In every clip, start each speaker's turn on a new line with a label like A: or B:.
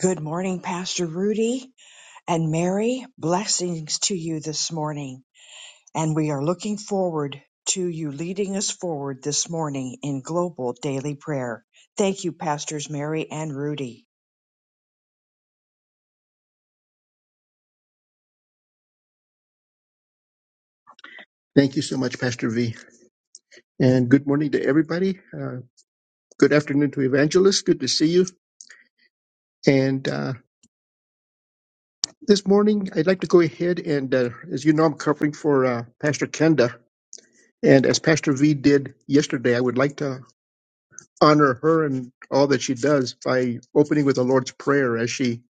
A: Good morning, Pastor Rudy and Mary. Blessings to you this morning. And we are looking forward to you leading us forward this morning in global daily prayer. Thank you, Pastors Mary and Rudy.
B: Thank you so much, Pastor V. And good morning to everybody. Uh, good afternoon to Evangelist. Good to see you. And uh, this morning, I'd like to go ahead and, uh, as you know, I'm covering for uh, Pastor Kenda. And as Pastor V did yesterday, I would like to honor her and all that she does by opening with the Lord's Prayer, as she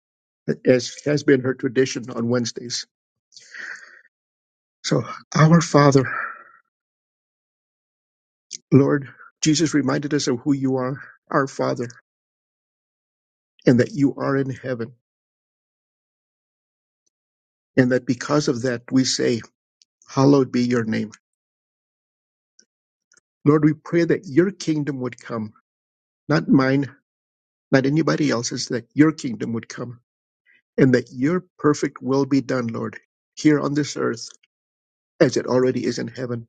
B: as has been her tradition on Wednesdays. So, our Father, Lord, Jesus reminded us of who you are, our Father, and that you are in heaven. and that because of that we say, Hallowed be your name. Lord, we pray that your kingdom would come, not mine, not anybody else's, that your kingdom would come, and that your perfect will be done, Lord, here on this earth as it already is in heaven.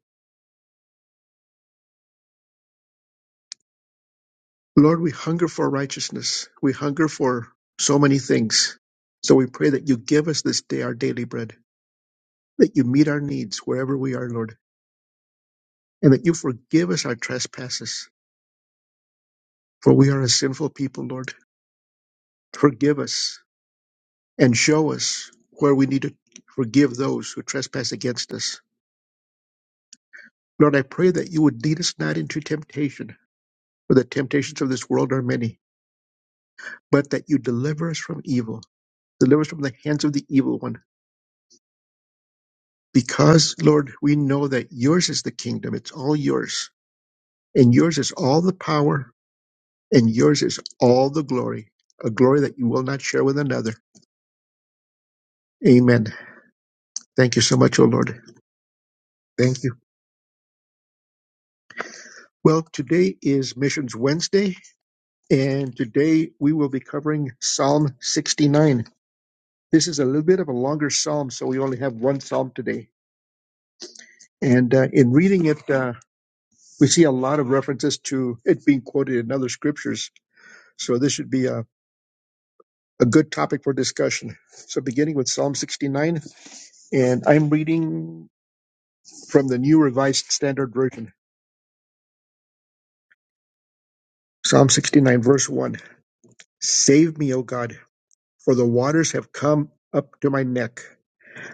B: Lord, we hunger for righteousness. We hunger for so many things. So we pray that you give us this day our daily bread, that you meet our needs wherever we are, Lord, and that you forgive us our trespasses, for we are a sinful people, Lord. Forgive us and show us where we need to forgive those who trespass against us. Lord, I pray that you would lead us not into temptation, for the temptations of this world are many, but that you deliver us from evil, deliver us from the hands of the evil one. Because, Lord, we know that yours is the kingdom, it's all yours, and yours is all the power, and yours is all the glory, a glory that you will not share with another. Amen. Thank you so much, O Lord. Thank you. Well, today is Missions Wednesday, And today we will be covering Psalm 69. This is a little bit of a longer psalm, so we only have one psalm today. And uh, in reading it, uh, we see a lot of references to it being quoted in other scriptures. So this should be a, a good topic for discussion. So beginning with Psalm 69, and I'm reading from the New Revised Standard Version. Psalm 69, verse 1. Save me, O God, for the waters have come up to my neck.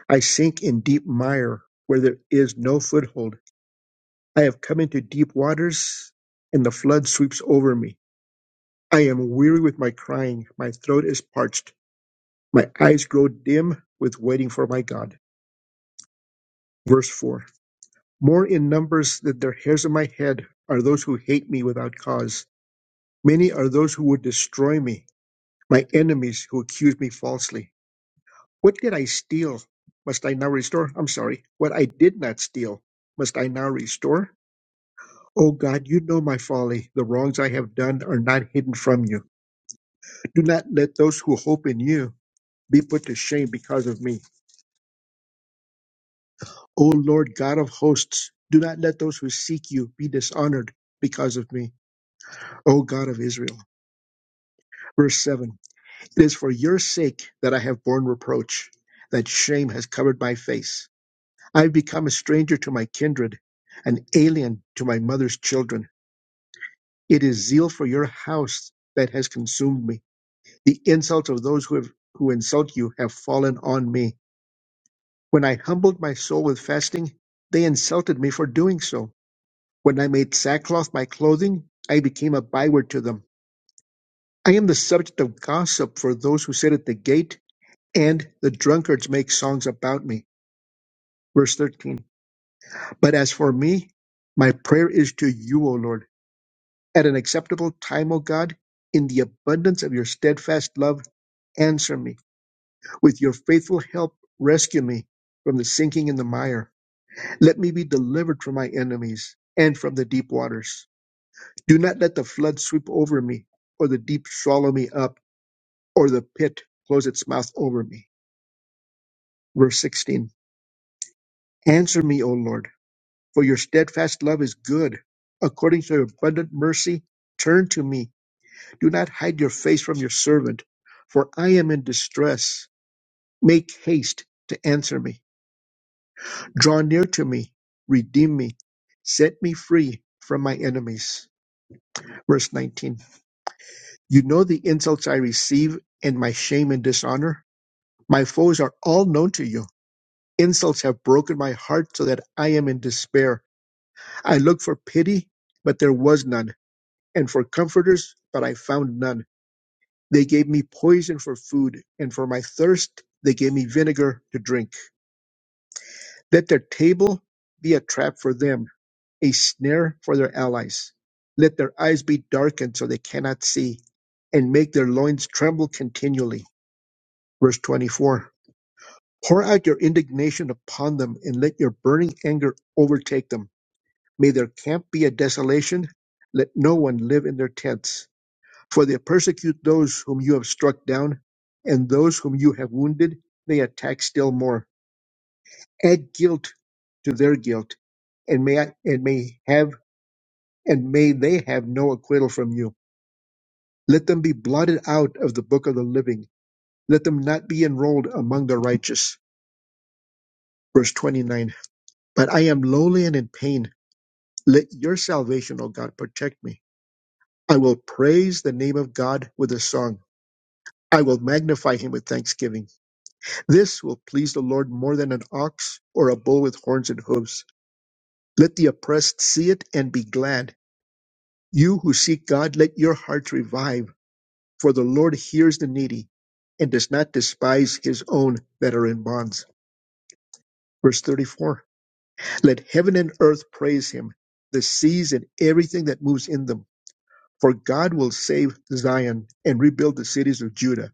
B: I sink in deep mire where there is no foothold. I have come into deep waters, and the flood sweeps over me. I am weary with my crying. My throat is parched. My eyes grow dim with waiting for my God. Verse 4 More in numbers than the hairs of my head are those who hate me without cause. Many are those who would destroy me, my enemies who accuse me falsely. What did I steal? Must I now restore? I'm sorry. What I did not steal, must I now restore? O God, you know my folly. The wrongs I have done are not hidden from you. Do not let those who hope in you be put to shame because of me. O Lord God of hosts, do not let those who seek you be dishonored because of me. O God of Israel. Verse 7 It is for your sake that I have borne reproach, that shame has covered my face. I have become a stranger to my kindred, an alien to my mother's children. It is zeal for your house that has consumed me. The insults of those who, have, who insult you have fallen on me. When I humbled my soul with fasting, they insulted me for doing so. When I made sackcloth my clothing, I became a byword to them. I am the subject of gossip for those who sit at the gate, and the drunkards make songs about me. Verse 13. But as for me, my prayer is to you, O Lord. At an acceptable time, O God, in the abundance of your steadfast love, answer me. With your faithful help, rescue me from the sinking in the mire. Let me be delivered from my enemies and from the deep waters. Do not let the flood sweep over me, or the deep swallow me up, or the pit close its mouth over me. Verse 16 Answer me, O Lord, for your steadfast love is good. According to your abundant mercy, turn to me. Do not hide your face from your servant, for I am in distress. Make haste to answer me. Draw near to me, redeem me, set me free from my enemies. Verse 19 You know the insults I receive and my shame and dishonor. My foes are all known to you. Insults have broken my heart so that I am in despair. I looked for pity, but there was none, and for comforters, but I found none. They gave me poison for food, and for my thirst, they gave me vinegar to drink. Let their table be a trap for them a snare for their allies. Let their eyes be darkened so they cannot see, and make their loins tremble continually. Verse 24 Pour out your indignation upon them, and let your burning anger overtake them. May their camp be a desolation. Let no one live in their tents. For they persecute those whom you have struck down, and those whom you have wounded, they attack still more. Add guilt to their guilt, and may, and may have and may they have no acquittal from you. Let them be blotted out of the book of the living. Let them not be enrolled among the righteous. Verse 29. But I am lowly and in pain. Let your salvation, O God, protect me. I will praise the name of God with a song. I will magnify him with thanksgiving. This will please the Lord more than an ox or a bull with horns and hooves. Let the oppressed see it and be glad. You who seek God, let your hearts revive. For the Lord hears the needy and does not despise his own that are in bonds. Verse 34 Let heaven and earth praise him, the seas and everything that moves in them. For God will save Zion and rebuild the cities of Judah,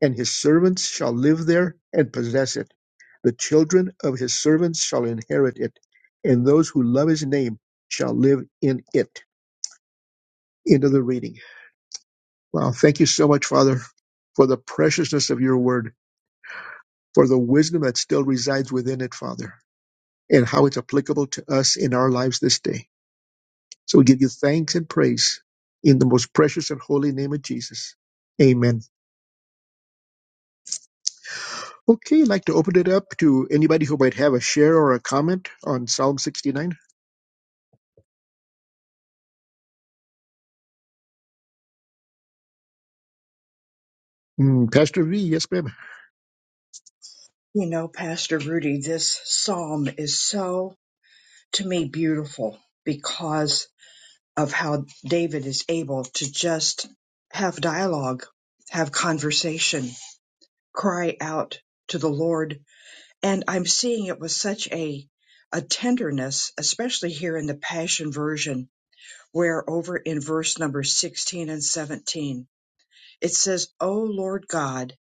B: and his servants shall live there and possess it. The children of his servants shall inherit it, and those who love his name shall live in it. End of the reading. Wow. Thank you so much, Father, for the preciousness of your word. for the wisdom that still resides within it, Father, and how it's applicable to us in our lives this day. So we give you thanks and praise in the most precious and holy name of Jesus. Amen. Okay, I'd like to open it up to anybody who might have a share or a comment on Psalm 69. Mm, Pastor V, yes, ma'am.
A: You know, Pastor Rudy, this psalm is so, to me, beautiful because of how David is able to just have dialogue, have conversation, cry out to the Lord and I'm seeing it with such a a tenderness, especially here in the Passion Version, where over in verse number 16 and 17, it says, O Lord God,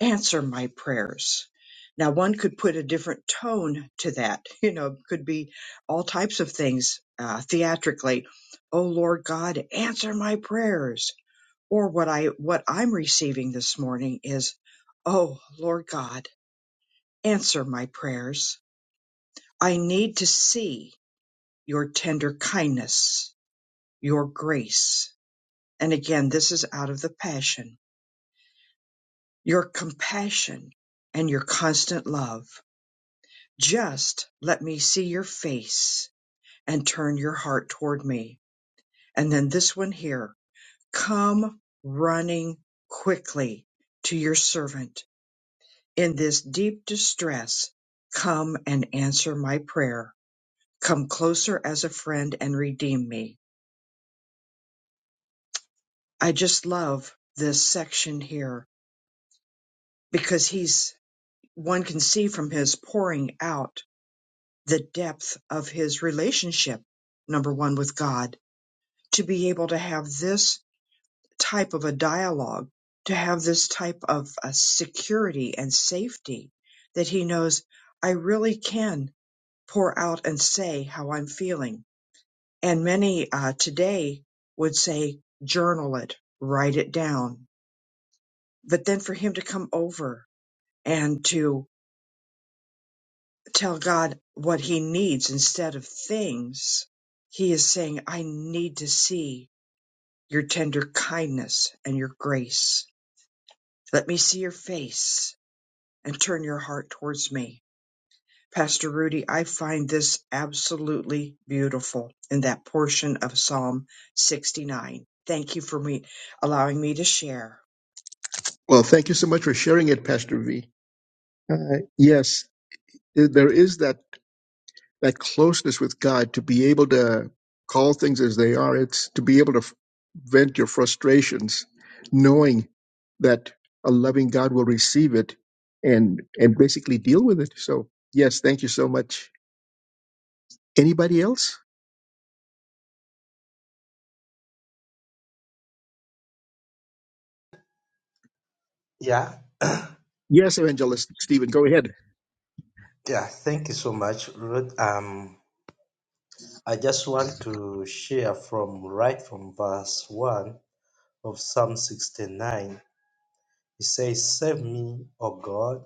A: answer my prayers. Now, one could put a different tone to that, you know, could be all types of things uh, theatrically. O Lord God, answer my prayers. Or what I what I'm receiving this morning is, Oh Lord God, answer my prayers I need to see your tender kindness, your grace. And again, this is out of the passion, your compassion and your constant love. Just let me see your face and turn your heart toward me. And then this one here, come running quickly to your servant in this deep distress. Come and answer my prayer. Come closer as a friend and redeem me. I just love this section here because he's one can see from his pouring out the depth of his relationship, number one, with God, to be able to have this type of a dialogue, to have this type of a security and safety that he knows I really can pour out and say how I'm feeling. And many uh, today would say, journal it, write it down. But then for him to come over and to tell God what he needs instead of things, he is saying, I need to see your tender kindness and your grace. Let me see your face and turn your heart towards me. Pastor Rudy, I find this absolutely beautiful in that portion of Psalm 69. Thank you for me allowing me to share.
B: Well, thank you so much for sharing it, Pastor V. Uh, yes, there is that that closeness with God, to be able to call things as they are. It's to be able to f- vent your frustrations, knowing that a loving God will receive it and and basically deal with it. So yes, thank you so much. Anybody else?
C: Yeah,
B: Yes, Evangelist Stephen, go ahead.
C: yeah, thank you so much, Ruth. Um, I just want to share from right from verse 1 of Psalm 69. It says, Save me, O God,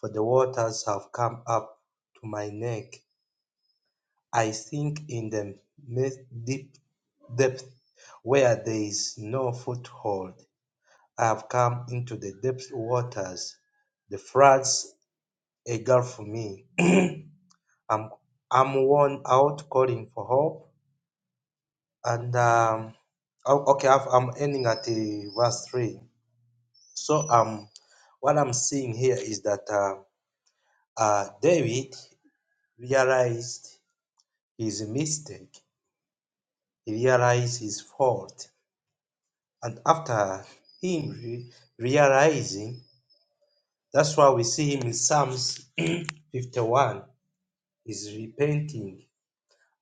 C: for the waters have come up to my neck. I sink in the mi- deep depth where there is no foothold. I have come into the depth waters. The floods engulf me. I'm I'm worn out calling for help and um oh, okay I've, I'm ending at the verse three. So um what I'm seeing here is that uh, uh David realized his mistake, he realized his fault, and after him re- realizing, that's why we see him in Psalms 51. He's repenting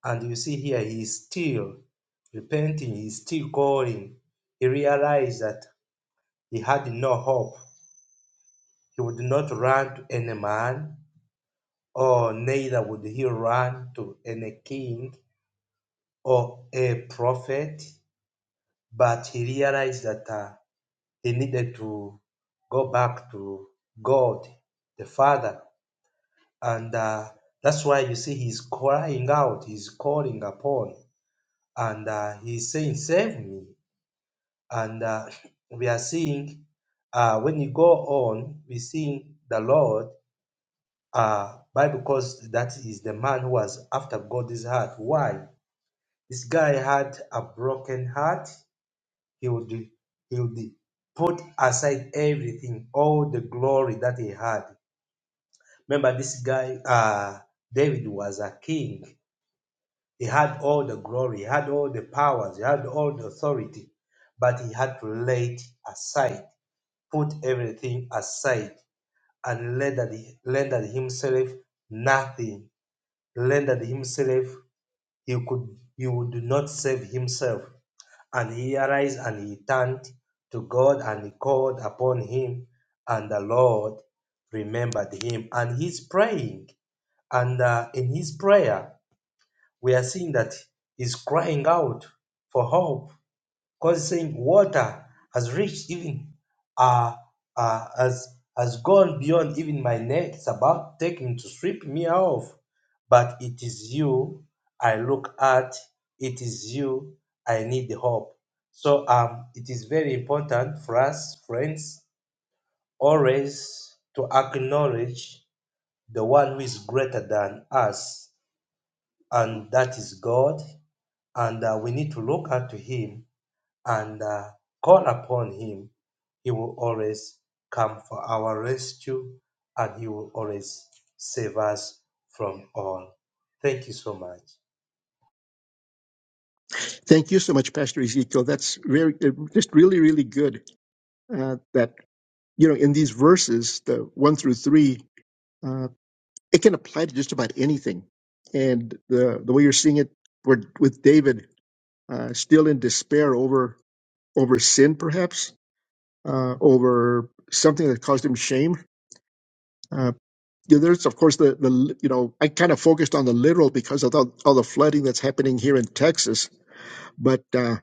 C: And you see here, he is still repenting, he is still calling. He realized that he had no hope. He would not run to any man, or neither would he run to any king or a prophet. But he realized that uh, he needed to go back to God, the Father. And uh, that's why you see he's crying out, he's calling upon, and uh, he's saying, Save me. and uh, we are seeing uh, when you go on, we seeing the Lord. Uh, why? Because that is the man who was after God's heart. Why? This guy had a broken heart. He would he would put aside everything, all the glory that he had. Remember, this guy uh, David was a king. He had all the glory, he had all the powers, he had all the authority, but he had to lay it aside put everything aside and rendered, rendered himself nothing, rendered himself he could he would not save himself. And he arise and he turned to God and he called upon him, and the Lord remembered him. And he's praying, and uh, in his prayer we are seeing that he's crying out for hope causing water has reached even uh, uh, has has gone beyond even my legs about taking to sweep me off. But it is you I look at, it is you I need the hope. So um it is very important for us friends always to acknowledge the one who is greater than us and that is God and uh, we need to look up to him and uh, call upon Him, He will always come for our rescue and He will always save us from all. Thank you so much.
B: Thank you so much, Pastor Ezekiel. That's very uh, just really really good. Uh, that you know in these verses, the one through three. uh, it can apply to just about anything. And the the way you're seeing it where, with David, uh, still in despair over over sin, perhaps uh, over something that caused him shame. Uh, you know, there's of course the the you know I kind of focused on the literal because of all, all the flooding that's happening here in Texas, but. Uh,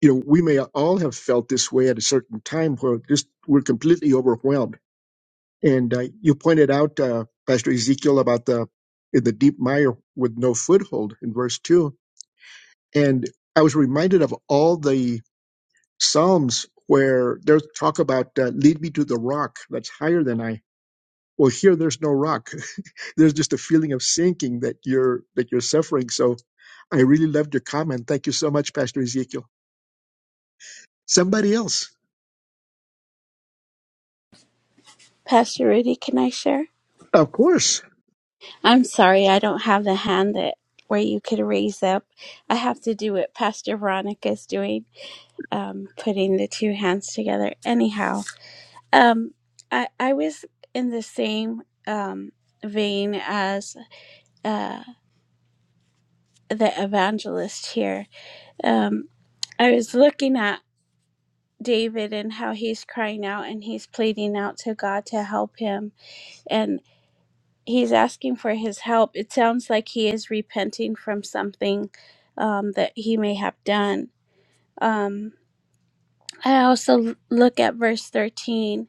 B: you know, we may all have felt this way at a certain time where just we're completely overwhelmed And uh, you pointed out, uh, Pastor Ezekiel, about the in the deep mire with no foothold in verse two. And I was reminded of all the psalms where there's talk about uh, lead me to the rock that's higher than I. Well, here there's no rock. there's just a feeling of sinking that you're that you're suffering. So I really loved your comment. Thank you so much, Pastor Ezekiel. Somebody else,
D: Pastor Rudy, can I share?
B: of course.
D: I'm sorry, I don't have the hand that where you could raise up. I have to do what Pastor Veronica is doing, um, putting the two hands together. Anyhow, um, I I was in the same um, vein as uh, the evangelist here. Um, I was looking at David and how he's crying out and he's pleading out to God to help him and. he's asking for his help. It sounds like he is repenting from something um, that he may have done. Um, I also l- look at verse 13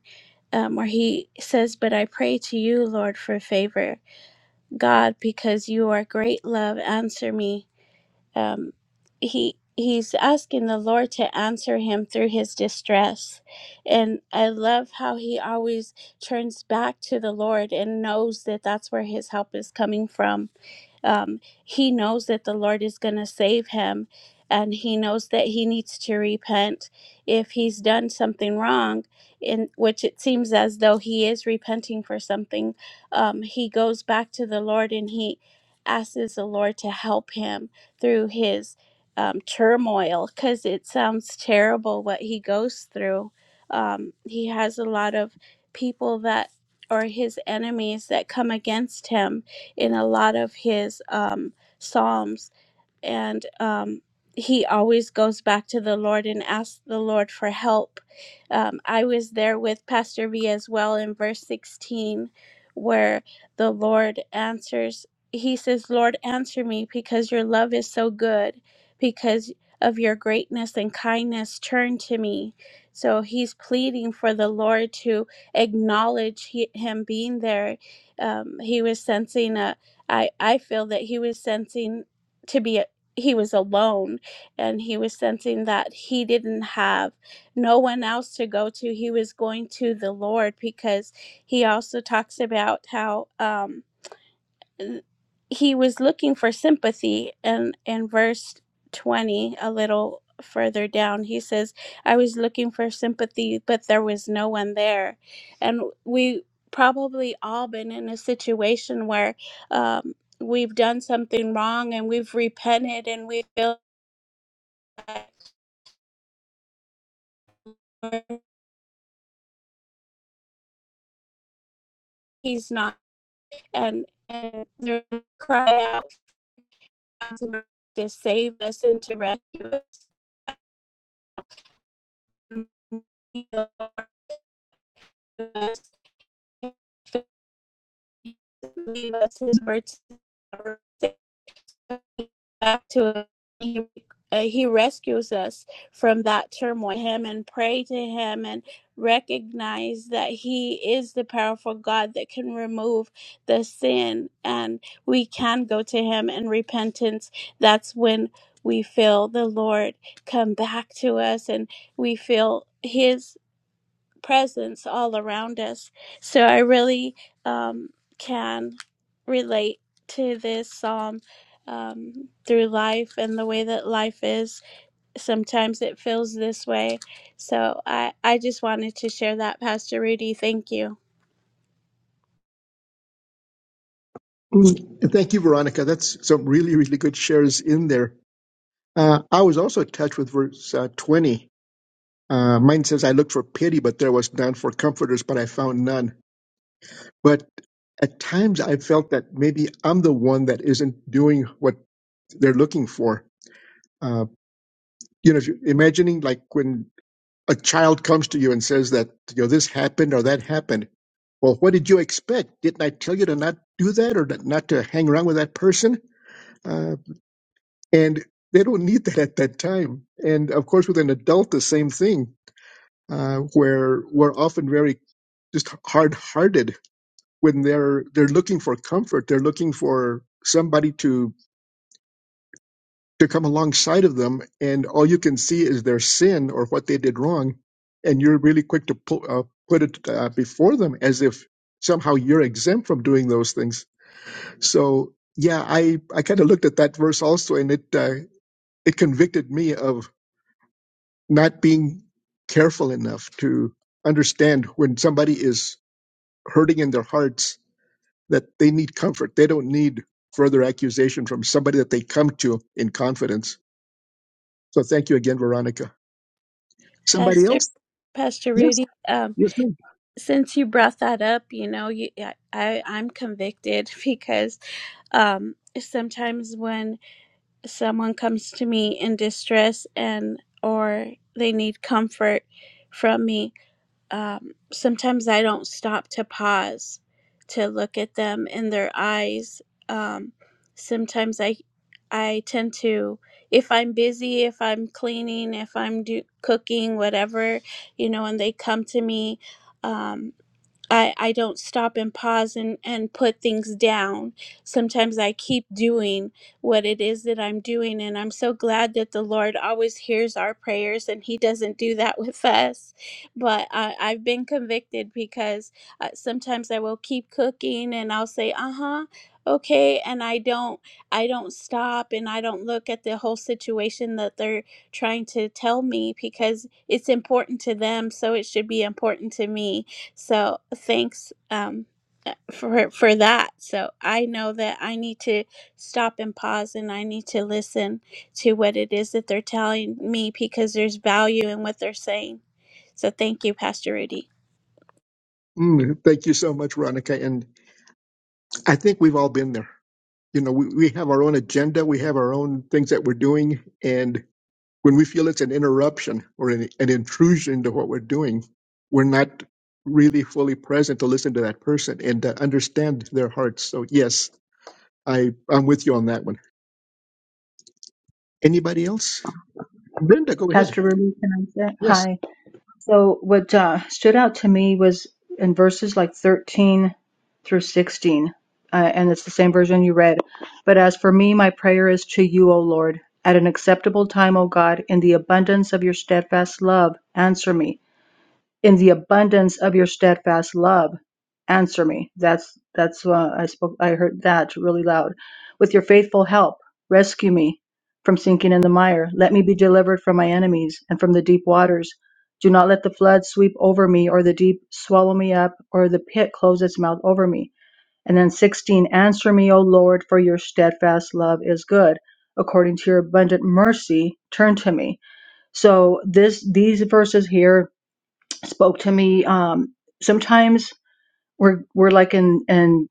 D: um, where he says, But I pray to you, Lord, for favor. God, because you are great love, answer me. Um, he He's asking the Lord to answer him through his distress. And I love how he always turns back to the Lord and knows that that's where his help is coming from um, he knows that the Lord is going to save him, and he knows that he needs to repent if he's done something wrong, in which it seems as though he is repenting for something. Um, he goes back to the Lord and he asks the Lord to help him through his um, turmoil because it sounds terrible what he goes through. Um, he has a lot of people that are his enemies that come against him in a lot of his um, psalms and um, he always goes back to the Lord and asks the Lord for help. Um, I was there with Pastor V as well in verse 16, where the Lord answers. He says, Lord, answer me because your love is so good, because of your greatness and kindness, turn to me. So he's pleading for the Lord to acknowledge he, him being there. Um, he was sensing a, I, I feel that he was sensing to be he was alone and he was sensing that he didn't have no one else to go to he was going to the lord because he also talks about how um he was looking for sympathy and in verse 20 a little further down he says i was looking for sympathy but there was no one there and we probably all been in a situation where um, we've done something wrong and we've repented and we feel like he's not and and they cry out for him to save us and to rescue us leave us his words back to him. uh, he rescues us from that turmoil. Him and pray to him and recognize that he is the powerful God that can remove the sin, and we can go to him in repentance. That's when we feel the Lord come back to us, and we feel his presence all around us. So I really um, can relate to this psalm um, through life and the way that life is. Sometimes it feels this way. So I, I just wanted to share that, Pastor Rudy. Thank you,
B: Mm, Thank you, Veronica. That's some really really good shares in there. Uh, I was also touched with verse uh, 20. Uh, mine says, I looked for pity, but there was none, for comforters, but I found none. But at times I felt that maybe I'm the one that isn't doing what they're looking for. Uh, you know, if you're imagining like when a child comes to you and says that, you know, this happened or that happened. Well, what did you expect? Didn't I tell you to not do that or that- not to hang around with that person? Uh, and they don't need that at that time. And of course, with an adult, the same thing uh, where we're often very just hard-hearted when they're they're looking for comfort. They're looking for somebody to to come alongside of them, and all you can see is their sin or what they did wrong, and you're really quick to pu- uh, put it uh, before them as if somehow you're exempt from doing those things. So yeah, I I kind of looked at that verse also, and it uh, it convicted me of not being careful enough to understand when somebody is hurting in their hearts that they need comfort. They don't need further accusation from somebody that they come to in confidence. So thank you again, Veronica. Somebody
D: Pastor.
B: else?
D: Pastor
B: Yes,
D: Rudy, um,
B: yes, ma'am.
D: since you brought that up, you know, you, I, I- I'm convicted because um, sometimes when someone comes to me in distress and or they need comfort from me um, sometimes i don't stop to pause to look at them in their eyes um, sometimes i i tend to if i'm busy if i'm cleaning if i'm do, cooking whatever you know and they come to me um, I, I don't stop and pause and, and put things down. Sometimes I keep doing what it is that I'm doing. And I'm so glad that the Lord always hears our prayers and He doesn't do that with us. But I, I've been convicted because uh, sometimes I will keep cooking and I'll say, uh huh okay and i don't i don't stop and i don't look at the whole situation that they're trying to tell me because it's important to them so it should be important to me so thanks um, for for that. So I know that I need to stop and pause, and I need to listen to what it is that they're telling me because there's value in what they're saying. So thank you, Pastor Rudy.
B: Mm, thank you so much, Veronica. And I think we've all been there. You know, we, we have our own agenda, we have our own things that we're doing. And when we feel it's an interruption or an, an intrusion into what we're doing, we're not really fully present to listen to that person and to understand their hearts. So, yes, I, I'm with you on that one. Anybody else? Brenda, go ahead.
E: Pastor Ruby, can I say?
B: Yes.
E: Hi. So what uh, stood out to me was in verses like 13 through 16, uh, and it's the same version you read. But as for me, my prayer is to you, O Lord. At an acceptable time, O God, in the abundance of your steadfast love, answer me in the abundance of your steadfast love answer me that's that's uh, i spoke i heard that really loud with your faithful help rescue me from sinking in the mire let me be delivered from my enemies and from the deep waters do not let the flood sweep over me or the deep swallow me up or the pit close its mouth over me and then 16 answer me o lord for your steadfast love is good according to your abundant mercy turn to me so this these verses here spoke to me. Um, sometimes we're we're like in and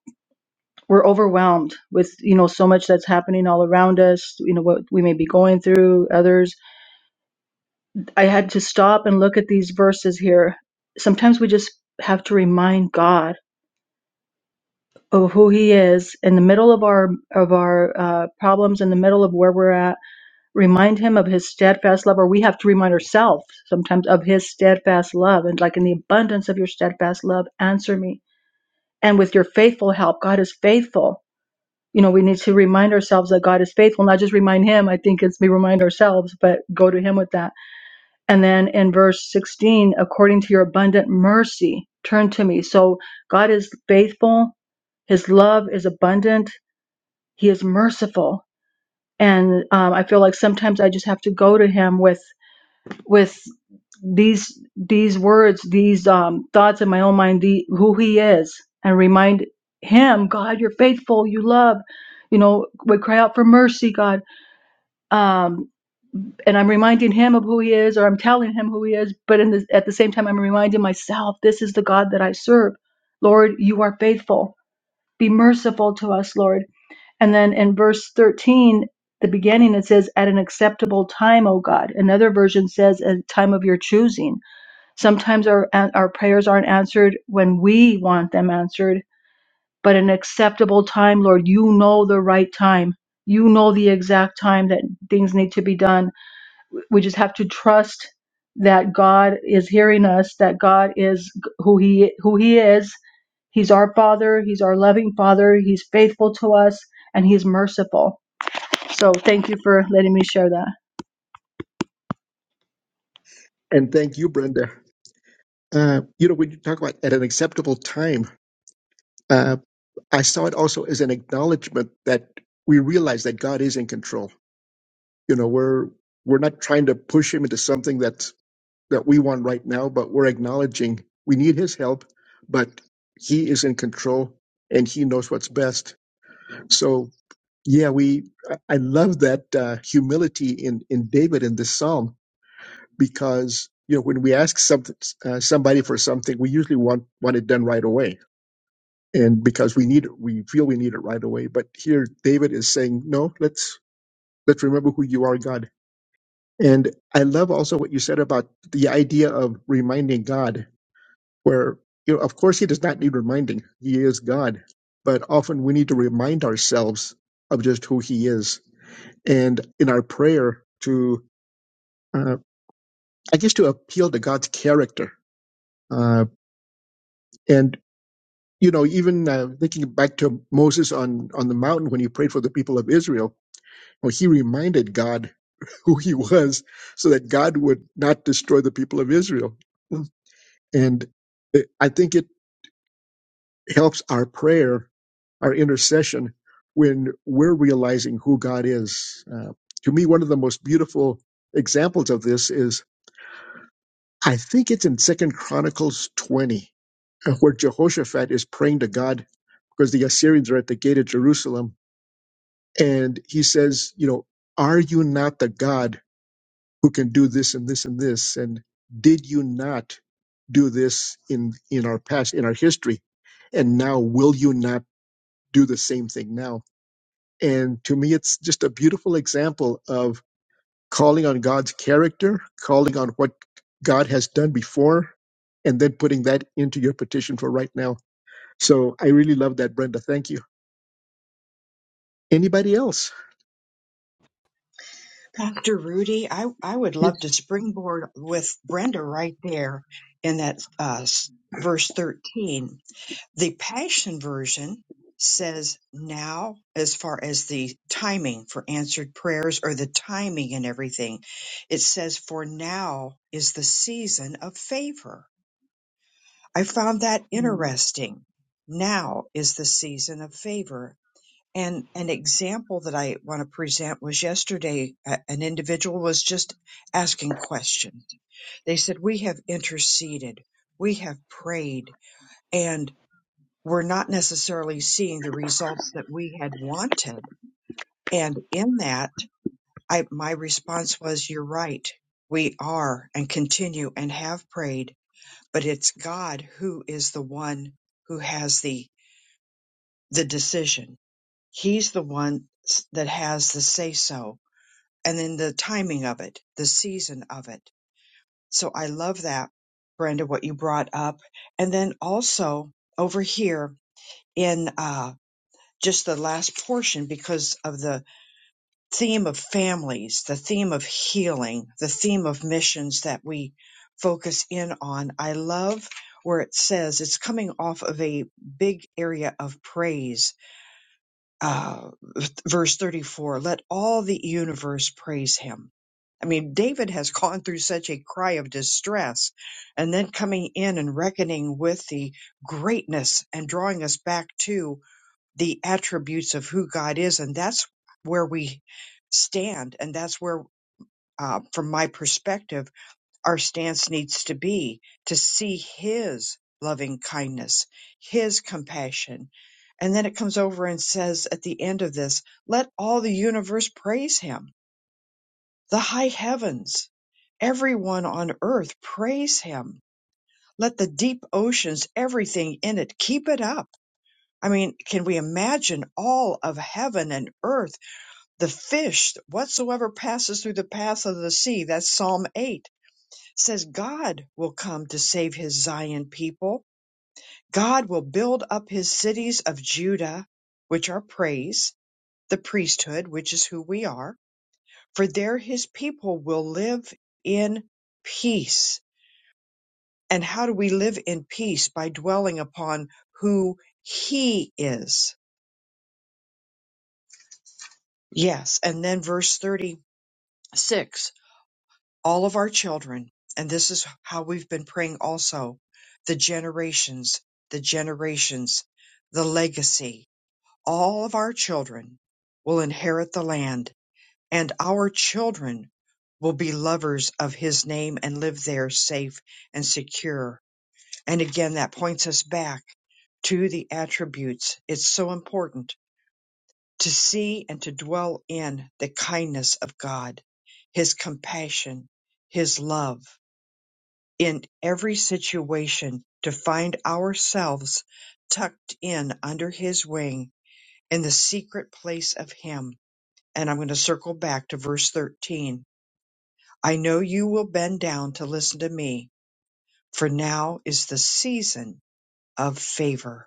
E: we're overwhelmed with you know so much that's happening all around us. You know what we may be going through. Others. I had to stop and look at these verses here. Sometimes we just have to remind God of who He is in the middle of our of our uh, problems, in the middle of where we're at. Remind Him of His steadfast love, or we have to remind ourselves sometimes of His steadfast love, and like in the abundance of Your steadfast love, answer me and with your faithful help god is faithful you know we need to remind ourselves that god is faithful not just remind him i think it's we remind ourselves but go to him with that and then in verse 16 according to your abundant mercy turn to me so god is faithful his love is abundant he is merciful and um, i feel like sometimes i just have to go to him with with these these words, these um, thoughts in my own mind, the, who He is, and remind Him, God, you're faithful, you love, you know, we cry out for mercy, God. Um, and I'm reminding Him of who He is, or I'm telling Him who He is, but in the, at the same time, I'm reminding myself, this is the God that I serve. Lord, you are faithful. Be merciful to us, Lord. And then in verse 13, the beginning, it says, at an acceptable time, O God. Another version says, a time of your choosing Sometimes our our prayers aren't answered when we want them answered, but an acceptable time, Lord, you know the right time. You know the exact time that things need to be done. We just have to trust that God is hearing us, that God is who he who he is. He's our father, he's our loving father, he's faithful to us and he's merciful. So thank you for letting me share that.
B: And thank you, Brenda. Uh, you know, when you talk about at an acceptable time, uh, I saw it also as an acknowledgement that we realize that God is in control. You know, we're we're not trying to push him into something that's that we want right now, but we're acknowledging we need his help, but he is in control and he knows what's best. So yeah, we I I love that uh, humility in in David in this psalm because you know when we ask something, uh, somebody for something, we usually want want it done right away, and because we need it, we feel we need it right away. But here, David is saying, no, let's let's remember who you are, God. And I love also what you said about the idea of reminding God, where you know, of course, He does not need reminding; He is God. But often we need to remind ourselves of just who He is, and in our prayer to, uh, I guess, to appeal to God's character. Uh, and you know, even uh, thinking back to Moses on on the mountain when he prayed for the people of Israel, well, he reminded God who he was, so that God would not destroy the people of Israel. And it, I think it helps our prayer, our intercession, when we're realizing who God is. Uh, to me, one of the most beautiful examples of this is I think it's in Second Chronicles twenty, uh, where Jehoshaphat is praying to God because the Assyrians are at the gate of Jerusalem And he says, you know, are you not the God who can do this and this and this? And did you not do this in, in our past, in our history? And now will you not do the same thing now? And to me, it's just a beautiful example of calling on God's character, calling on what God has done before, and then putting that into your petition for right now. So I really love that, Brenda. Thank you. Anybody else?
A: Dr. Rudy, I, I would love
B: Yes.
A: to springboard with Brenda right there in that uh, s- verse 13. The Passion Version says now, as far as the timing for answered prayers or the timing and everything, it says, For now is the season of favor. I found that interesting. Now is the season of favor and an example that I want to present was yesterday, a- an individual was just asking questions. They said, We have interceded, we have prayed, and we're not necessarily seeing the results that we had wanted. And in that, I, my response was, You're right. We are and continue and have prayed, but it's God who is the one who has the, the decision. He's the one s- that has the say so and then the timing of it, the season of it. So I love that, Brenda, what you brought up. And then also over here in uh, just the last portion, because of the theme of families, the theme of healing, the theme of missions that we focus in on, I love where it says it's coming off of a big area of praise Uh, verse 34 let all the universe praise him i mean david has gone through such a cry of distress and then coming in and reckoning with the greatness and drawing us back to the attributes of who god is and that's where we stand and that's where uh, from my perspective our stance needs to be to see his loving kindness, his compassion. And then it comes over and says at the end of this, let all the universe praise him, the high heavens, everyone on earth praise him. Let the deep oceans, everything in it, keep it up. I mean, can we imagine all of heaven and earth, the fish, whatsoever passes through the path of the sea? That's Psalm 8 says God will come to save his Zion people. God will build up his cities of Judah, which are praise, the priesthood, which is who we are, for there his people will live in peace. And how do we live in peace? By dwelling upon who he is. Yes. And then verse 36 all of our children, and this is how we've been praying also the generations, the generations, the legacy, all of our children will inherit the land, and our children will be lovers of his name and live there safe and secure. And again, that points us back to the attributes. It's so important to see and to dwell in the kindness of God, his compassion, his love in every situation to find ourselves tucked in under his wing in the secret place of him. And I'm going to circle back to verse 13. I know you will bend down to listen to me, for now is the season of favor.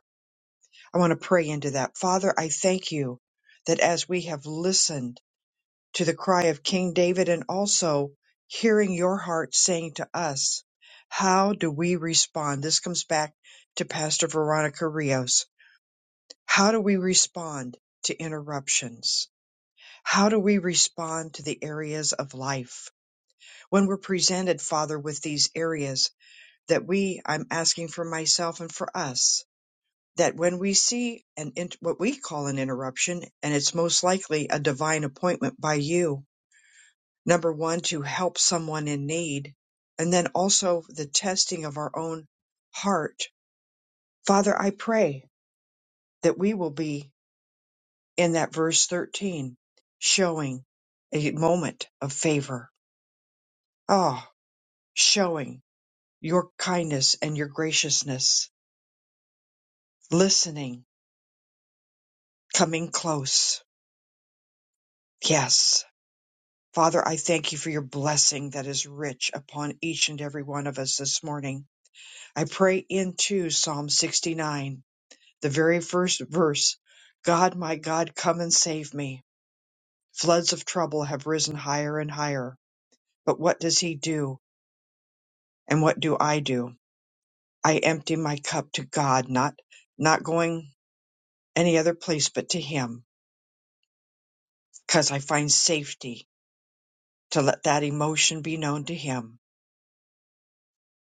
A: I want to pray into that. Father, I thank you that as we have listened to the cry of King David and also hearing your heart saying to us, how do we respond? This comes back to Pastor Veronica Rios. How do we respond to interruptions? How do we respond to the areas of life when we're presented, Father, with these areas that we, I'm asking for myself and for us, that when we see an, int- what we call an interruption, and it's most likely a divine appointment by you, number one, to help someone in need, and then also the testing of our own heart. Father, I pray that we will be in that verse 13, showing a moment of favor. Ah, showing your kindness and your graciousness, listening, coming close. Yes. Father, I thank you for your blessing that is rich upon each and every one of us this morning. I pray into Psalm 69 the very first verse, God, my God, come and save me. Floods of trouble have risen higher and higher. But what does he do? And what do I do? I empty my cup to God, not, not going any other place but to him, because I find safety to let that emotion be known to him.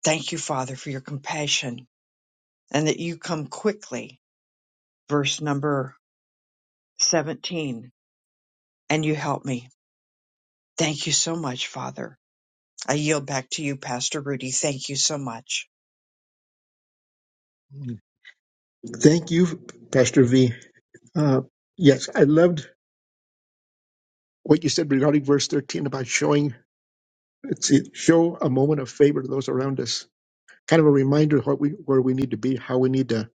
A: Thank you, Father, for your compassion and that you come quickly. Verse number 17, and you help me. Thank you so much, Father. I yield back to you, Pastor Rudy. Thank you so much.
B: Thank you, Pastor V. Uh, yes, I loved what you said regarding verse 13 about showing, let's see, show a moment of favor to those around us. Kind of a reminder of what we, where we need to be, how we need to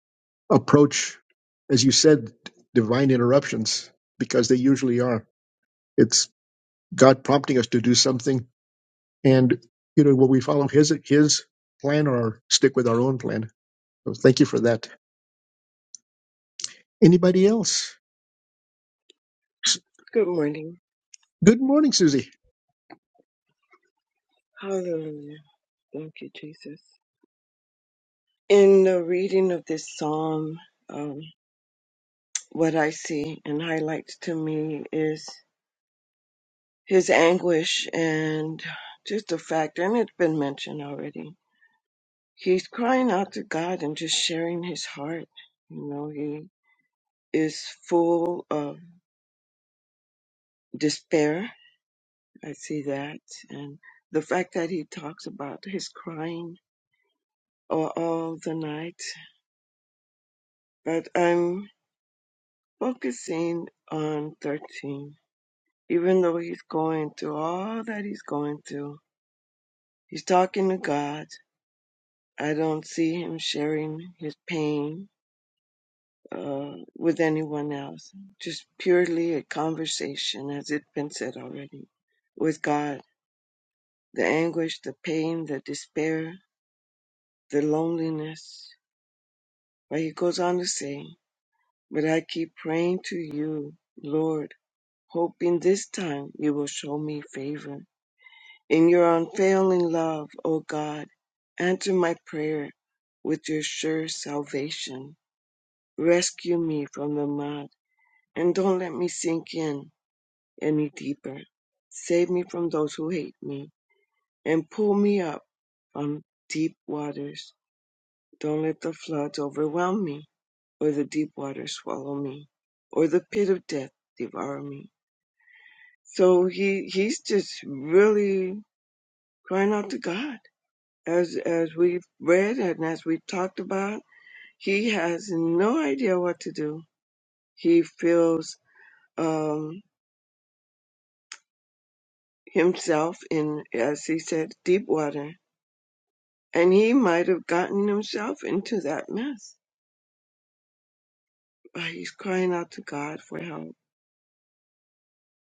B: approach, as you said, divine interruptions, because they usually are. It's God prompting us to do something. And, you know, will we follow his, his plan or stick with our own plan? So thank you for that. Anybody else? S-
F: Good morning.
B: Good morning, Susie.
F: Hallelujah. Thank you, Jesus. In the reading of this psalm, um, what I see and highlights to me is his anguish and just the fact, and it's been mentioned already. He's crying out to God and just sharing his heart. You know, he is full of despair. I see that. And the fact that he talks about his crying all, all the night. But I'm focusing on 13. Even though he's going through all that he's going through, he's talking to God. I don't see him sharing his pain uh, with anyone else. Just purely a conversation, as it's been said already, with God. The anguish, the pain, the despair, the loneliness. But he goes on to say, But I keep praying to you, Lord, hoping this time you will show me favor. In your unfailing love, O God, answer my prayer with your sure salvation. Rescue me from the mud and don't let me sink in any deeper. Save me from those who hate me and pull me up from deep waters. Don't let the floods overwhelm me or the deep waters swallow me or the pit of death devour me. So he, he's just really crying out to God as as we've read and as we talked about, he has no idea what to do. He feels um, himself in, as he said, deep water, and he might have gotten himself into that mess. But he's crying out to God for help.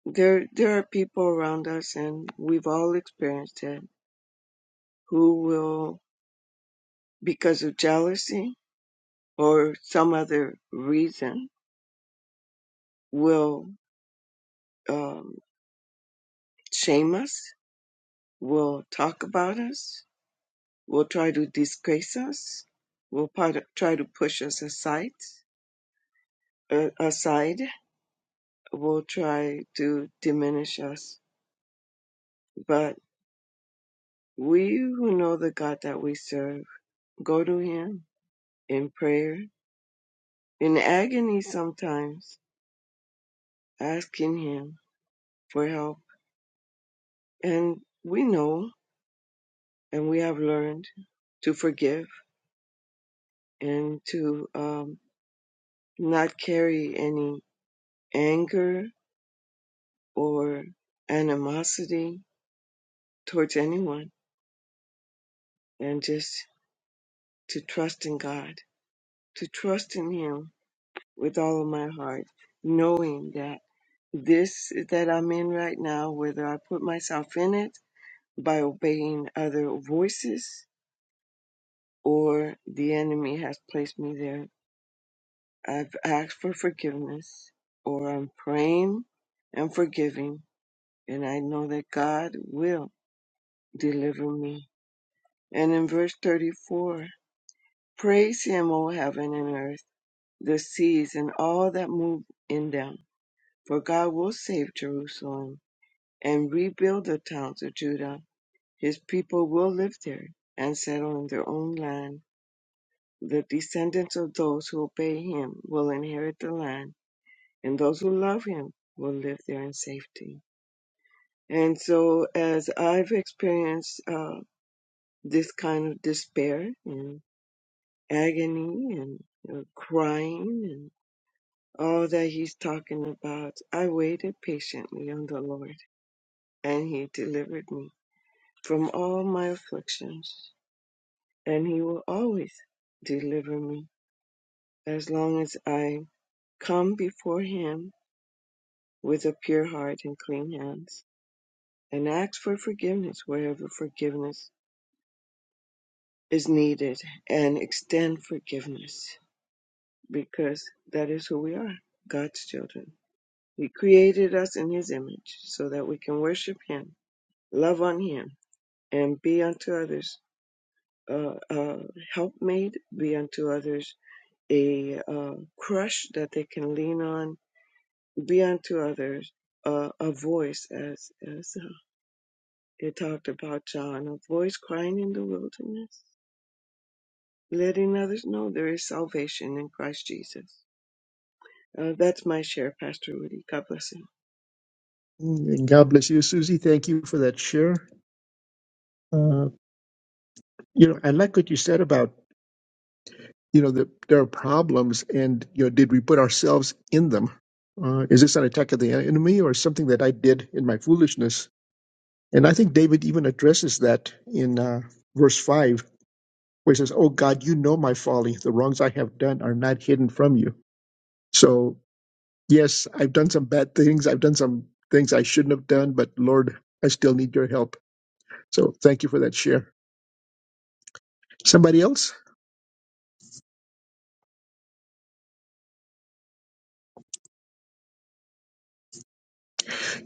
F: There, there are people around us, and we've all experienced it, who will, because of jealousy or some other reason, will um, shame us will talk about us, will try to disgrace us, will pot- try to push us aside, uh, aside, will try to diminish us. But we who know the God that we serve go to Him in prayer, in agony sometimes, asking Him for help. And we know and we have learned to forgive and to um, not carry any anger or animosity towards anyone and just to trust in God, to trust in Him with all of my heart, knowing that this that I'm in right now, whether I put myself in it by obeying other voices or the enemy has placed me there, I've asked for forgiveness or I'm praying and forgiving, and I know that God will deliver me. And in verse 34, Praise him, O heaven and earth, the seas and all that move in them. For God will save Jerusalem and rebuild the towns of Judah. His people will live there and settle in their own land. The descendants of those who obey him will inherit the land, and those who love him will live there in safety. And so, as I've experienced uh, this kind of despair and agony and uh, crying and all that he's talking about. I waited patiently on the Lord, and he delivered me from all my afflictions, and he will always deliver me as long as I come before him with a pure heart and clean hands, and ask for forgiveness wherever forgiveness is needed, and extend forgiveness because that is who we are God's children. He created us in his image so that we can worship him love on him and be unto others uh, uh, helpmate, be unto others a uh, crush that they can lean on, be unto others uh, a voice, as, as uh, it talked about John, a voice crying in the wilderness, letting others know there is salvation in Christ Jesus. Uh, that's my share, Pastor Rudy. God bless him.
B: Mm, God bless you, Susie. Thank you for that share. Uh, You know, I like what you said about, you know, that there are problems and, you know, did we put ourselves in them? Uh, is this an attack of the enemy or something that I did in my foolishness? And I think David even addresses that in uh, verse 5, where he says, Oh God, you know my folly. The wrongs I have done are not hidden from you. So, yes, I've done some bad things. I've done some things I shouldn't have done, but Lord, I still need your help. So, thank you for that share. Somebody else?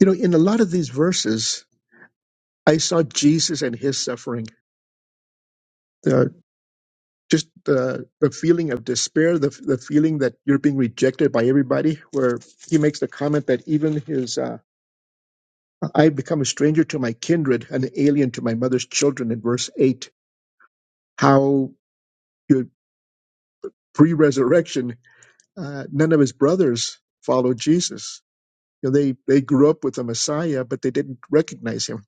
B: You know, in a lot of these verses, I saw Jesus and his suffering. The, just the, the feeling of despair, the, the feeling that you're being rejected by everybody, where he makes the comment that even his, uh, I've become a stranger to my kindred, an alien to my mother's children, in verse 8. How you know, pre resurrection, uh, none of his brothers followed Jesus. You know, they, they grew up with the Messiah, but they didn't recognize him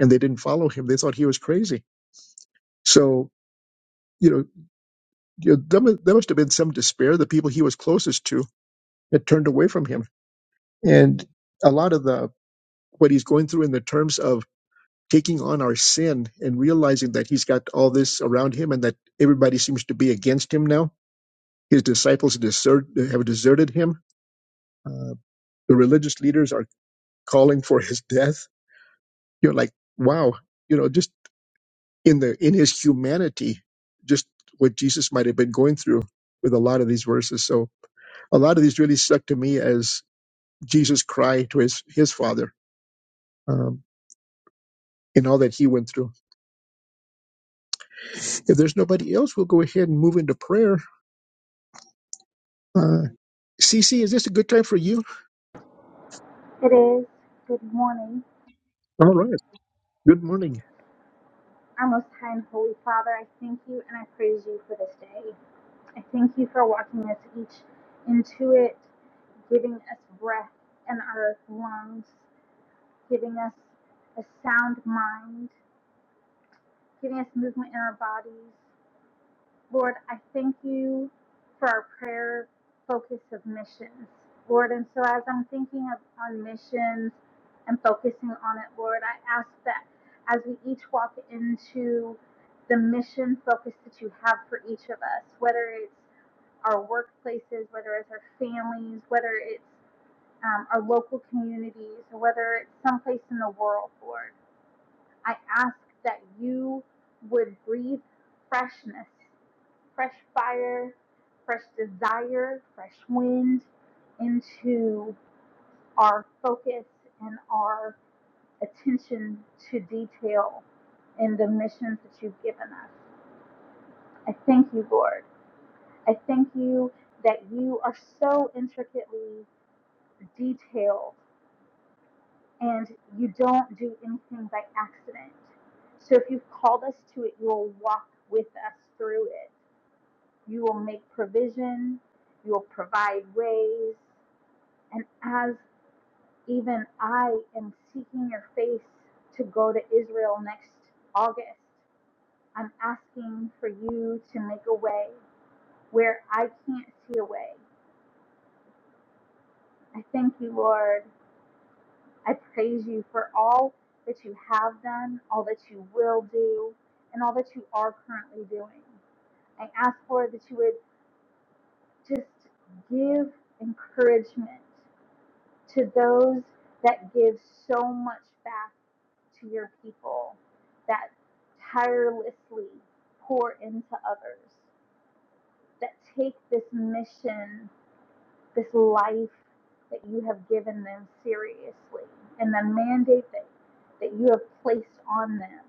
B: and they didn't follow him. They thought he was crazy. So, you know, you know, there mu- there must have been some despair. The people he was closest to had turned away from him, and a lot of the what he's going through in the terms of taking on our sin and realizing that he's got all this around him and that everybody seems to be against him now. His disciples desert, have deserted him. Uh, the religious leaders are calling for his death. You're like, wow, you know, just in the in his humanity, just what Jesus might have been going through with a lot of these verses. So a lot of these really stuck to me as Jesus' cry to his, his father um, and all that he went through. If there's nobody else, we'll go ahead and move into prayer. Uh, CC, is this a good time for you?
G: It is. Good morning.
B: All right. Good morning.
G: Our most high and holy Father, I thank you and I praise you for this day. I thank you for walking us each into it, giving us breath in our lungs, giving us a sound mind, giving us movement in our bodies, Lord, I thank you for our prayer focus of missions, Lord. And so as I'm thinking of on missions and focusing on it, Lord, I ask that as we each walk into the mission focus that you have for each of us, whether it's our workplaces, whether it's our families, whether it's um, our local communities, or whether it's someplace in the world, Lord, I ask that you would breathe freshness fresh fire, fresh desire, fresh wind into our focus and our attention to detail in the missions that you've given us. I thank you, Lord. I thank you that you are so intricately detailed and you don't do anything by accident. So if you've called us to it, you will walk with us through it. You will make provision, you will provide ways, And as even I am seeking your face to go to Israel next August, I'm asking for you to make a way where I can't see a way. I thank you, Lord. I praise you for all that you have done, all that you will do, and all that you are currently doing. I ask, Lord, that you would just give encouragement to those that give so much back to your people, that tirelessly pour into others, that take this mission, this life that you have given them seriously, and the mandate that, that you have placed on them,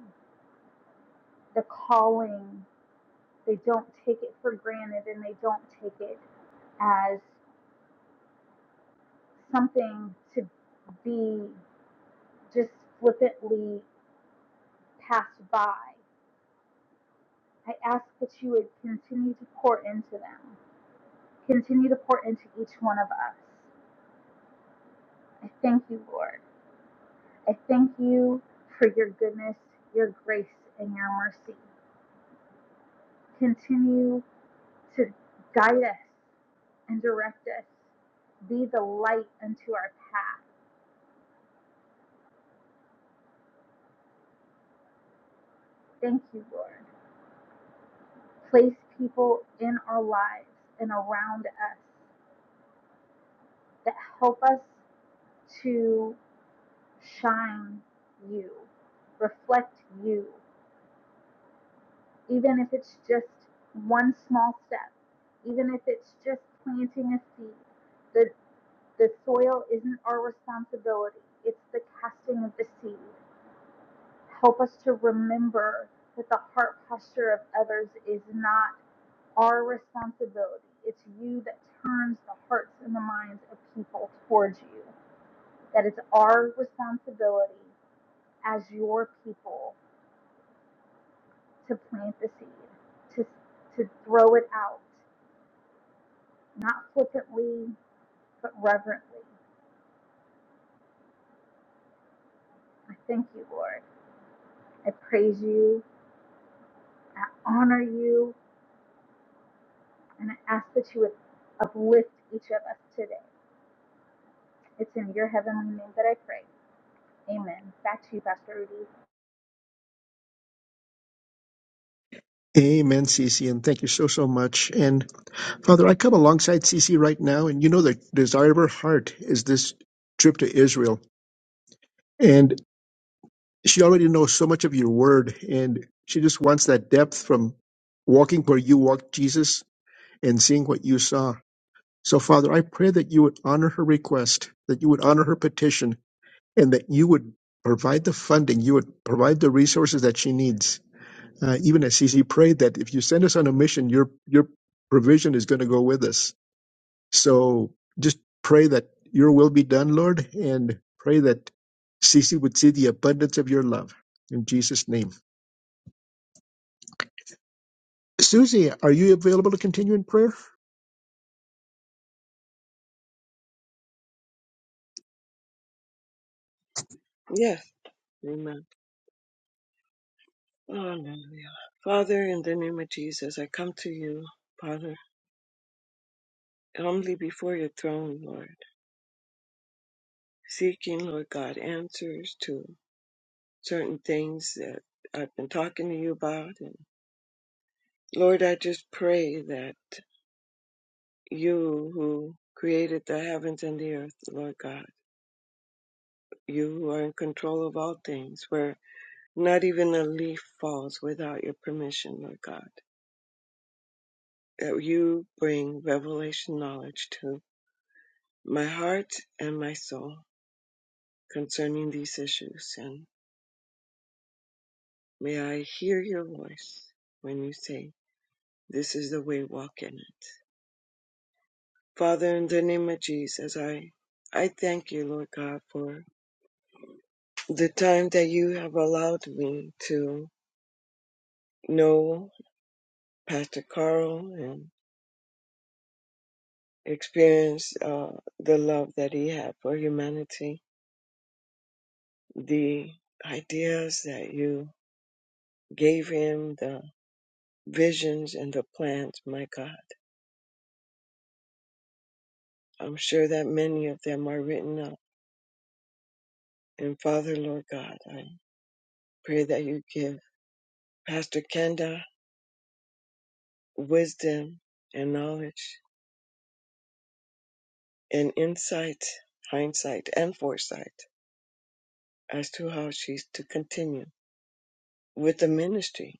G: the calling, they don't take it for granted and they don't take it as something to be just flippantly passed by. I ask that you would continue to pour into them, continue to pour into each one of us. I thank you, Lord. I thank you for your goodness, your grace, and your mercy. Continue to guide us and direct us. Be the light unto our path. Thank you, Lord. Place people in our lives and around us that help us to shine you, reflect you, even if it's just one small step, even if it's just planting a seed. The, the soil isn't our responsibility, it's the casting of the seed. Help us to remember that the heart posture of others is not our responsibility. It's you that turns the hearts and the minds of people towards you. That it's our responsibility as your people to plant the seed, to, to throw it out, not flippantly, but reverently. I thank you, Lord. I praise you. I honor you. And I ask that you would uplift each of us today. It's in your heavenly name that I pray. Amen. Back to you, Pastor Rudy.
B: Amen, CC, and thank you so, so much. And Father, I come alongside CC right now, and you know the desire of her heart is this trip to Israel. And she already knows so much of your word, and she just wants that depth from walking where you walked, Jesus, and seeing what you saw So, Father, I pray that you would honor her request, that you would honor her petition, and that you would provide the funding, you would provide the resources that she needs. Uh, even as CC prayed that if you send us on a mission, your your provision is going to go with us. So just pray that your will be done, Lord, and pray that CC would see the abundance of your love. In Jesus' name. Susie, are you available to continue in prayer?
F: Yes, amen. Hallelujah. Father, in the name of Jesus, I come to you, Father. humbly before your throne, Lord, seeking, Lord God, answers to certain things that I've been talking to you about. And Lord, I just pray that you who created the heavens and the earth, Lord God, you who are in control of all things, where not even a leaf falls without your permission, Lord God, that you bring revelation knowledge to my heart and my soul concerning these issues. and. May I hear your voice when you say, This is the way, walk in it. Father, in the name of Jesus, I, I thank you, Lord God, for the time that you have allowed me to know Pastor Carl and experience uh, the love that he had for humanity, the ideas that you gave him, the visions and the plans, my God. I'm sure that many of them are written up. And Father, Lord God, I. Pray that you give Pastor Kenda wisdom and knowledge and insight, hindsight, and foresight as to how she's to continue with the ministry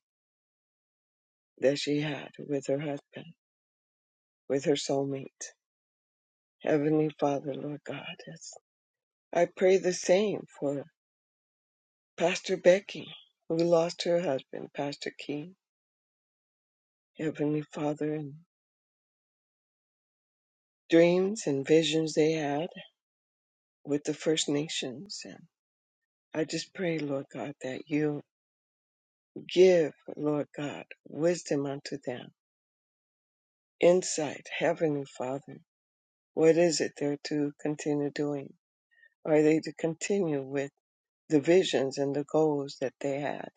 F: that she had with her husband, with her soulmate. Heavenly Father, Lord God, yes. I pray the same for Pastor Becky, who lost her husband, Pastor King. Heavenly Father, and dreams and visions they had with the First Nations. And I just pray, Lord God, that you Give, Lord God, wisdom unto them, insight, Heavenly Father. What is it they're to continue doing? Are they to continue with the visions and the goals that they had?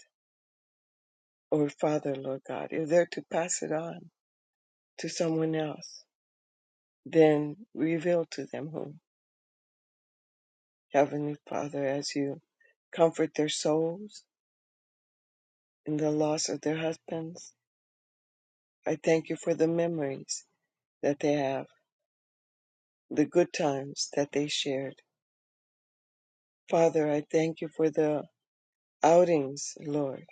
F: Or, Father, Lord God, if they're to pass it on to someone else, then reveal to them whom, Heavenly Father, as you comfort their souls in the loss of their husbands. I thank you for the memories that they have, the good times that they shared Father, I thank you for the outings, Lord,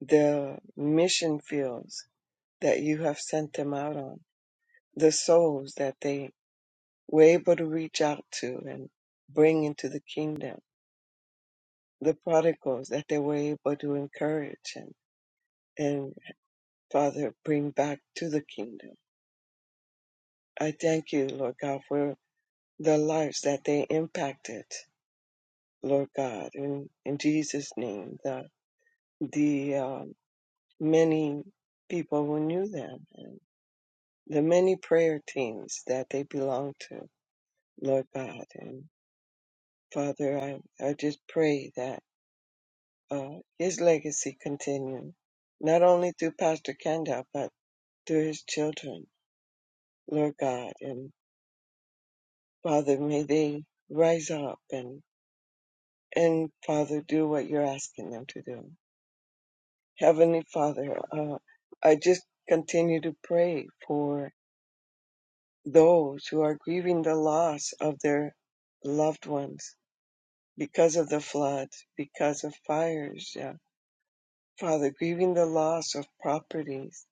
F: the mission fields that you have sent them out on, the souls that they were able to reach out to and bring into the kingdom, the prodigals that they were able to encourage and, and Father, bring back to the kingdom. I thank you, Lord God, for the lives that they impacted, Lord God, in, in Jesus' name, the, the, um, many people who knew them and the many prayer teams that they belonged to, Lord God. And Father, I, I just pray that uh, his legacy continue, not only through Pastor Kendall, but through his children, Lord God. And Father, may they rise up and, and Father, do what you're asking them to do. Heavenly Father, uh, I just continue to pray for those who are grieving the loss of their loved ones because of the floods, because of fires, yeah. Father, grieving the loss of properties,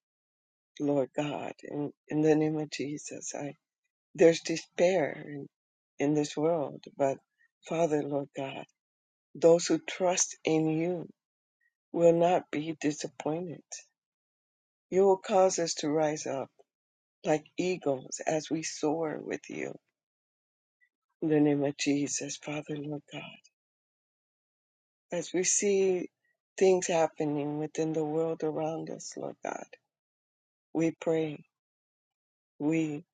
F: Lord God, in, in the name of Jesus. I there's despair in, in this world, but Father, Lord God, those who trust in you will not be disappointed. You will cause us to rise up like eagles as we soar with you. In the name of Jesus, Father, Lord God. as we see things happening within the world around us, Lord God, we pray, we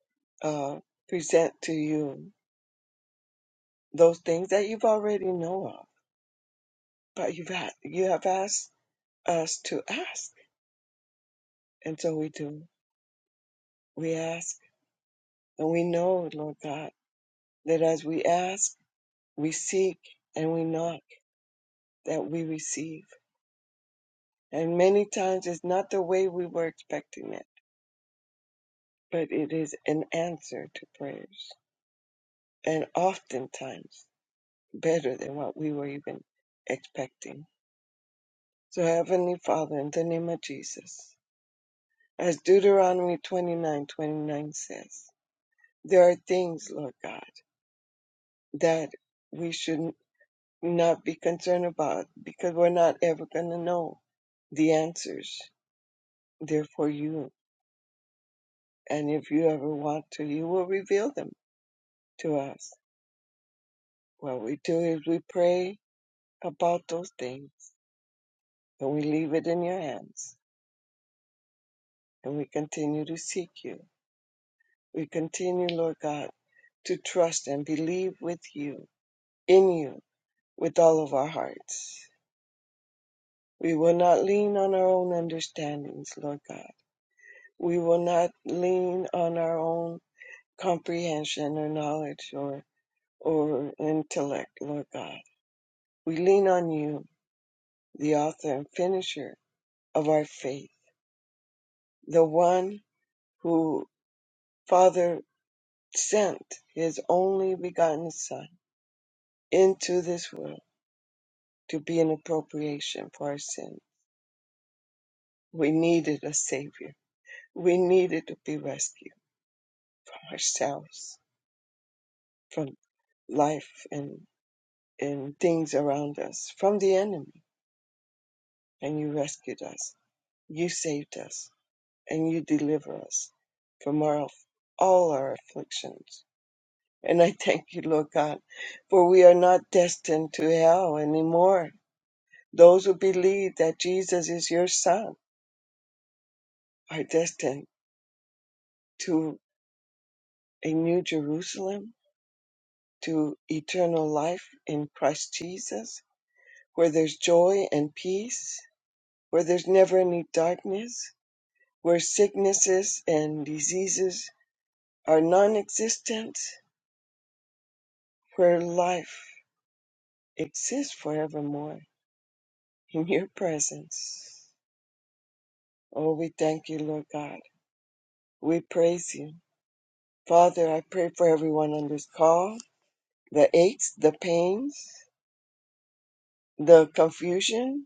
F: uh, present to you those things that you've already know of, but you've had, you have asked us to ask, and so we do. We ask, and we know, Lord God, that as we ask, we seek, and we knock, that we receive. And many times it's not the way we were expecting it, but it is an answer to prayers. and oftentimes better than what we were even expecting. So, Heavenly Father, in the name of Jesus, as Deuteronomy twenty-nine twenty-nine says, there are things, Lord God, that we should not be concerned about because we're not ever going to know the answers. They're for you. And if you ever want to, you will reveal them to us. What we do is we pray about those things and we leave it in your hands and we continue to seek you. We continue, Lord God, to trust and believe with you, in you, with all of our hearts. We will not lean on our own understandings, Lord God. We will not lean on our own comprehension or knowledge or, or intellect, Lord God. We lean on you, the author and finisher of our faith, the one who, Father, sent his only begotten Son into this world to be an appropriation for our sin. We needed a Savior. We needed to be rescued from ourselves, from life and, and things around us, from the enemy. And you rescued us. You saved us. And you deliver us from our, all our afflictions. And I thank you, Lord God, for we are not destined to hell anymore. Those who believe that Jesus is your Son are destined to a new Jerusalem, to eternal life in Christ Jesus, where there's joy and peace, where there's never any darkness, where sicknesses and diseases are non existent, where life exists forevermore in your presence. Oh, we thank you, Lord God. We praise you. Father, I pray for everyone on this call the aches, the pains, the confusion,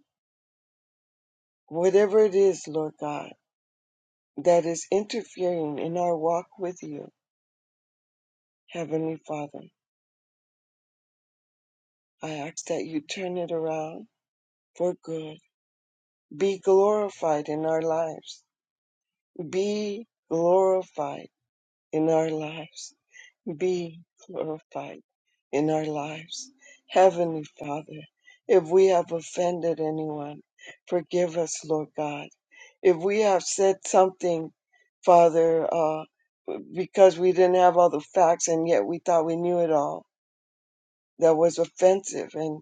F: Whatever it is, Lord God, that is interfering in our walk with you, Heavenly Father, I ask that you turn it around for good. Be glorified in our lives. Be glorified in our lives. be glorified in our lives. Heavenly Father, if we have offended anyone, forgive us, Lord God. If we have said something, Father, uh, because we didn't have all the facts and yet we thought we knew it all, that was offensive and,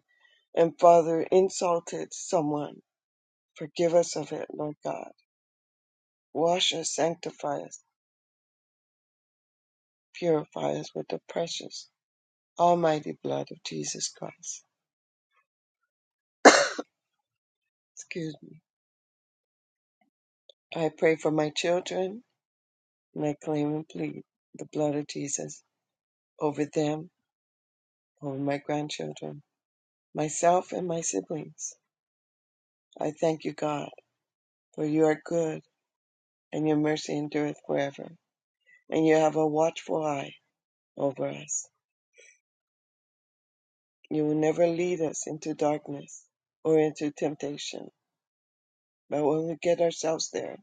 F: and Father, insulted someone, forgive us of it, Lord God. Wash us, sanctify us, purify us with the precious, almighty blood of Jesus Christ. Excuse me. I pray for my children, and I claim and plead the blood of Jesus over them, over my grandchildren, myself, and my siblings. I thank you, God, for you are good, and your mercy endureth forever, and you have a watchful eye over us. You will never lead us into darkness or into temptation, but when we get ourselves there,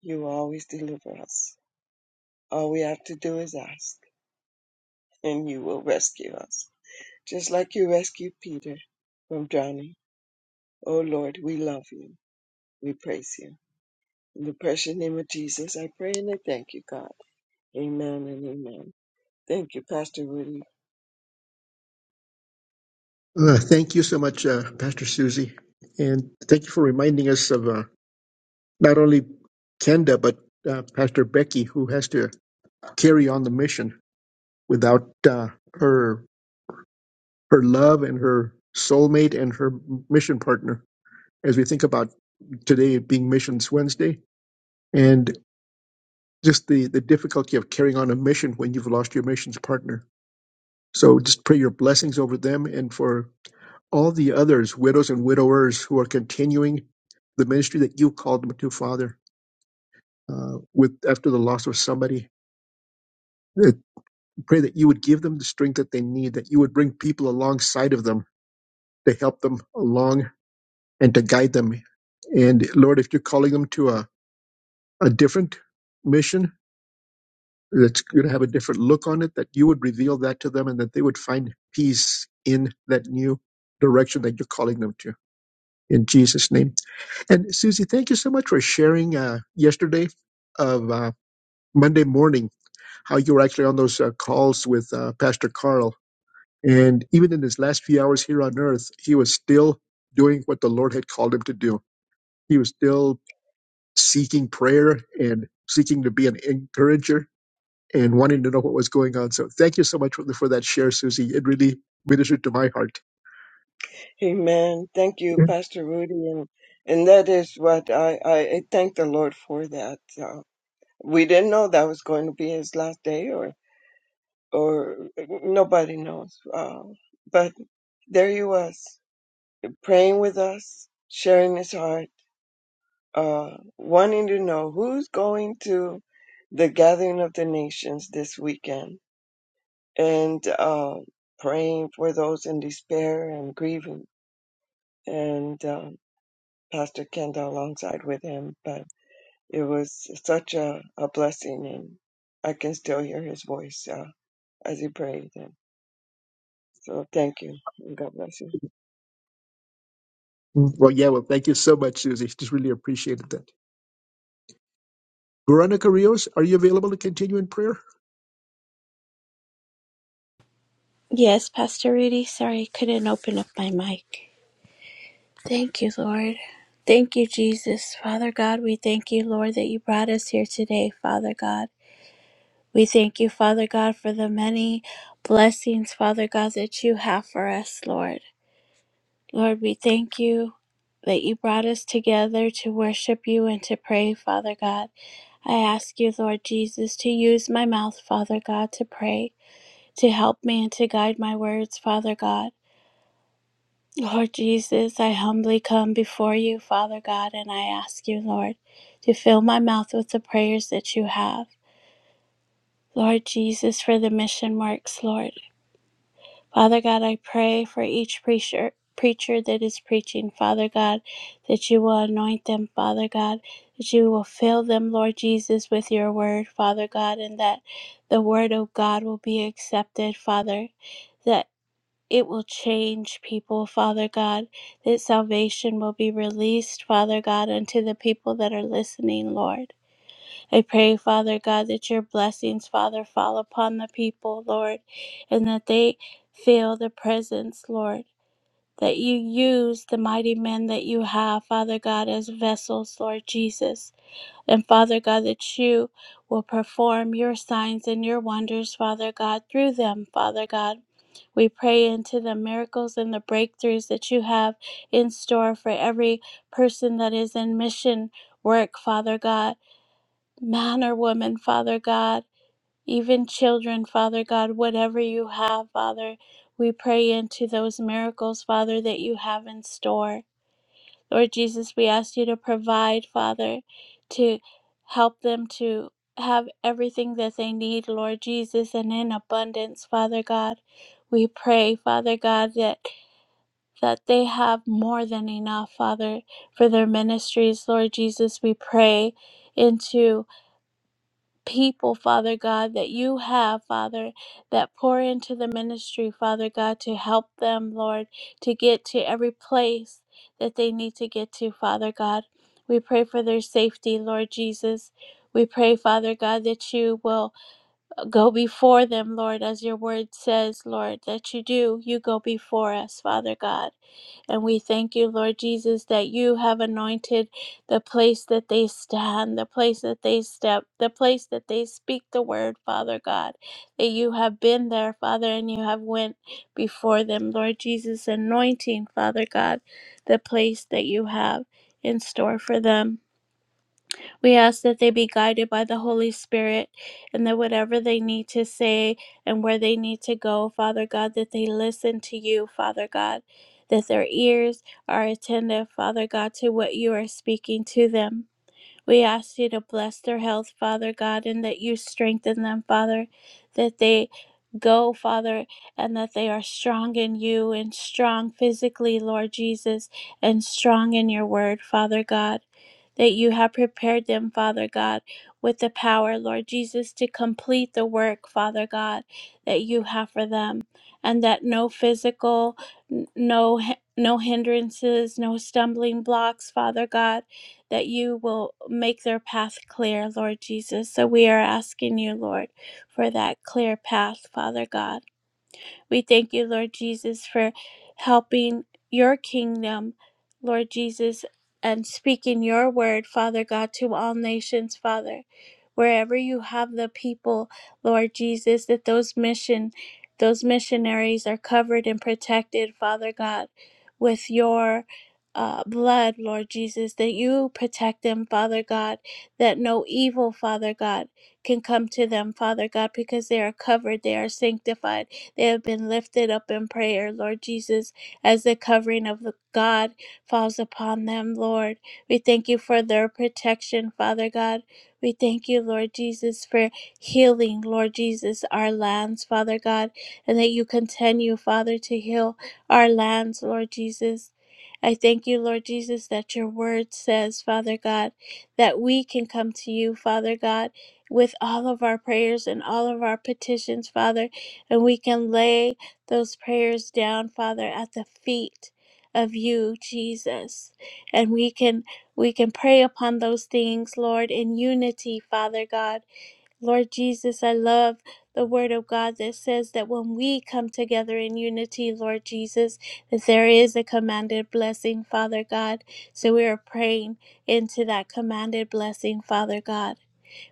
F: you will always deliver us. All we have to do is ask, and you will rescue us, just like you rescued Peter from drowning O Lord, we love you. We praise you. In the precious name of Jesus, I pray and I thank you, God. Amen and amen. Thank you, Pastor Rudy.
B: Uh, thank you so much, uh, Pastor Susie. And thank you for reminding us of. Uh, not only Kenda, but uh, Pastor Becky, who has to carry on the mission without uh, her her love and her soulmate and her mission partner. As we think about today being Missions Wednesday, and just the the difficulty of carrying on a mission when you've lost your missions partner. So just pray your blessings over them and for all the others, widows and widowers, who are continuing the ministry that you called them to, Father, uh, with after the loss of somebody It, Pray that you would give them the strength that they need, that you would bring people alongside of them to help them along and to guide them. And Lord, if you're calling them to a, a different mission that's going to have a different look on it, that you would reveal that to them and that they would find peace in that new direction that you're calling them to. In Jesus' name. And Susie, thank you so much for sharing uh, yesterday of uh, Monday morning how you were actually on those uh, calls with uh, Pastor Carl And even in his last few hours here on earth, he was still doing what the Lord had called him to do. He was still seeking prayer and seeking to be an encourager and wanting to know what was going on. So thank you so much for, for that share, Susie. It really ministered to my heart.
F: Amen. Thank you,
B: Yeah.
F: Pastor Rudy. And, and that is what I, I, I thank the Lord for that. Uh, we didn't know that was going to be his last day or, or nobody knows. Uh, but there he was praying with us, sharing his heart uh, wanting to know who's going to the gathering of the nations this weekend and uh, praying for those in despair and grieving. And uh, Pastor Kendall alongside with him. But it was such a, a blessing, and I can still hear his voice uh, as he prayed. And so thank you, and God bless you.
B: Well, yeah, well, thank you so much, Susie. Just really appreciated that. Veronica Rios, are you available to continue in prayer?
D: Yes, Pastor Rudy. Sorry, I couldn't open up my mic. Thank you, Lord. Thank you, Jesus. Father God, we thank you, Lord, that you brought us here today, Father God. We thank you, Father God, for the many blessings, Father God, that you have for us, Lord. Lord, we thank you that you brought us together to worship you and to pray, Father God. I ask you, Lord Jesus, to use my mouth, Father God, to pray, to help me and to guide my words, Father God. Lord Jesus, I humbly come before you, Father God, and I ask you, Lord, to fill my mouth with the prayers that you have. Lord Jesus, for the mission works, Lord. Father God, I pray for each preacher preacher that is preaching, Father God, that you will anoint them, Father God, that you will fill them, Lord Jesus, with your word, Father God, and that the word of God will be accepted, Father, that it will change people, Father God, that salvation will be released, Father God, unto the people that are listening, Lord. I pray, Father God, that your blessings, Father, fall upon the people, Lord, and that they feel the presence, Lord. That you use the mighty men that you have, Father God, as vessels, Lord Jesus. And Father God, that you will perform your signs and your wonders, Father God, through them, Father God. We pray into the miracles and the breakthroughs that you have in store for every person that is in mission work, Father God man or woman, Father God, even children, Father God, whatever you have, Father, we pray into those miracles, Father, that you have in store. Lord Jesus, we ask you to provide, Father, to help them to have everything that they need, Lord Jesus, and in abundance, Father God. We pray, Father God, that that they have more than enough, Father, for their ministries, Lord Jesus. We pray into people, Father God, that you have, Father, that pour into the ministry, Father God, to help them, Lord, to get to every place that they need to get to, Father God. We pray for their safety, Lord Jesus. We pray, Father God, that you will go before them, Lord, as your word says, Lord, that you do. You go before us, Father God. And we thank you, Lord Jesus, that you have anointed the place that they stand, the place that they step, the place that they speak the word, Father God, that you have been there, Father, and you have went before them, Lord Jesus, anointing, Father God, the place that you have in store for them. We ask that they be guided by the Holy Spirit and that whatever they need to say and where they need to go, Father God, that they listen to you, Father God, that their ears are attentive, Father God, to what you are speaking to them. We ask you to bless their health, Father God, and that you strengthen them, Father, that they go, Father, and that they are strong in you and strong physically, Lord Jesus, and strong in your word, Father God. That you have prepared them, Father God, with the power, Lord Jesus, to complete the work, Father God, that you have for them, and that no physical, n- no, hi- no hindrances, no stumbling blocks, Father God that you will make their path clear, Lord Jesus. So we are asking you, Lord, for that clear path, Father God. We thank you, Lord Jesus, for helping your kingdom, Lord Jesus, and speaking your word, Father God, to all nations, Father. Wherever you have the people, Lord Jesus, that those mission those missionaries are covered and protected, Father God, with your uh, blood, Lord Jesus, that you protect them, Father God, that no evil, Father God, can come to them, Father God, because they are covered, they are sanctified, they have been lifted up in prayer, Lord Jesus, as the covering of the God falls upon them, Lord. We thank you for their protection, Father God. We thank you, Lord Jesus, for healing, Lord Jesus, our lands, Father God, and that you continue, Father, to heal our lands, Lord Jesus. I thank you, Lord Jesus, that your word says, Father God, that we can come to you, Father God, with all of our prayers and all of our petitions, Father. And we can lay those prayers down, Father, at the feet of you, Jesus. And we can we can pray upon those things, Lord, in unity, Father God. Lord Jesus, I love the word of God that says that when we come together in unity, Lord Jesus, that there is a commanded blessing, Father God. So we are praying into that commanded blessing, Father God.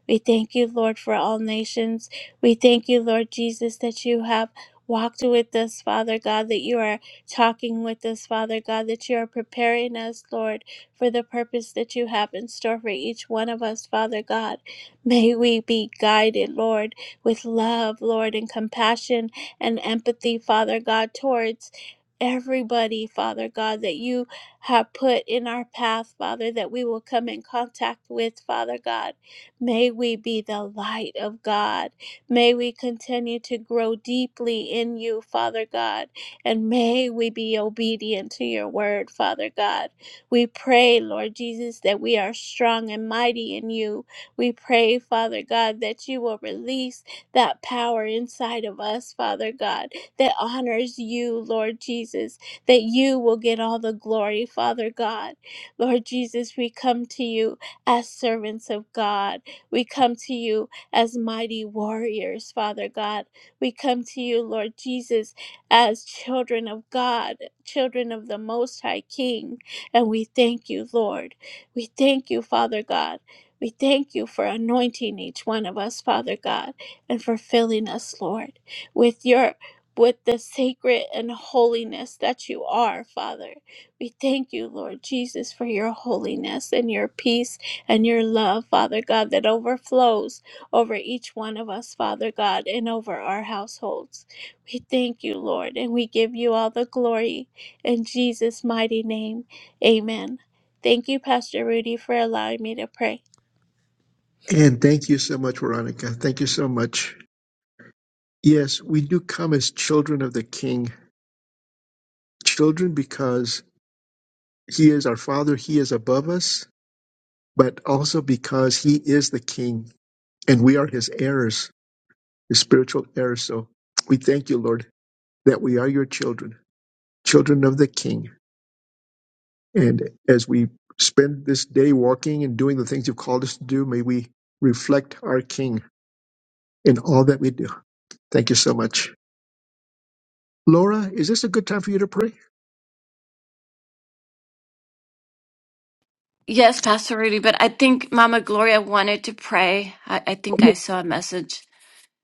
D: We thank you, Lord, for all nations. We thank you, Lord Jesus, that you have walked with us, Father God, that you are talking with us, Father God, that you are preparing us, Lord, for the purpose that you have in store for each one of us, Father God. May we be guided, Lord, with love, Lord, and compassion and empathy, Father God, towards everybody, Father God, that you have put in our path, Father, that we will come in contact with, Father God. May we be the light of God. May we continue to grow deeply in you, Father God. And may we be obedient to your word, Father God. We pray, Lord Jesus, that we are strong and mighty in you. We pray, Father God, that you will release that power inside of us, Father God, that honors you, Lord Jesus, that you will get all the glory, Father God. Lord Jesus, we come to you as servants of God. We come to you as mighty warriors, Father God. We come to you, Lord Jesus, as children of God, children of the Most High King. And we thank you, Lord. We thank you, Father God. We thank you for anointing each one of us, Father God, and for filling us, Lord, with your with the sacred and holiness that you are, Father. We thank you, Lord Jesus, for your holiness and your peace and your love, Father God, that overflows over each one of us, Father God, and over our households. We thank you, Lord, and we give you all the glory in Jesus' mighty name. Amen. Thank you, Pastor Rudy, for allowing me to pray.
B: And thank you so much, Veronica. Thank you so much. Yes, we do come as children of the King, children because He is our Father, He is above us, but also because He is the King and we are His heirs, His spiritual heirs. So we thank you, Lord, that we are your children, children of the King. And as we spend this day walking and doing the things you've called us to do, may we reflect our King in all that we do. Thank you so much. Laura, is this a good time for you to pray?
H: Yes, Pastor Rudy, but I think Mama Gloria wanted to pray. I, I think I
B: Oh,
H: saw a message.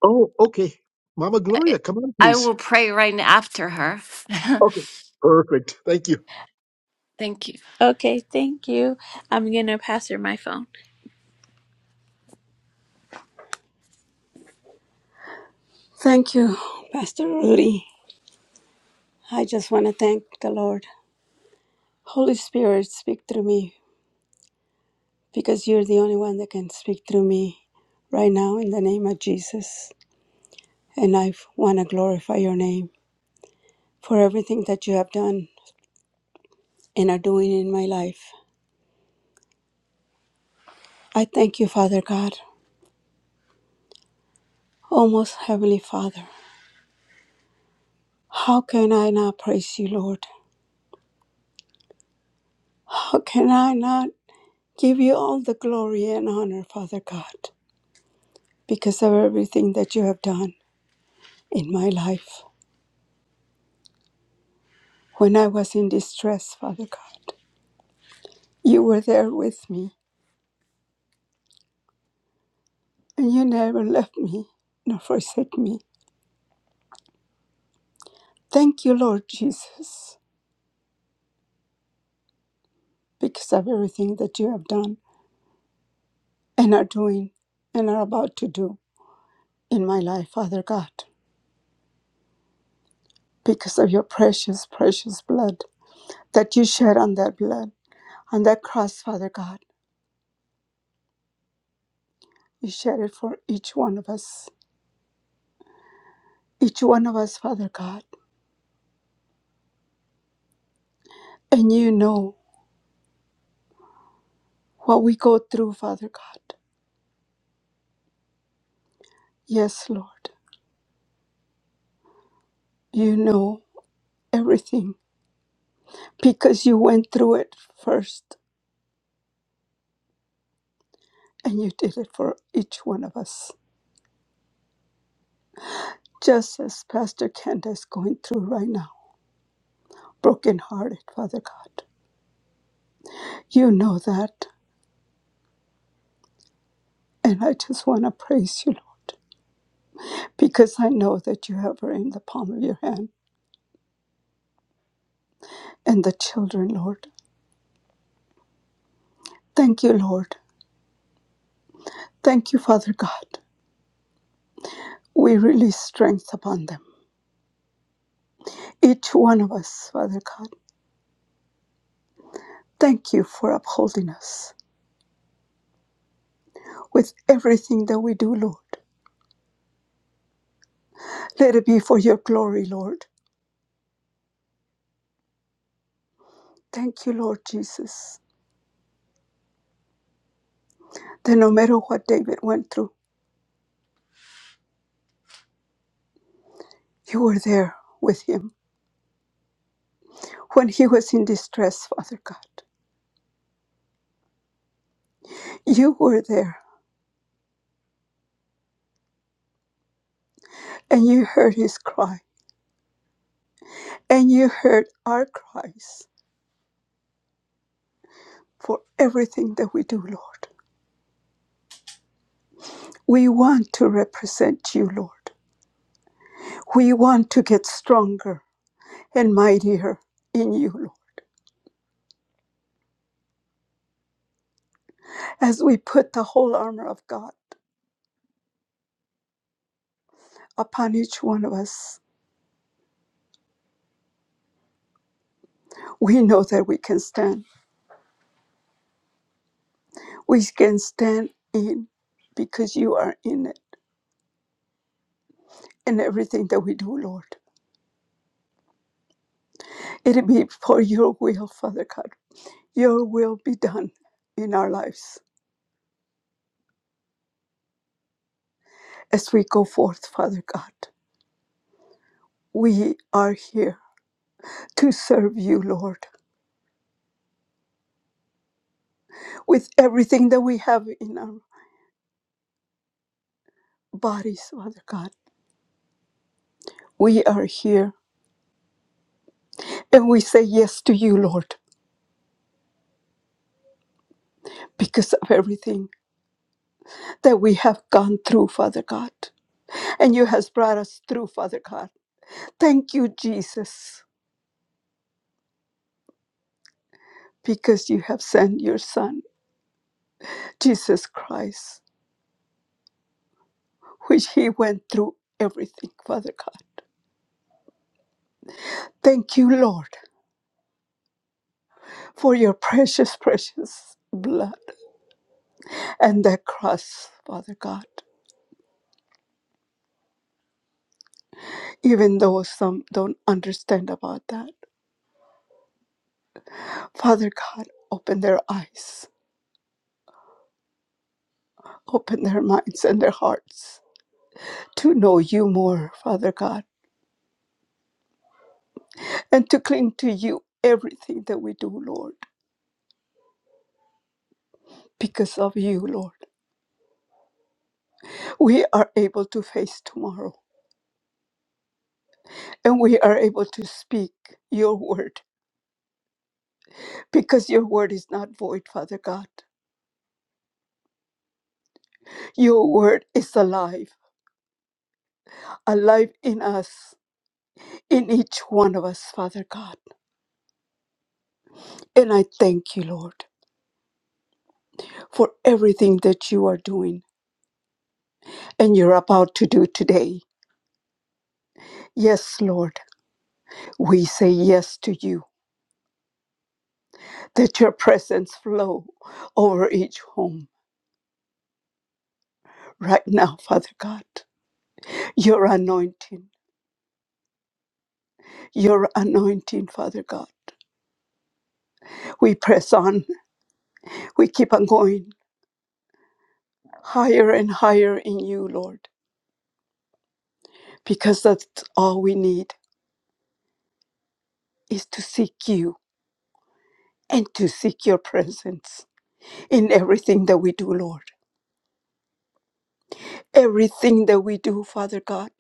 B: oh, okay. Mama
H: I,
B: Gloria, come on,
H: I
B: please.
H: will pray right after her.
B: Okay. Perfect. Thank you.
H: thank you.
D: Okay, thank you. I'm going to pass her my phone. Thank you, Pastor Rudy. I just want to thank the Lord. Holy Spirit, speak through me because you're the only one that can speak through me right now in the name of Jesus. And I want to glorify your name for everything that you have done and are doing in my life. I thank you, Father God, oh most heavenly Father. How can I not praise you, Lord? How can I not give you all the glory and honor, Father God, because of everything that you have done in my life? When I was in distress, Father God, you were there with me, and you never left me nor forsake me. Thank you, Lord Jesus, because of everything that you have done and are doing and are about to do in my life, Father God, because of your precious, precious blood that you shed on that blood, on that cross, Father God. You shed it for each one of us, each one of us, Father God. And you know what we go through, Father God. Yes, Lord, you know everything because you went through it first and you did it for each one of us, just as Pastor Kenda is going through right now, brokenhearted, Father God You know that. And I just want to praise you, Lord, because I know that you have her in the palm of your hand and the children, Lord. Thank you, Lord. Thank you, Father God. We release strength upon them. Each one of us, Father God. Thank you for upholding us with everything that we do, Lord. Let it be for your glory, Lord. Thank you, Lord Jesus, that no matter what David went through, you were there with him when he was in distress, Father God. You were there and you heard his cry, and you heard our cries for everything that we do, Lord. We want to represent you, Lord. We want to get stronger and mightier in you, Lord. As we put the whole armor of God upon each one of us, we know that we can stand. We can stand in because you are in it in everything that we do, Lord. It be for your will, Father God. Your will be done in our lives As we go forth, Father God, we are here to serve you, Lord, with everything that we have in our bodies, Father God. We are here and we say yes to you, Lord, because of everything that we have gone through, Father God. And you has brought us through, Father God. Thank you, Jesus, because you have sent your son, Jesus Christ, which he went through everything, Father God. Thank you, Lord, for your precious, precious blood and that cross, Father God. Even though some don't understand about that, Father God, open their eyes, open their minds and their hearts to know you more, Father God, and to cling to you everything that we do, Lord. Because of you, Lord, we are able to face tomorrow and we are able to speak your word because your word is not void, Father God. Your word is alive, alive in us, in each one of us, Father God. And I thank you, Lord, for everything that you are doing and you're about to do today. Yes, Lord, we say yes to you, that your presence flow over each home right now, Father God. Your anointing, your anointing, Father God. We press on, we keep on going higher and higher in you, Lord, because that's all we need is to seek you and to seek your presence in everything that we do, Lord. Everything that we do, Father God,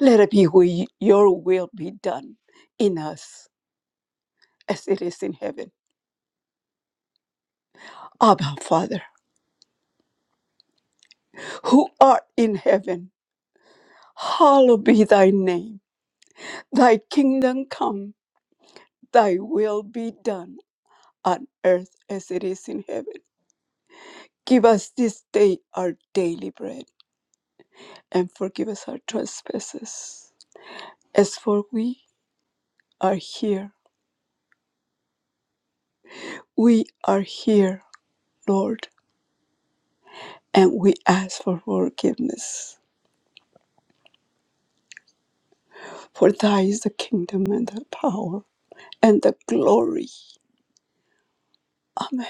D: let it be where your will be done in us as it is in heaven. Abba, Father, who art in heaven, hallowed be thy name. Thy kingdom come, thy will be done on earth as it is in heaven. Give us this day our daily bread and forgive us our trespasses. As for we are here, we are here, Lord, and we ask for forgiveness For thy is the kingdom and the power and the glory. Amen.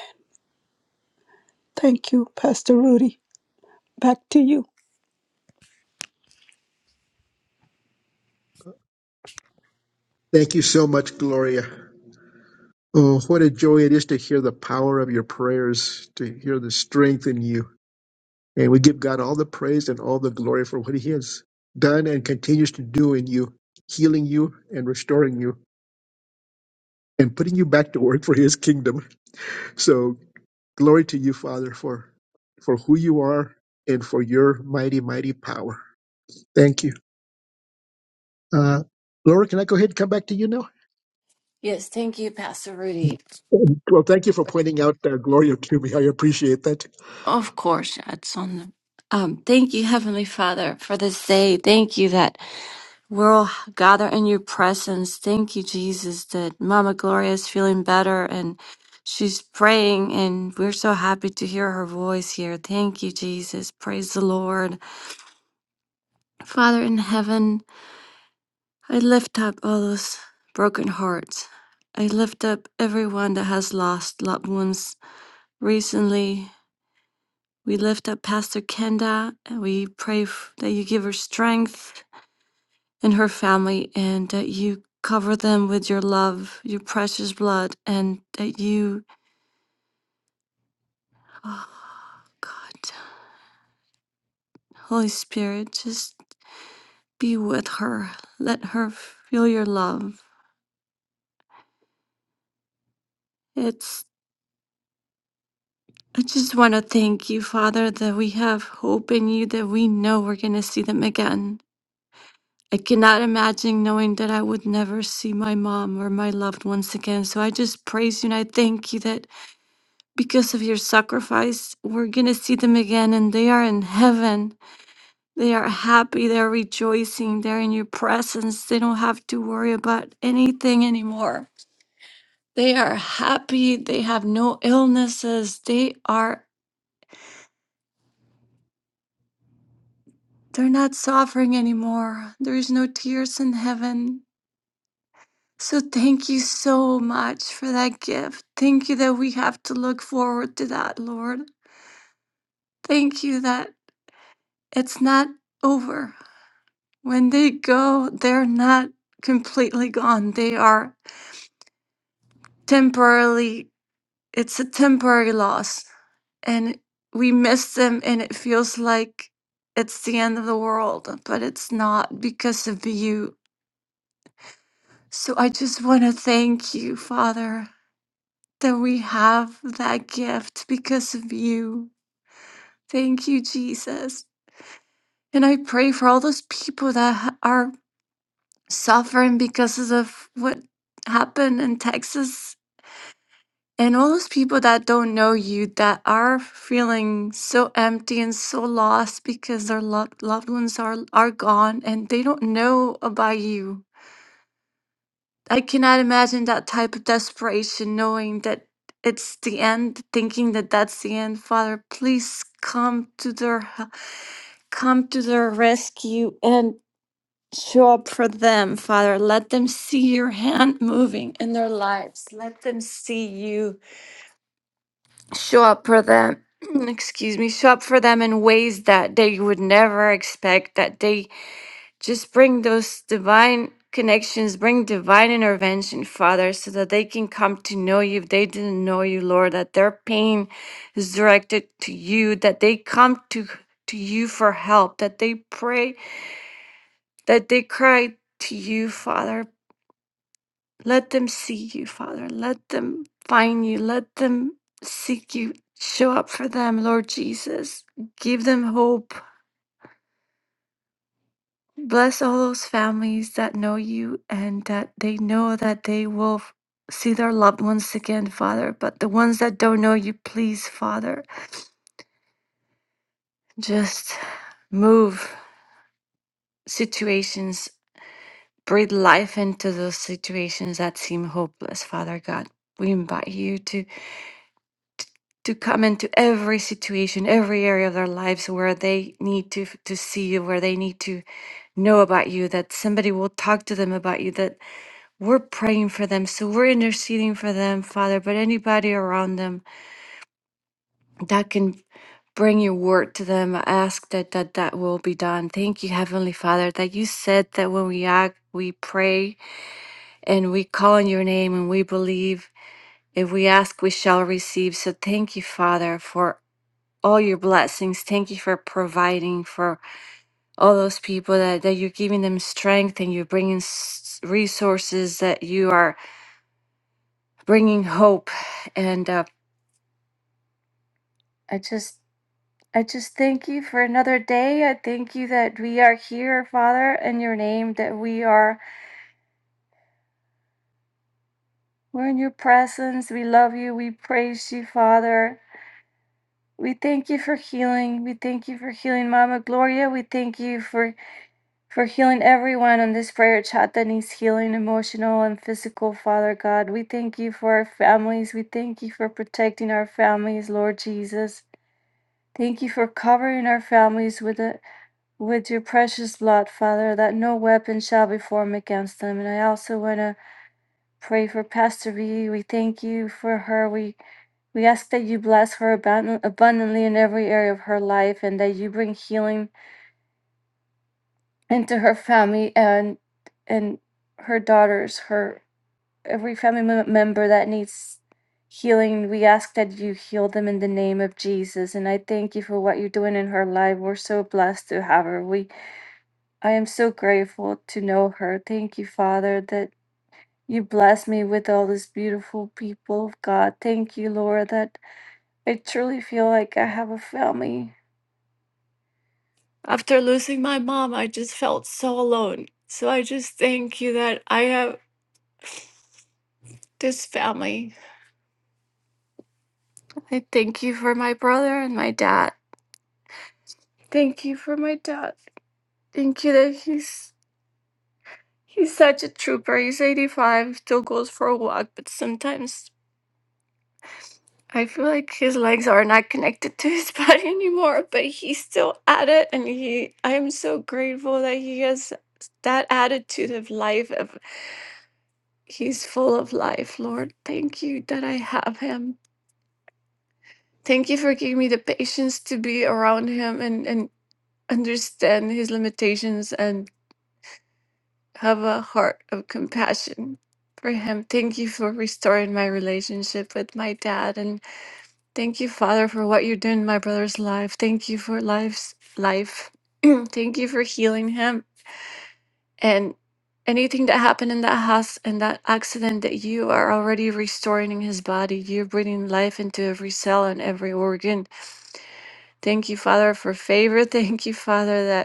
D: Thank you, Pastor Rudy. Back to you.
B: Thank you so much, Gloria. Oh, what a joy it is to hear the power of your prayers, to hear the strength in you. And we give God all the praise and all the glory for what he has done and continues to do in you, healing you and restoring you. and putting you back to work for his kingdom. So glory to you, Father, for for who you are and for your mighty, mighty power. Thank you. Uh, Laura, can I go ahead and come back to you now?
H: Yes, thank you, Pastor Rudy.
B: Well, thank you for pointing out uh, Gloria to me. I appreciate that.
H: Of course, that's on the. Um, thank you, Heavenly Father, for this day. Thank you that we're all gathered in your presence. Thank you, Jesus, that Mama Gloria is feeling better and she's praying, and we're so happy to hear her voice here. Thank you, Jesus. Praise the Lord. Father in heaven, I lift up all those broken hearts. I lift up everyone that has lost loved ones recently. We lift up Pastor Kenda and we pray f- that you give her strength and her family and that you cover them with your love, your precious blood, and that you, oh God, Holy Spirit, just be with her. Let her feel your love. It's. I just want to thank you, Father, that we have hope in you, that we know we're going to see them again. I cannot imagine knowing that I would never see my mom or my loved ones again. So I just praise you and I thank you that because of your sacrifice, we're going to see them again and they are in heaven. They are happy, they're rejoicing, they're in your presence. They don't have to worry about anything anymore. They are happy, they have no illnesses, they are They're not suffering anymore. There is no tears in heaven. So thank you so much for that gift. Thank you that we have to look forward to that, Lord. Thank you that it's not over. When they go, they're not completely gone. They are temporarily, it's a temporary loss. And we miss them, and it feels like it's the end of the world, but it's not because of you So I just want to thank you, Father, that we have that gift because of you. Thank you, Jesus. And I pray for all those people that ha- are suffering because of what happened in Texas and all those people that don't know you that are feeling so empty and so lost because their lo- loved ones are, are gone and they don't know about you. I cannot imagine that type of desperation, knowing that it's the end, thinking that that's the end. Father, please come to their h- come to their rescue and show up for them, Father. Let them see your hand moving in their lives. Let them see you show up for them. Excuse me, show up for them in ways that they would never expect, that they just bring those divine connections, bring divine intervention, Father, so that they can come to know you if they didn't know you, Lord, that their pain is directed to you, that they come to, to you for help, that they pray, that they cry to you, Father. Let them see you, Father. Let them find you. Let them seek you. Show up for them, Lord Jesus. Give them hope Bless all those families that know you and that they know that they will f- see their loved ones again, Father. But the ones that don't know you, please, Father, just move situations, breathe life into those situations that seem hopeless, Father God. We invite you to, to come into every situation, every area of their lives where they need to, to see you, where they need to know about you, that somebody will talk to them about you, that We're praying for them. So we're interceding for them, Father. But anybody around them that can bring your word to them, I ask that that, that will be done. Thank you, Heavenly Father, that you said that when we act, we pray and we call on your name and we believe. If we ask, we shall receive. So thank you, Father, for all your blessings. Thank you for providing for all those people that, that you're giving them strength and you're bringing s- resources, that you are bringing hope. And uh, I just I just thank you for another day. I thank you that we are here, Father, in your name, that we are we're in your presence. We love you. We praise you, Father. We thank you for healing. We thank you for healing Mama Gloria. We thank you for for healing everyone on this prayer chat that needs healing, emotional and physical, Father God. We thank you for our families. We thank you for protecting our families, Lord Jesus. Thank you for covering our families with it with your precious blood, Father, that no weapon shall be formed against them. And I also want to pray for Pastor V. We thank you for her. We we ask that you bless her abund- abundantly in every area of her life, and that you bring healing into her family and and her daughters, her every family mem- member that needs healing. We ask that you heal them in the name of Jesus. And I thank you for what you're doing in her life. We're so blessed to have her. We I am so grateful to know her. Thank you, Father, that you bless me with all these beautiful people of God. Thank you, Lord, that I truly feel like I have a family. After losing my mom, I just felt so alone. So I just thank you that I have this family. I thank you for my brother and my dad. Thank you for my dad. Thank you that he's he's such a trooper. He's 85, still goes for a walk, but sometimes I feel like his legs are not connected to his body anymore, but he's still at it. And he, I am so grateful that he has that attitude of life. Of he's full of life, Lord. Thank you that I have him. Thank you for giving me the patience to be around him and and understand his limitations and have a heart of compassion for him. Thank you for restoring my relationship with my dad and. Thank you, Father, for what you're doing in my brother's life. Thank you for life's life. Thank you for healing him and anything that happened in that house and that accident that you are already restoring his body. You're breathing life into every cell and every organ. Thank you, Father, for favor. Thank you, Father, that.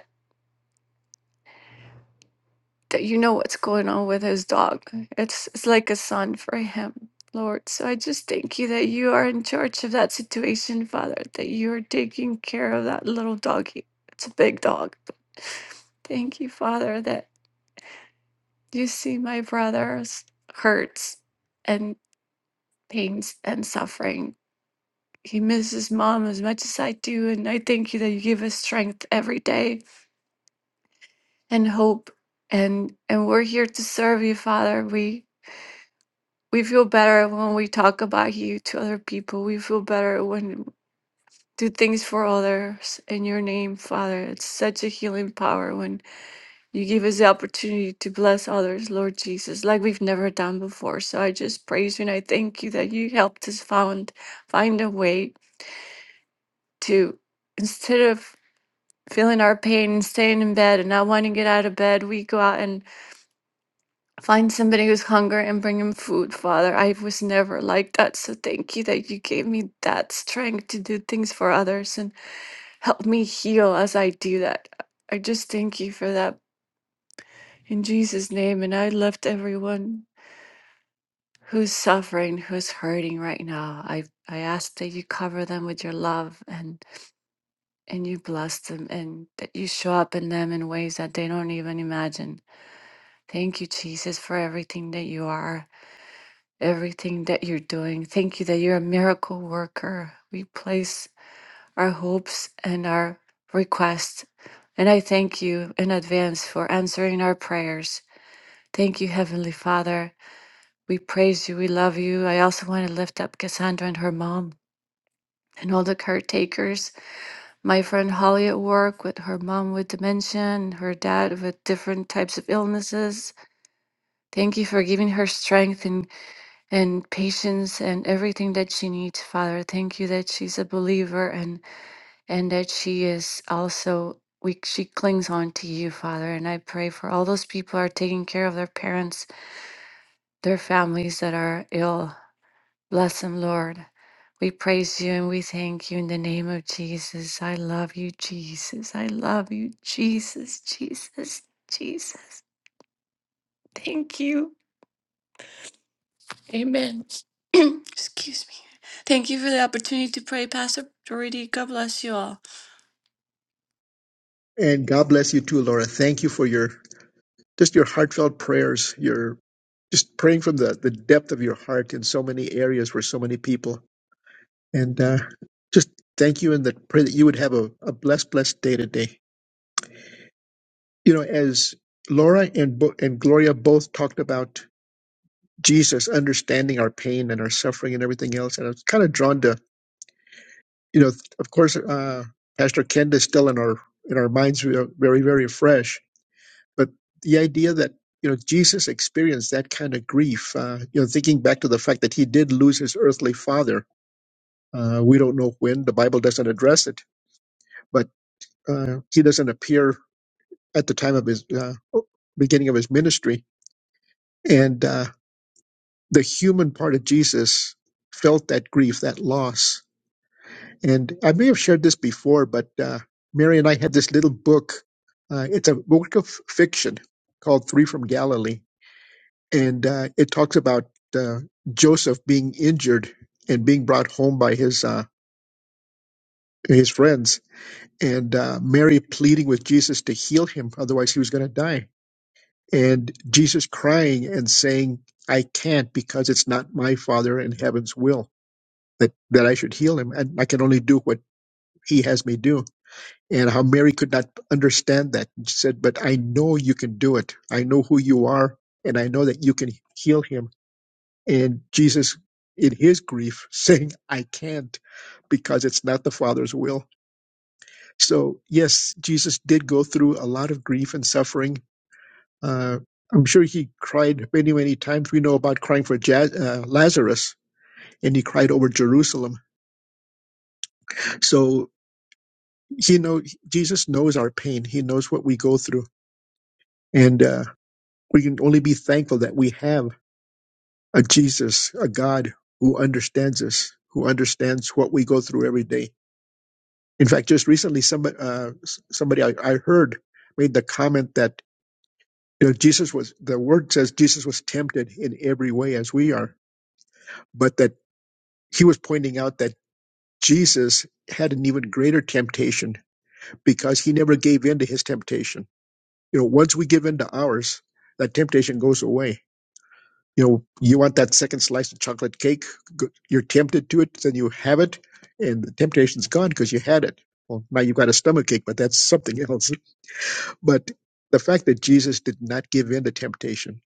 H: that you know what's going on with his dog. It's it's like a son for him, Lord. So I just thank you that you are in charge of that situation, Father, that you are taking care of that little doggy. It's a big dog. but Thank you, Father, that you see my brother's hurts and pains and suffering. He misses mom as much as I do, and I thank you that you give us strength every day and hope. And and we're here to serve you, Father. We we feel better when we talk about you to other people. We feel better when do things for others in your name, Father. It's such a healing power when you give us the opportunity to bless others, Lord Jesus, like we've never done before. So I just praise you and I thank you that you helped us found find a way to instead of feeling our pain and staying in bed and not wanting to get out of bed, we go out and Find somebody who's hungry and bring him food, Father. I was never like that, so thank you that you gave me that strength to do things for others and help me heal as I do that. I just thank you for that in Jesus' name. And I left everyone who's suffering, who's hurting right now. I I ask that you cover them with your love and and you bless them and that you show up in them in ways that they don't even imagine. Thank you, Jesus, for everything that you are. everything that you're doing. Thank you that you're a miracle worker. We place our hopes and our requests. And I thank you in advance for answering our prayers. Thank you, Heavenly Father. We praise you. We love you. I also want to lift up Cassandra and her mom and all the caretakers. My friend Holly at work with her mom with dementia and her dad with different types of illnesses. Thank you for giving her strength and. and patience and everything that she needs, Father. Thank you that she's a believer and and that she is also we she clings on to you, Father. And I pray for all those people who are taking care of their parents, their families that are ill. Bless them, Lord. We praise you and we thank you in the name of Jesus. I love you, Jesus. I love you, Jesus, Jesus, Jesus. Thank you. Amen. Excuse me. Thank you for the opportunity to pray, Pastor Dority. God bless you all.
B: And God bless you too, Laura. Thank you for your just your heartfelt prayers. You're just praying from the, the depth of your heart in so many areas for so many people. And uh, just thank you and that pray that you would have a, a blessed, blessed day today. you know, as Laura and Bo- and Gloria both talked about Jesus understanding our pain and our suffering and everything else, and I was kind of drawn to, you know, of course, uh, Pastor Kent is still in our in our minds, we are very very fresh, but the idea that you know Jesus experienced that kind of grief, uh, you know, thinking back to the fact that he did lose his earthly father, uh, we don't know when, the Bible doesn't address it, but uh, he doesn't appear at the time of his uh, beginning of his ministry, and. Uh, the human part of Jesus felt that grief, that loss. And I may have shared this before, but uh, Mary and I had this little book. Uh, it's a work of fiction called Three from Galilee. And uh, it talks about uh, Joseph being injured and being brought home by his, uh, his friends, and uh, Mary pleading with Jesus to heal him, otherwise, he was going to die. And Jesus crying and saying, I can't because it's not my Father in heaven's will that, that I should heal him, and I can only do what he has me do. And how Mary could not understand that. she said, But I know you can do it. I know who you are, and I know that you can heal him. And Jesus, in his grief, saying, I can't because it's not the Father's will. So, yes, Jesus did go through a lot of grief and suffering. Uh, I'm sure he cried many, many times. We know about crying for Ja- uh, Lazarus, and he cried over Jerusalem. So, He know Jesus knows our pain. He knows what we go through, and uh, we can only be thankful that we have a Jesus, a God who understands us, who understands what we go through every day. In fact, just recently, somebody uh, s- somebody I, I heard made the comment that you know Jesus was the word says Jesus was tempted in every way as we are, but that he was pointing out that Jesus had an even greater temptation because he never gave in to his temptation You know, once we give in to ours, that temptation goes away. You know, you want that second slice of chocolate cake. go- You're tempted to it, then you have it, and the temptation's gone because you had it. Well, now you've got a stomach ache, but that's something else. But the fact that Jesus did not give in to temptation,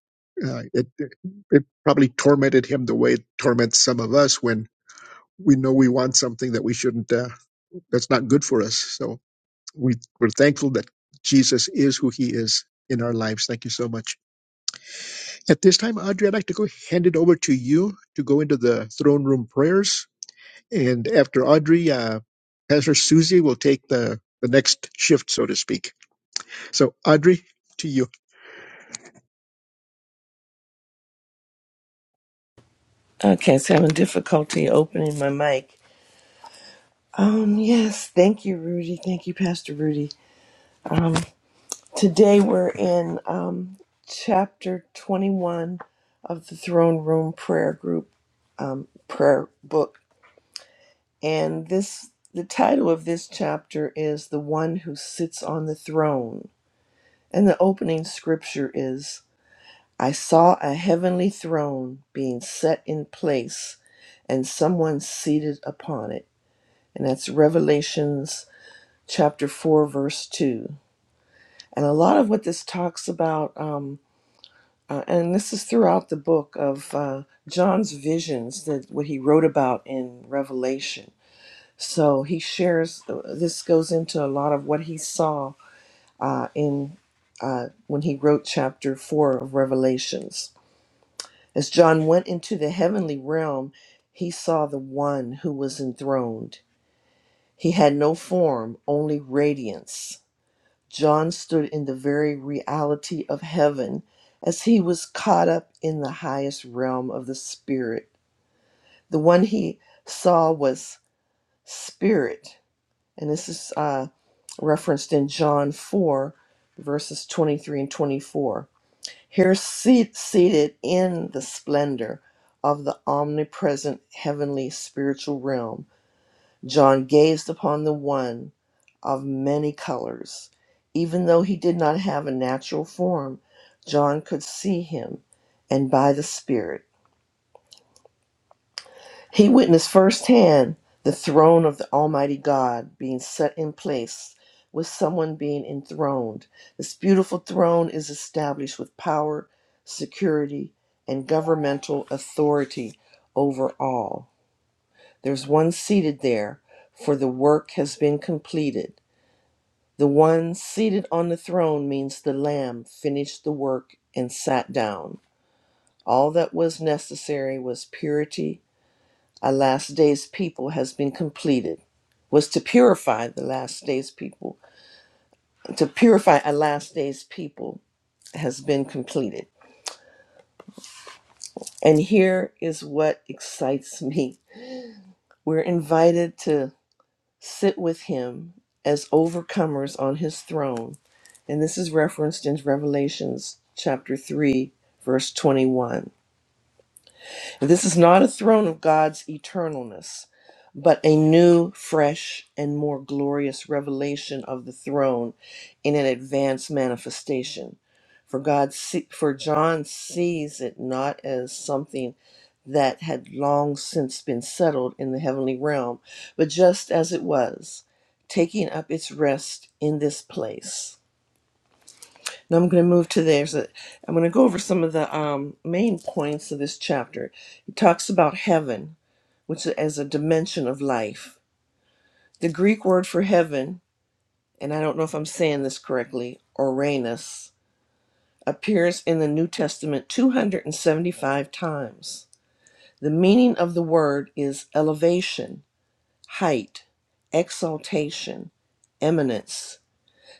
B: uh, it, it it probably tormented him the way it torments some of us when we know we want something that we shouldn't. Uh, that's not good for us. So we we're thankful that Jesus is who He is in our lives. Thank you so much. At this time, Audrey, I'd like to go hand it over to you to go into the throne room prayers. And after Audrey, uh, Pastor Susie will take the, the next shift, so to speak. So, Audrey, to you.
I: Okay, so having difficulty opening my mic. Um, yes, thank you, Rudy. Thank you, Pastor Rudy. Um, today we're in um, chapter 21 of the Throne Room Prayer Group um, prayer book, and this the title of this chapter is "The One Who Sits on the Throne," and the opening scripture is, "I saw a heavenly throne being set in place, and someone seated upon it." and that's Revelations chapter 4, verse 2. And a lot of what this talks about, um, uh, and this is throughout the book of uh, John's visions, that what he wrote about in Revelation. So he shares, uh, this goes into a lot of what he saw uh, in uh, when he wrote chapter 4 of Revelations. As John went into the heavenly realm, he saw the one who was enthroned. He had no form, only radiance John stood in the very reality of heaven as he was caught up in the highest realm of the Spirit. The one he saw was Spirit, and this is uh, referenced in John 4, verses 23 and 24. Here, seat, seated in the splendor of the omnipresent heavenly spiritual realm, John gazed upon the one of many colors. Even though he did not have a natural form, John could see him, and by the Spirit. He witnessed firsthand the throne of the Almighty God being set in place with someone being enthroned. This beautiful throne is established with power, security, and governmental authority over all. There's one seated there, for the work has been completed The one seated on the throne means the Lamb finished the work and sat down. All that was necessary was purity. A last day's people has been completed. Was to purify the last day's people. To purify a last day's people has been completed. And here is what excites me. We're invited to sit with him as overcomers on his throne. And this is referenced in Revelations chapter 3, verse 21. This is not a throne of God's eternalness, but a new, fresh, and more glorious revelation of the throne in an advanced manifestation. For God, see, for John sees it not as something that had long since been settled in the heavenly realm, but just as it was, taking up its rest in this place. Now I'm going to move to there. So i I'm going to go over some of the um, main points of this chapter. It talks about heaven, which is as a dimension of life. The Greek word for heaven, and I don't know if I'm saying this correctly, Uranus, appears in the New Testament 275 times. The meaning of the word is elevation, height, exaltation, eminence.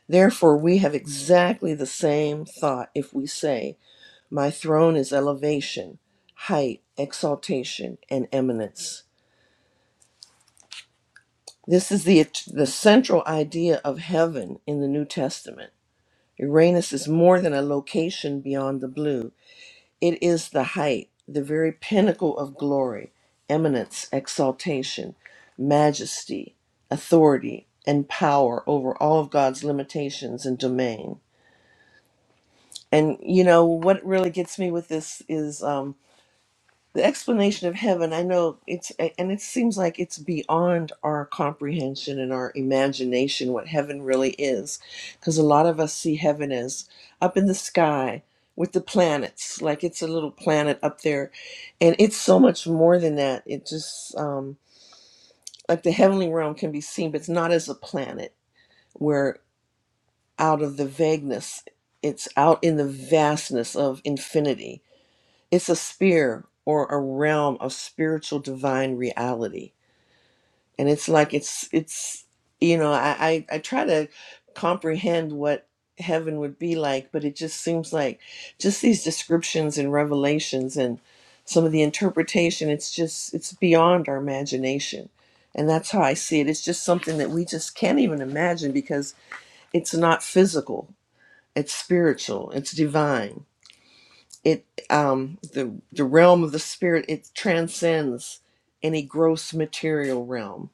I: Therefore, we have exactly the same thought if we say My throne is elevation, height, exaltation, and eminence. This is the, the central idea of heaven in the New Testament. Uranus is more than a location beyond the blue, it is the height, the very pinnacle of glory, eminence, exaltation, majesty, authority, and power over all of God's limitations and domain. And you know what really gets me with this is um, the explanation of heaven i know it's and it seems like it's beyond our comprehension and our imagination what heaven really is because a lot of us see heaven as up in the sky with the planets like it's a little planet up there and it's so much more than that it just um like the heavenly realm can be seen but it's not as a planet We're out of the vagueness it's out in the vastness of infinity it's a sphere or a realm of spiritual divine reality. And it's like it's it's you know, I, I, I try to comprehend what heaven would be like, but it just seems like just these descriptions and revelations and some of the interpretation, it's just it's beyond our imagination. And that's how I see it. It's just something that we just can't even imagine because it's not physical. It's spiritual. It's divine it um the the realm of the spirit it transcends any gross material realm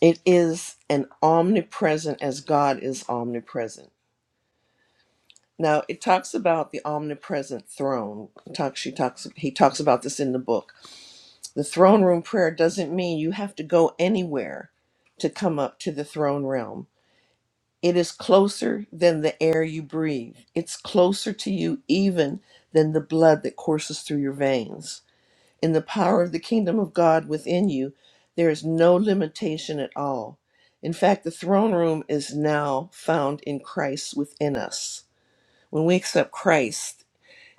I: it is an omnipresent as god is omnipresent now it talks about the omnipresent throne talks she talks he talks about this in the book the throne room prayer doesn't mean you have to go anywhere to come up to the throne realm it is closer than the air you breathe it's closer to you even than the blood that courses through your veins In the power of the kingdom of God within you, there is no limitation at all. In fact, the throne room is now found in Christ within us. When we accept Christ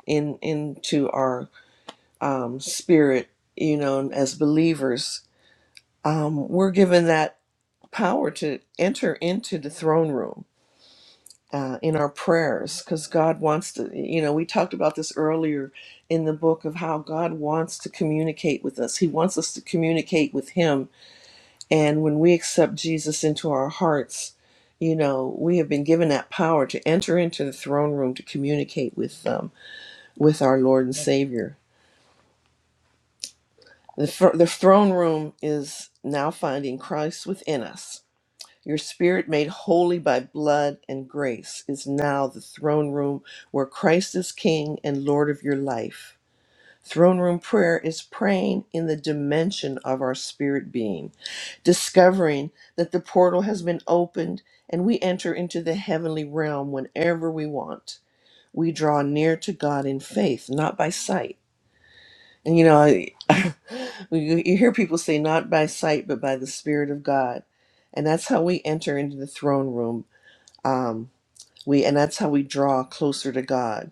I: in into our um, spirit, you know, as believers, um, we're given that power to enter into the throne room uh, in our prayers because God wants to, you know, we talked about this earlier in the book of how God wants to communicate with us. He wants us to communicate with Him. And when we accept Jesus into our hearts, you know, we have been given that power to enter into the throne room to communicate with um, with our Lord and Savior. The, fr- the throne room is now finding Christ within us Your spirit, made holy by blood and grace, is now the throne room where Christ is King and Lord of your life. Throne room prayer is praying in the dimension of our spirit being, discovering that the portal has been opened and we enter into the heavenly realm whenever we want. We draw near to God in faith, not by sight. And you know, I- you you hear people say, not by sight, but by the Spirit of God. And that's how we enter into the throne room. Um, We and that's how we draw closer to God.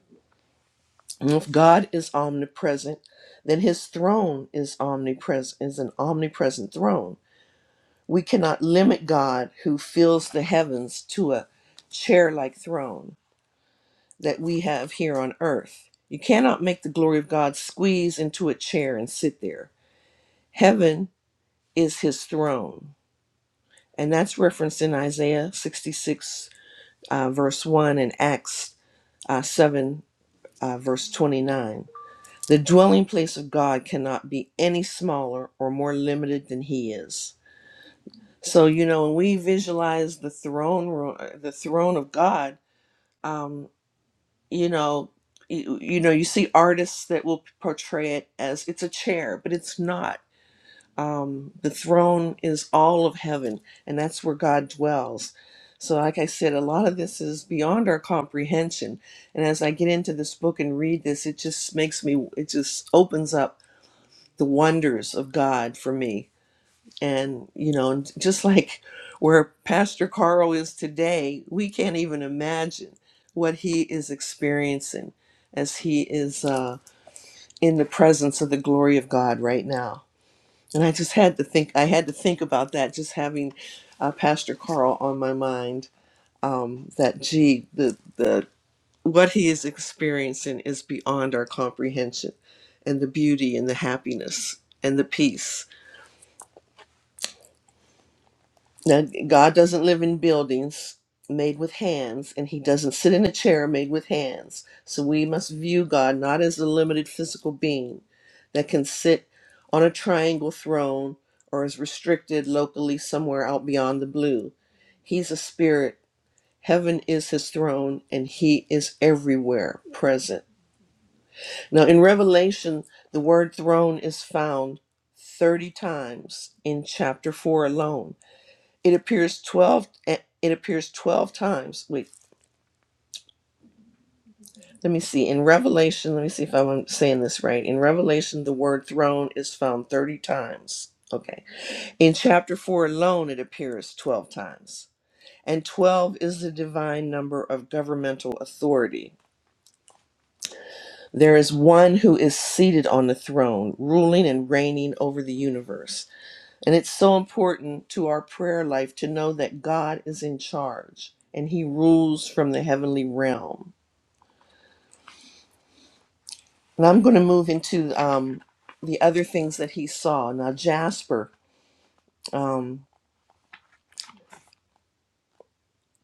I: And if God is omnipresent, then his throne is omnipresent is an omnipresent throne. We cannot limit God who fills the heavens to a chair-like throne that we have here on earth. You cannot make the glory of God squeeze into a chair and sit there. Heaven is his throne. And that's referenced in Isaiah 66, uh, verse 1, and Acts uh, 7, uh, verse 29 The dwelling place of God cannot be any smaller or more limited than He is. So you know, when we visualize the throne, room, the throne of God, um, you know, you, you know, you see artists that will portray it as it's a chair, but it's not. Um, the throne is all of heaven, and that's where God dwells. So, like I said, a lot of this is beyond our comprehension. And as I get into this book and read this, it just makes me, it just opens up the wonders of God for me. And, you know, and just like where Pastor Carl is today, we can't even imagine what he is experiencing as he is uh, in the presence of the glory of God right now. And I just had to think, I had to think about that, just having uh, Pastor Carl on my mind. Um, that gee, the, the, what he is experiencing is beyond our comprehension, and the beauty and the happiness and the peace Now, God doesn't live in buildings made with hands, and He doesn't sit in a chair made with hands. So we must view God not as a limited physical being that can sit on a triangle throne or is restricted locally somewhere out beyond the blue. He's a spirit. Heaven is his throne, and he is everywhere present. Now, in Revelation, the word throne is found 30 times in chapter 4 alone it appears 12 eh, it appears 12 times. Wait, let me see. In Revelation, let me see if I'm saying this right. In Revelation, the word throne is found 30 times. Okay. In chapter 4 alone, it appears 12 times. And 12 is the divine number of governmental authority. There is one who is seated on the throne, ruling and reigning over the universe. And it's so important to our prayer life to know that God is in charge and He rules from the heavenly realm. And I'm going to move into um, the other things that he saw. Now, Jasper, um,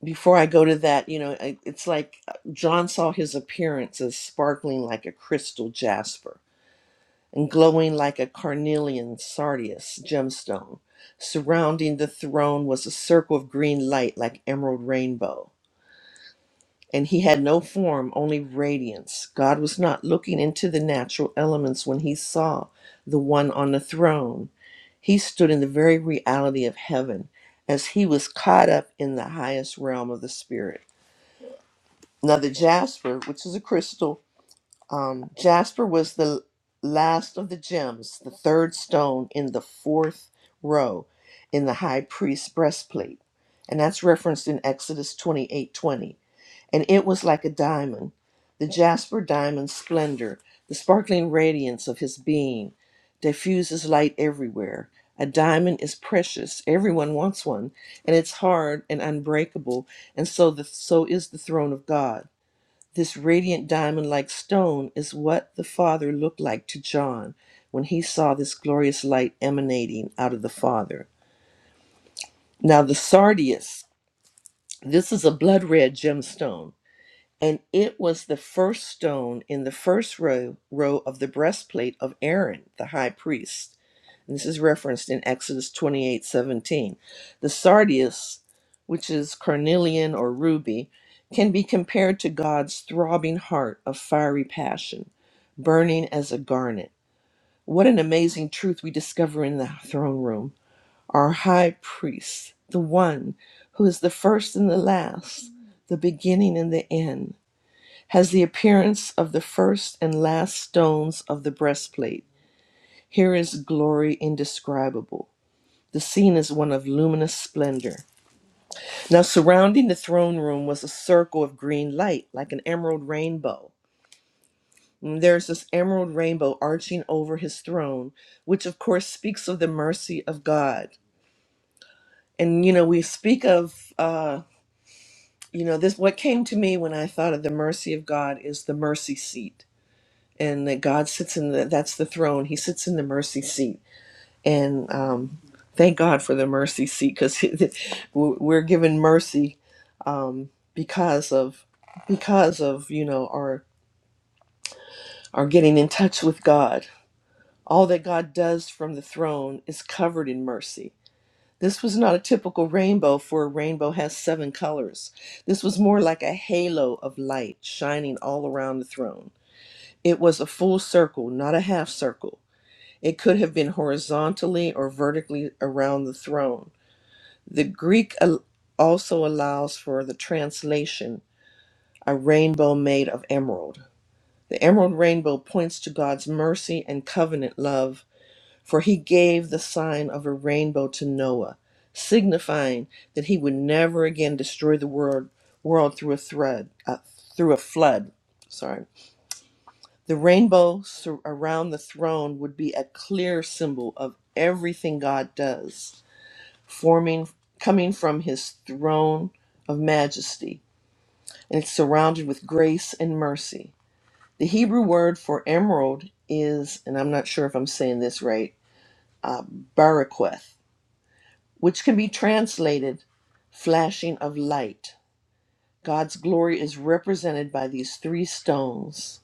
I: before I go to that, you know, I- it's like uh, John saw his appearance as sparkling like a crystal jasper and glowing like a carnelian sardius gemstone. Surrounding the throne was a circle of green light like emerald rainbow. and he had no form, only radiance. God was not looking into the natural elements when he saw the one on the throne. He stood in the very reality of heaven as he was caught up in the highest realm of the spirit. Now, the jasper, which is a crystal, um, jasper was the last of the gems, the third stone in the fourth row in the high priest's breastplate. And that's referenced in Exodus twenty-eight twenty and it was like a diamond, the jasper diamond's splendor, the sparkling radiance of his being diffuses light everywhere. A diamond is precious. Everyone wants one, and it's hard and unbreakable, and so the, so is the throne of God. This radiant diamond like stone is what the Father looked like to John when he saw this glorious light emanating out of the Father. Now, the sardius, this is a blood red gemstone and it was the first stone in the first row row of the breastplate of Aaron the high priest. And this is referenced in Exodus 28 17. The sardius, which is carnelian or ruby, can be compared to God's throbbing heart of fiery passion, burning as a garnet. What an amazing truth we discover in the throne room. Our high priest, the one who is the first and the last, the beginning and the end has the appearance of the first and last stones of the breastplate. Here is glory indescribable. The scene is one of luminous splendor. Now, surrounding the throne room was a circle of green light, like an emerald rainbow. And there's this emerald rainbow arching over his throne, which of course speaks of the mercy of God. And you know, we speak of, uh, you know, this. What came to me when I thought of the mercy of God is the mercy seat and that God sits in the that's the throne. He sits in the mercy seat, and um, thank God for the mercy seat because we're given mercy um, because of because of you know our our getting in touch with God. All that God does from the throne is covered in mercy. This was not a typical rainbow, for a rainbow has seven colors. This was more like a halo of light shining all around the throne. It was a full circle, not a half circle It could have been horizontally or vertically around the throne. The Greek al- also allows for the translation, a rainbow made of emerald. The emerald rainbow points to God's mercy and covenant love, for he gave the sign of a rainbow to Noah, signifying that he would never again destroy the world, world through a thread, uh, through a flood. Sorry. The rainbow sur- around the throne would be a clear symbol of everything God does, forming coming from his throne of majesty, and it's surrounded with grace and mercy. The Hebrew word for emerald is, and I'm not sure if I'm saying this right, uh, baraqueth, which can be translated flashing of light. God's glory is represented by these three stones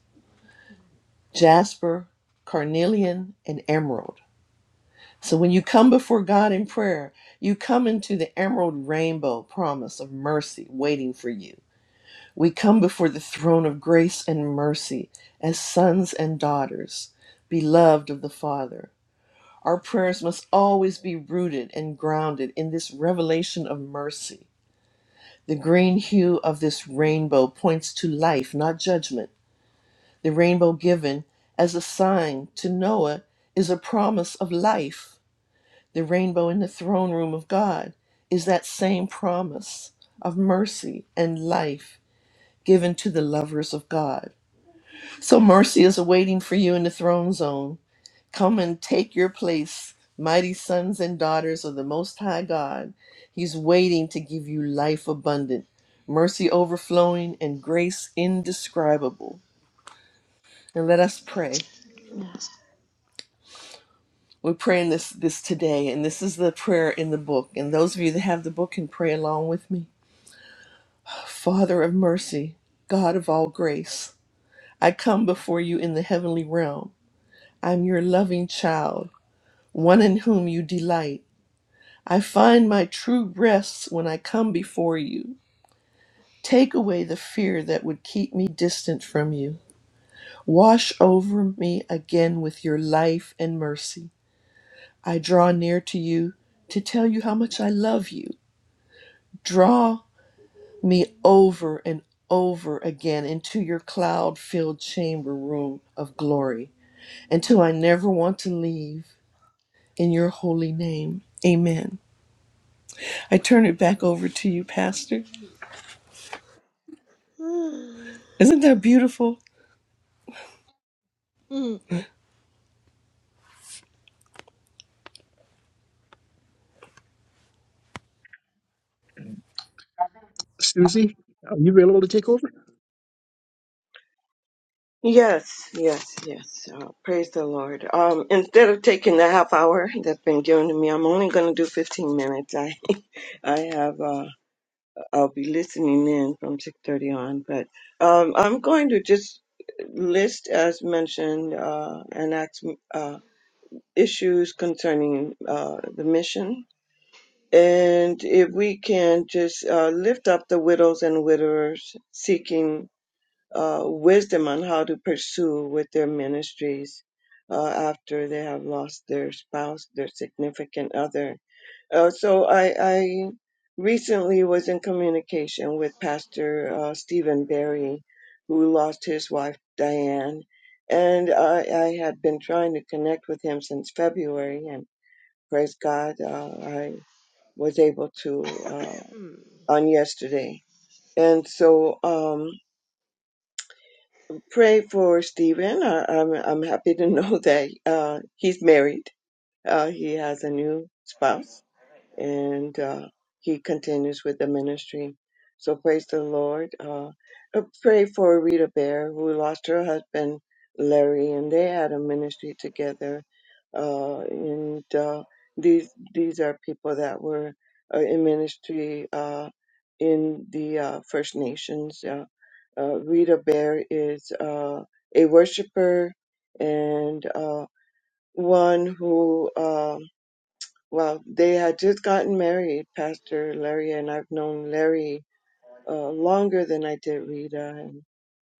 I: jasper, carnelian, and emerald. So when you come before God in prayer, you come into the emerald rainbow promise of mercy waiting for you. We come before the throne of grace and mercy as sons and daughters, beloved of the Father. Our prayers must always be rooted and grounded in this revelation of mercy. The green hue of this rainbow points to life, not judgment. The rainbow given as a sign to Noah is a promise of life the rainbow in the throne room of God is that same promise of mercy and life given to the lovers of God. So mercy is awaiting for you in the throne zone. Come and take your place, mighty sons and daughters of the Most High God. He's waiting to give you life abundant, mercy overflowing, and grace indescribable. And let us pray.
J: Yes.
I: We're praying this this today, and this is the prayer in the book. And those of you that have the book can pray along with me. Father of mercy, God of all grace, I come before you in the heavenly realm. I'm your loving child, one in whom you delight. I find my true rest when I come before you. Take away the fear that would keep me distant from you. Wash over me again with your life and mercy. I draw near to you to tell you how much I love you. Draw me over and over again into your cloud filled chamber room of glory until I never want to leave in your holy name. Amen. I turn it back over to you, Pastor. Isn't that beautiful?
J: Mm. Mm.
B: Susie, are you available to take over?
F: Yes, yes, yes. Uh, praise the Lord. Um, instead of taking the half hour that's been given to me, I'm only going to do 15 minutes. I have uh I'll be listening in from 6:30 on, but um I'm going to just list as mentioned uh and ask uh issues concerning uh the mission and if we can just uh lift up the widows and widowers seeking uh wisdom on how to pursue with their ministries uh after they have lost their spouse, their significant other uh, so I, I recently was in communication with Pastor uh, Stephen Berry, who lost his wife Diane, and I, I had been trying to connect with him since February, and praise God, uh, I was able to uh,
J: Mm.
F: on yesterday. And so, um, pray for Stephen. I, I'm I'm happy to know that uh, he's married. Uh, he has a new spouse and uh, he continues with the ministry. So praise the Lord. Uh, I pray for Rita Bear, who lost her husband Larry, and they had a ministry together. Uh, and uh, these these are people that were uh, in ministry uh, in the uh, First Nations. Uh, uh, Rita Bear is uh, a worshiper and uh, one who. Uh, well, they had just gotten married, Pastor Larry, and I've known Larry uh, longer than I did Rita, and,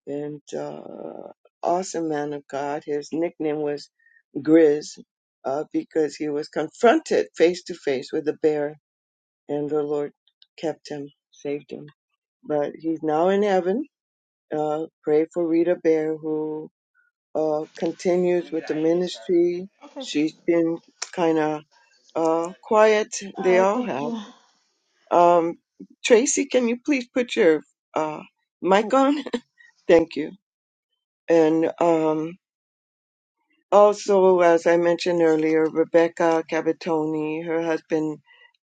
F: and uh, awesome man of God. His nickname was Grizz uh, because he was confronted face to face with a bear, and the Lord kept him, saved him. But he's now in heaven. Uh, pray for Rita Bear, who uh, continues with the ministry.
J: Okay.
F: She's been kind of uh, quiet.
J: All
F: They
J: right.
F: all
J: Thank
F: have
J: you.
F: Um, Tracy, can you please put your uh, mic
J: Oh,
F: on? Thank you. And um, also, as I mentioned earlier, Rebecca Cavatoni, her husband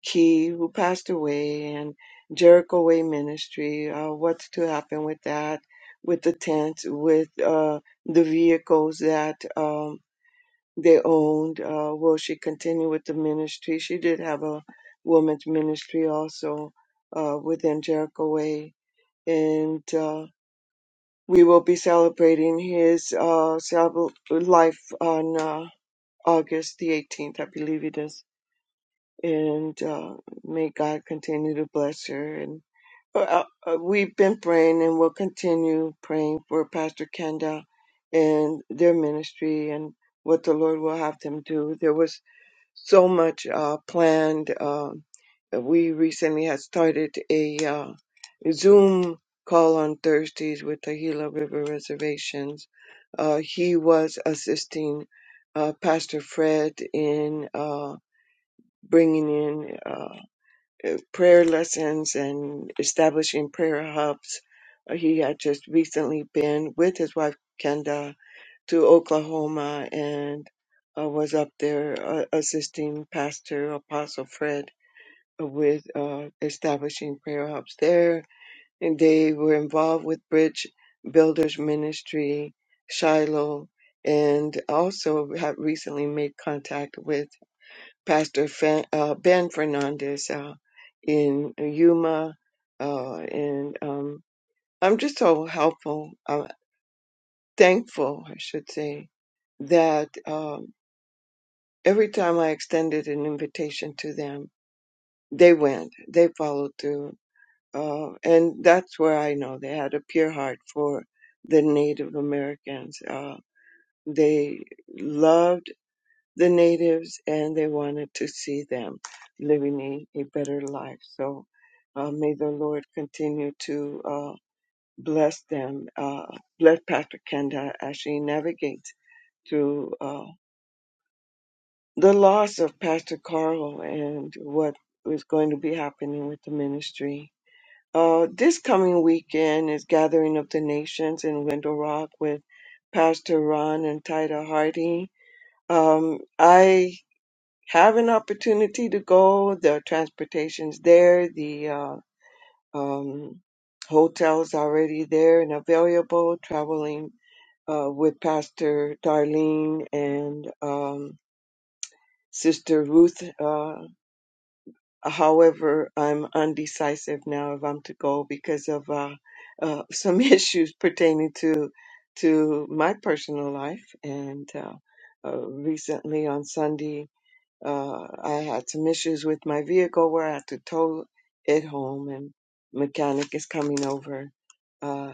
F: Key, who passed away, and Jericho Way Ministry. Uh, what's to happen with that? With the tents, with uh, the vehicles that um, they owned? Uh, will she continue with the ministry? She did have a women's ministry also uh, within Jericho Way and uh, we will be celebrating his uh, celeb- life on uh, August the 18th, I believe it is. And uh, may God continue to bless her. And uh, uh, uh, we've been praying and will continue praying for Pastor Kenda and their ministry and what the Lord will have them do. There was so much uh, planned. Um we recently had started a uh, Zoom call on Thursdays with the Gila River Reservations. Uh, he was assisting uh, Pastor Fred in uh, bringing in uh, prayer lessons and establishing prayer hubs. Uh, he had just recently been with his wife, Kenda, to Oklahoma and uh, was up there uh, assisting Pastor Apostle Fred with uh, establishing prayer hubs there. And they were involved with Bridge Builders Ministry, Shiloh, and also have recently made contact with Pastor Fan, uh, Ben Fernandez uh, in Yuma. Uh, and um, I'm just so helpful, uh, thankful, I should say, that. um, every time I extended an invitation to them, they went, they followed through. Uh, and that's where I know they had a pure heart for the Native Americans. Uh, they loved the natives and they wanted to see them living a, a better life. So uh, may the Lord continue to uh, bless them. Uh, bless Patrick Kenda as she navigates through. uh, the loss of Pastor Carl and what was going to be happening with the ministry. Uh, this coming weekend is Gathering of the Nations in Window Rock with Pastor Ron and Tida Hardy. Um, I have an opportunity to go. The transportation's there. The uh, um, hotel's already there and available. Traveling uh, with Pastor Darlene and um, Sister Ruth. Uh, However, I'm undecisive now if I'm to go because of uh, uh, some issues pertaining to to my personal life. And uh, uh, recently on Sunday, uh, I had some issues with my vehicle where I had to tow it home, and mechanic is coming over. uh,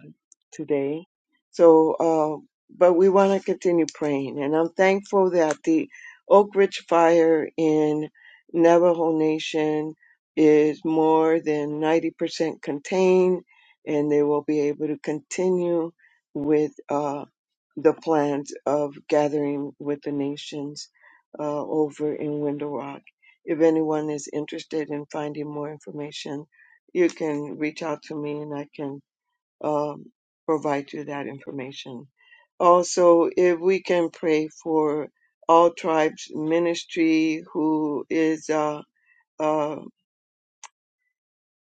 F: today. So, uh, but we want to continue praying. And I'm thankful that the Oak Ridge fire in Navajo Nation is more than 90% contained, and they will be able to continue with uh, the plans of gathering with the nations uh, over in Window Rock. If anyone is interested in finding more information, you can reach out to me and I can um, provide you that information. Also, if we can pray for all tribes ministry, who is uh, uh,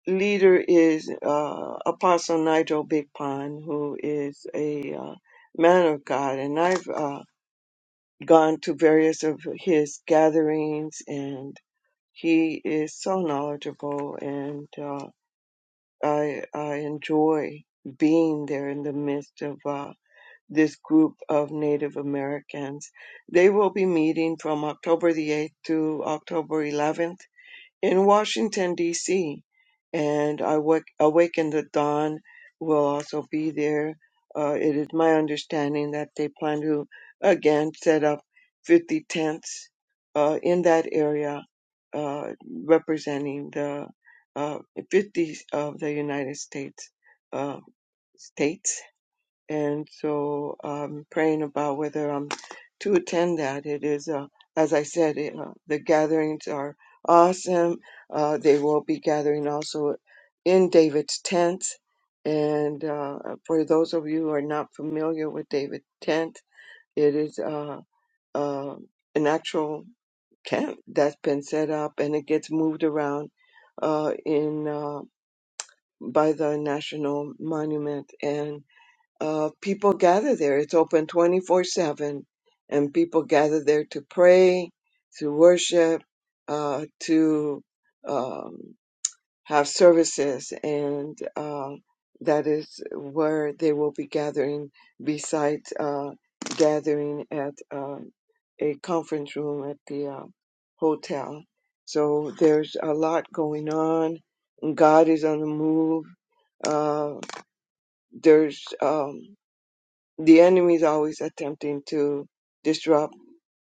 F: leader is uh, Apostle Nigel Big Pond, who is a uh, man of God, and I've uh, gone to various of his gatherings, and he is so knowledgeable, and uh, I I enjoy being there in the midst of. Uh, this group of Native Americans. They will be meeting from October the 8th to October 11th in Washington, D.C. And Awak- Awaken the Dawn will also be there. Uh, it is my understanding that they plan to again set up 50 tents uh, in that area uh, representing the uh, 50 of the United States uh, states and so I'm praying about whether I'm to attend that. It is, uh, as I said, it, uh, the gatherings are awesome. Uh, they will be gathering also in David's tent. And uh, for those of you who are not familiar with David's tent, it is uh, uh, an actual camp that's been set up and it gets moved around uh, in uh, by the national monument and uh, people gather there. It's open 24 7, and people gather there to pray, to worship, uh, to um, have services, and uh, that is where they will be gathering besides uh, gathering at um a conference room at the uh, hotel. So there's a lot going on. God is on the move. Uh, there's um, the enemy is always attempting to disrupt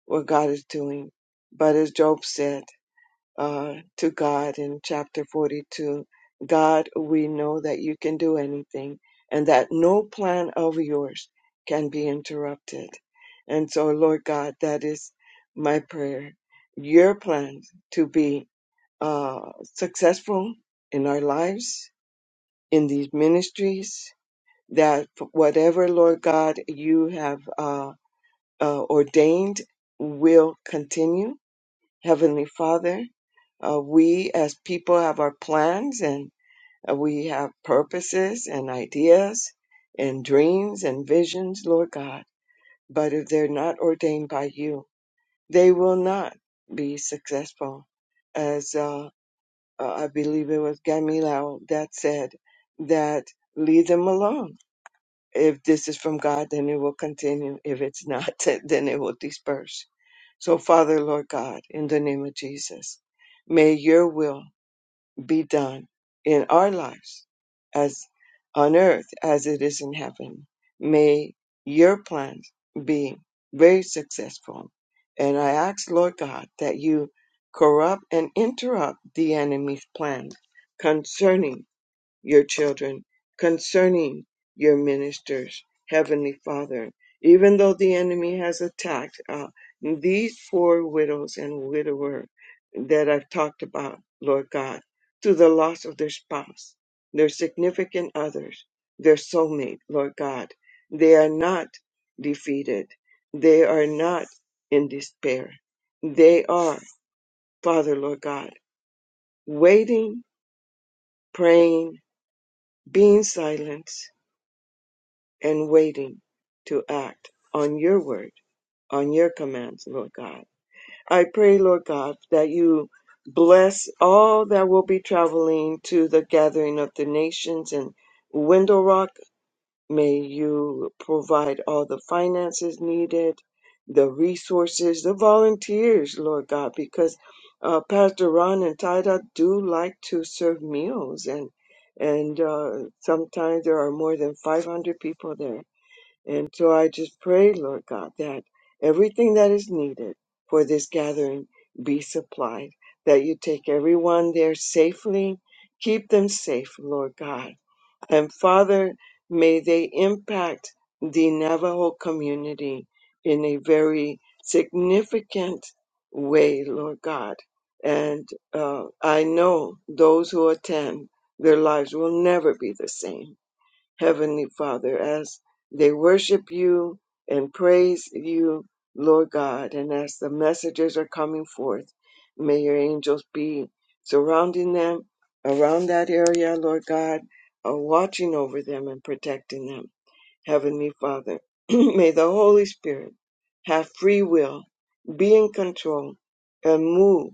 F: what God is doing. But as Job said uh, to God in chapter 42, God, we know that you can do anything and that no plan of yours can be interrupted. And so, Lord God, that is my prayer. Your plan to be uh, successful in our lives, in these ministries, that whatever, Lord God, you have. uh, uh, ordained will continue. Heavenly Father, uh, we as people have our plans and uh, we have purposes and ideas and dreams and visions, Lord God. But if they're not ordained by you, they will not be successful. As uh, uh, I believe it was Gamilel that said, that leave them alone. If this is from God, then it will continue. If it's not, then it will disperse. So, Father, Lord God, in the name of Jesus, may your will be done in our lives as on earth as it is in heaven. May your plans be very successful. And I ask, Lord God, that you corrupt and interrupt the enemy's plan concerning your children, concerning your ministers, Heavenly Father. Even though the enemy has attacked uh, these poor widows and widower that I've talked about, Lord God, through the loss of their spouse, their significant others, their soulmate, Lord God, they are not defeated. They are not in despair. They are, Father, Lord God, waiting, praying, being silent, and waiting to act on your word, on your commands, Lord God. I pray, Lord God, that you bless all that will be traveling to the gathering of the nations in Window Rock. May you provide all the finances needed, the resources, the volunteers, Lord God, because uh, Pastor Ron and Tida do like to serve meals and and uh, sometimes there are more than 500 people there and so I just pray, Lord God, that everything that is needed for this gathering be supplied, that you take everyone there safely, keep them safe, Lord God. And Father, may they impact the Navajo community in a very significant way, Lord God. And uh, I know those who attend, their lives will never be the same Heavenly Father, as they worship you and praise you, Lord God, and as the messengers are coming forth, may your angels be surrounding them around that area, Lord God, uh, watching over them and protecting them. Heavenly Father, may the Holy Spirit have free will, be in control, and move,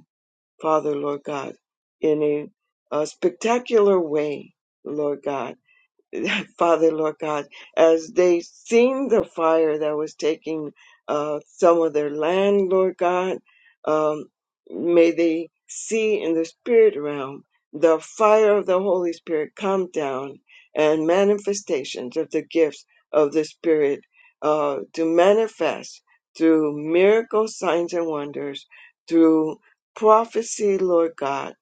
F: Father, Lord God, in a, a spectacular way, Lord God Father, Lord God, as they seen the fire that was taking uh, some of their land, Lord God, um, may they see in the spirit realm the fire of the Holy Spirit come down and manifestations of the gifts of the Spirit uh, to manifest through miracles, signs, and wonders, through prophecy, Lord God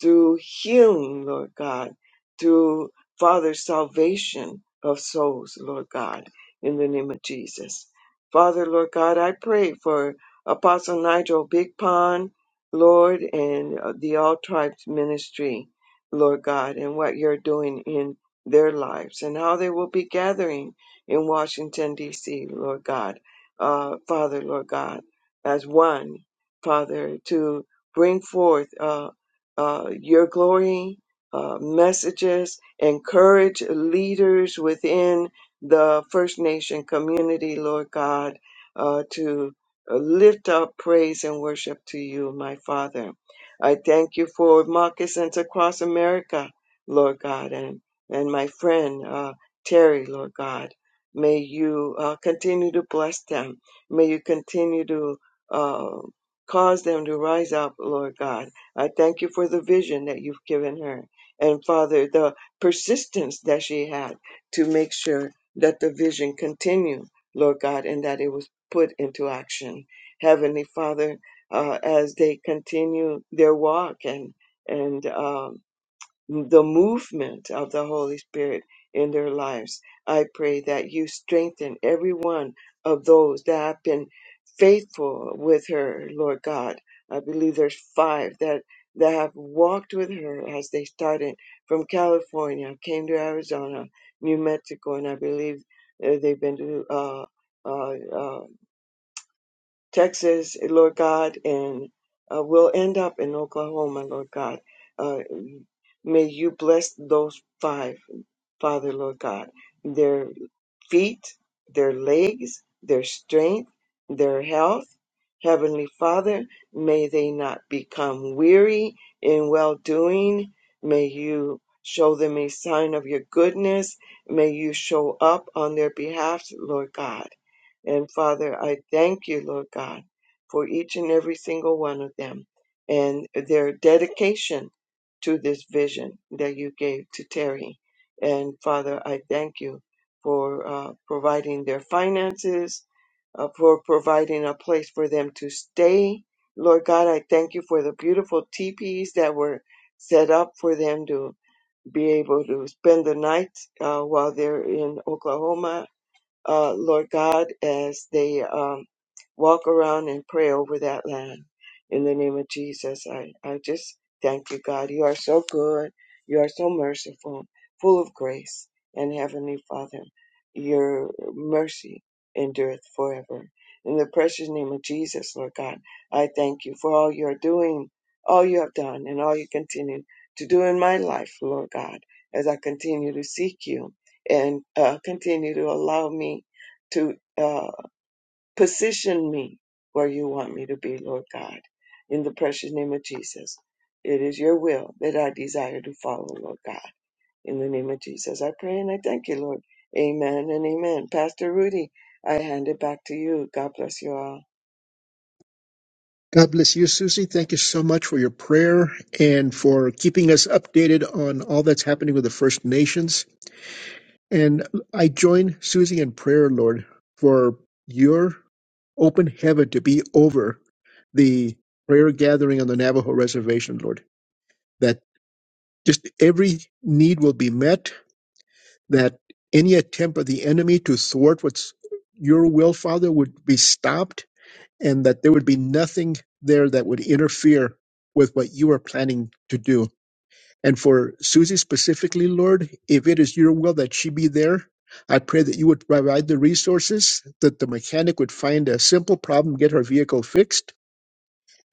F: through healing, Lord God, through Father salvation of souls, Lord God, in the name of Jesus. Father, Lord God, I pray for Apostle Nigel Big Pond, Lord, and uh, the All Tribes Ministry, Lord God, and what you're doing in their lives and how they will be gathering in Washington, D.C., Lord God. Uh, Father, Lord God, as one, Father, to bring forth. uh, uh, your glory uh, messages, encourage leaders within the First Nation community, Lord God, uh, to uh, lift up praise and worship to you, my Father. I thank you for moccasins across America, Lord God, and, and my friend uh, Terry, Lord God. May you uh, continue to bless them. May you continue to uh, cause them to rise up, Lord God I thank you for the vision that you've given her. And Father, the persistence that she had to make sure that the vision continued, Lord God, and that it was put into action. Heavenly Father, uh, as they continue their walk and and um, the movement of the Holy Spirit in their lives. I pray that you strengthen every one of those that have been faithful with her, Lord God. I believe there's five that that have walked with her as they started from California, came to Arizona, New Mexico, and I believe uh, they've been to uh, uh, uh, Texas, Lord God, and uh, we'll end up in Oklahoma, Lord God. Uh, may you bless those five, Father, Lord God, their feet, their legs, their strength, their health. Heavenly Father, may they not become weary in well doing. May you show them a sign of your goodness. May you show up on their behalf, Lord God and Father, I thank you, Lord God, for each and every single one of them and their dedication to this vision that you gave to Terry. And Father, I thank you for uh, providing their finances, uh, for providing a place for them to stay. Lord God, I thank you for the beautiful teepees that were set up for them to be able to spend the night uh, while they're in Oklahoma uh, Lord God, as they um, walk around and pray over that land. In the name of Jesus, I, I just thank you, God. You are so good. You are so merciful, full of grace. And Heavenly Father, your mercy endureth forever. In the precious name of Jesus, Lord God, I thank you for all you are doing, all you have done, and all you continue to do in my life, Lord God, as I continue to seek you and uh, continue to allow me to uh, position me where you want me to be, Lord God. In the precious name of Jesus, it is your will that I desire to follow, Lord God. In the name of Jesus, I pray and I thank you, Lord. Amen and amen. Pastor Rudy, I hand it back to you. God bless you all.
B: God bless you, Susie. Thank you so much for your prayer and for keeping us updated on all that's happening with the First Nations. And I join Susie in prayer, Lord, for your open heaven to be over the prayer gathering on the Navajo reservation, Lord, that just every need will be met, that any attempt of the enemy to thwart what's your will, Father, would be stopped and that there would be nothing there that would interfere with what you are planning to do. And for Susie specifically, Lord, if it is your will that she be there, I pray that you would provide the resources, that the mechanic would find a simple problem, get her vehicle fixed.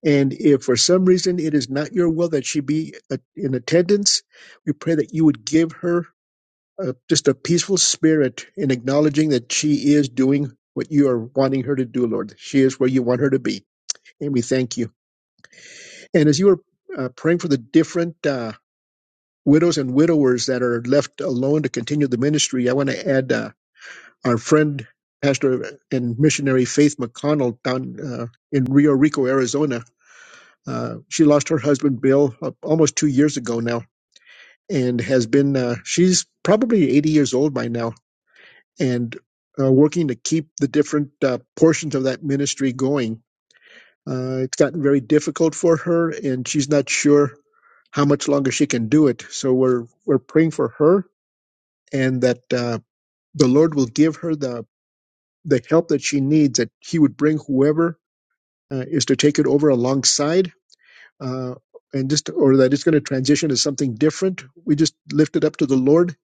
B: And if for some reason it is not your will that she be uh, in attendance, we pray that you would give her uh just a peaceful spirit in acknowledging that she is doing what you are wanting her to do, Lord. She is where you want her to be. And we thank you. And as you were uh, praying for the different uh, widows and widowers that are left alone to continue the ministry, I want to add uh, our friend, pastor and missionary Faith McConnell down uh, in Rio Rico, Arizona. Uh, she lost her husband, Bill, uh, almost two years ago now, and has been, uh, she's probably 80 years old by now, and uh, working to keep the different uh, portions of that ministry going. Uh, it's gotten very difficult for her, and she's not sure how much longer she can do it. So we're we're praying for her and that uh, the Lord will give her the the help that she needs. That He would bring whoever uh, is to take it over alongside, uh, and just or that it's going to transition to something different. We just lift it up to the Lord,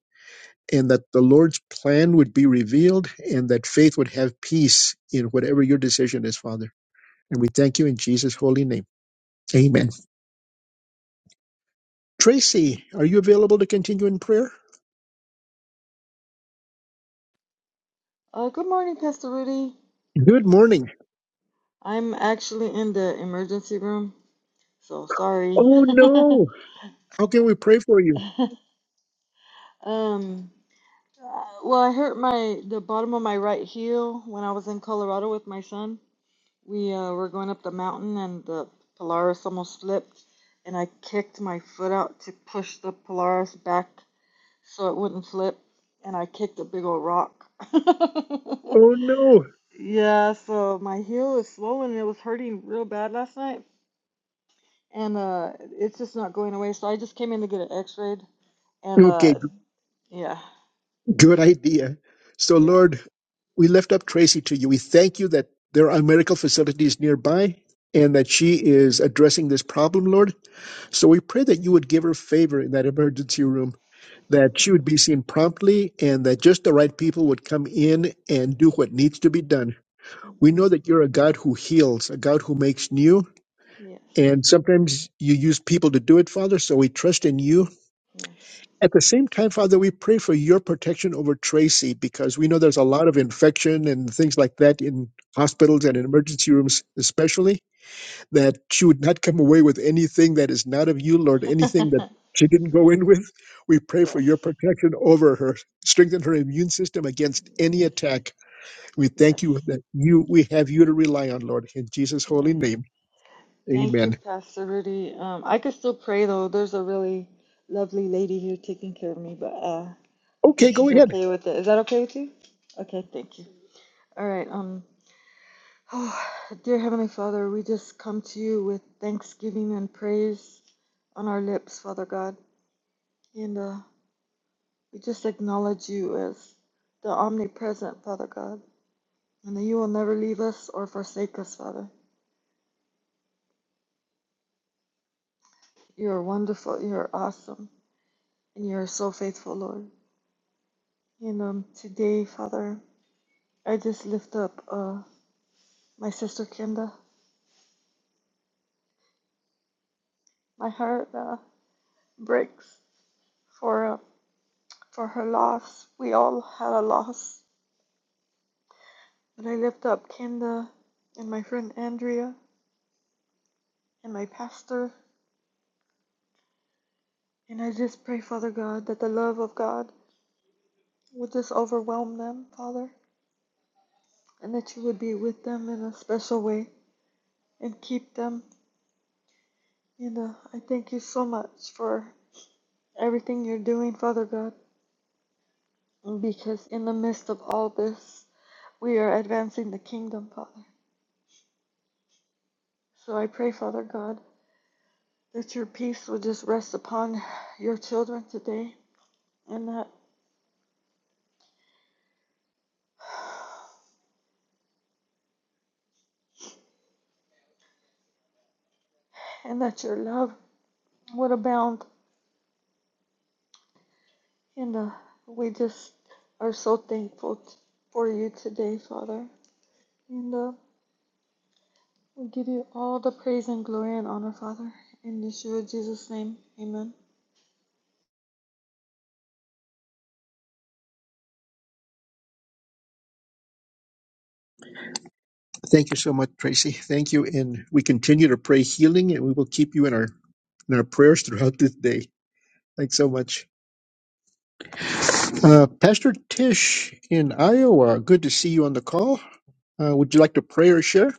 B: and that the Lord's plan would be revealed, and that faith would have peace in whatever your decision is, Father. And we thank you in Jesus' holy name. Amen. Tracy, are you available to continue in prayer?
J: uh, good morning, Pastor Rudy.
B: Good morning.
J: I'm actually in the emergency room, so sorry.
B: Oh
J: um,
B: no. How can we pray for you?
J: uh, well, I hurt my the bottom of my right heel when I was in Colorado with my son. We uh, were going up the mountain, and the Polaris almost slipped, and I kicked my foot out to push the Polaris back so it wouldn't flip, and I kicked a big old rock.
B: Oh no.
J: yeah, so my heel is swollen and it was hurting real bad last night, and uh, it's just not going away. So I just came in to get an x-rayed, and
B: Okay,
J: uh,
B: g-
J: yeah,
B: good idea. So,
J: yeah,
B: Lord, we lift up Tracy to you. We thank you that there are medical facilities nearby and that she is addressing this problem, Lord. So we pray that you would give her favor in that emergency room, that she would be seen promptly, and that just the right people would come in and do what needs to be done. We
J: hmm
B: know that you're a God who heals, a God who makes new,
J: yes,
B: and sometimes you use people to do it, Father. So we trust in you
J: yes,
B: At the same time, Father, we pray for your protection over Tracy because we know there's a lot of infection and things like that in hospitals and in emergency rooms, especially, that she would not come away with anything that is not of you, Lord, anything
J: mm-hmm.
B: that she didn't go in with. We pray for
J: yes,
B: your protection over her, strengthen her immune system against any
J: yes,
B: attack. We
J: yes,
B: thank you that you we have you to rely on, Lord, in Jesus'
J: yes,
B: holy name.
J: Thank you,
B: Amen.
J: Pastor Rudy. Um, I could still pray though. There's a really lovely lady here taking care of me, but uh, I think
B: Okay, go
J: she's
B: ahead.
J: okay with it. Is that okay with you? Okay, thank you. All right. Um, oh, dear Heavenly Father, we just come to you with thanksgiving and praise on our lips, Father God, and uh, we just acknowledge you as the omnipresent Father God, and that you will never leave us or forsake us, Father. You are wonderful. You are awesome, and you are so faithful, Lord. And um, today, Father, I just lift up uh, my sister Kenda. My heart uh, breaks for uh, for her loss. We all had a loss, but I lift up Kenda and my friend Andrea and my pastor, and I just pray, Father God, that the love of God would just overwhelm them, Father, and that you would be with them in a special way and keep them. And uh, I thank you so much for everything you're doing, Father God. because in the midst of all this, we are advancing the kingdom, Father. So I pray, Father God, that your peace would just rest upon your children today, and that and that your love would abound. And uh, we just are so thankful t- for you today, Father. And uh, we give you all the praise and glory and honor, Father. In Yeshua Jesus' name, Amen.
B: Thank you so much, Tracy. Thank you. And we continue to pray healing and we will keep you in our in our prayers throughout this day. Thanks so much. Uh, Pastor Tish in Iowa, good to see you on the call. Uh, would you like to pray or share?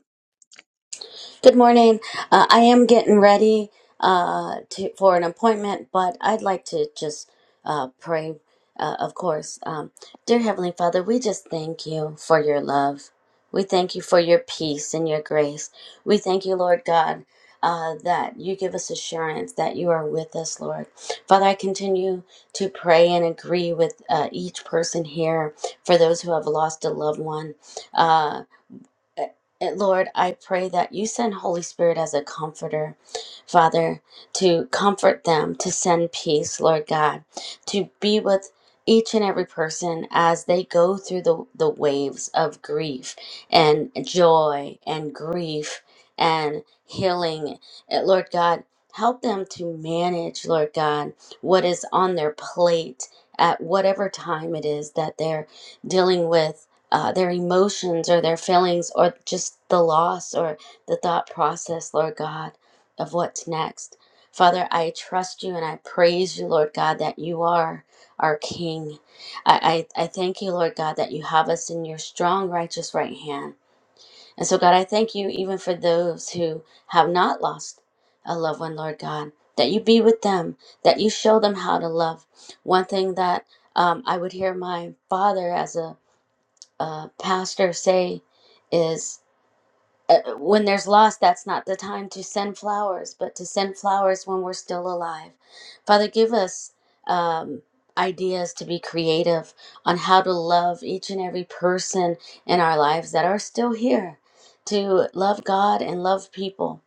K: Good morning. Uh, I am getting ready uh, to, for an appointment, but I'd like to just uh, pray, uh, of course. Um, dear Heavenly Father, we just thank you for your love. We thank you for your peace and your grace. We thank you, Lord God, uh, that you give us assurance that you are with us, Lord. Father, I continue to pray and agree with uh, each person here for those who have lost a loved one. Uh, and Lord, I pray that you send Holy Spirit as a comforter, Father, to comfort them, to send peace, Lord God, to be with each and every person as they go through the, the waves of grief and joy and grief and healing. And Lord God, help them to manage, Lord God, what is on their plate at whatever time it is that they're dealing with uh, their emotions or their feelings or just the loss or the thought process, Lord God, of what's next. Father, I trust you and I praise you, Lord God, that you are our King. I, I, I thank you, Lord God, that you have us in your strong, righteous right hand. And so, God, I thank you even for those who have not lost a loved one, Lord God, that you be with them, that you show them how to love. One thing that um, I would hear my father as a uh, pastor say is uh, uh, when there's loss, that's not the time to send flowers, but to send flowers when we're still alive. Father, give us um, ideas to be creative on how to love each and every person in our lives that are still here, to love God and love people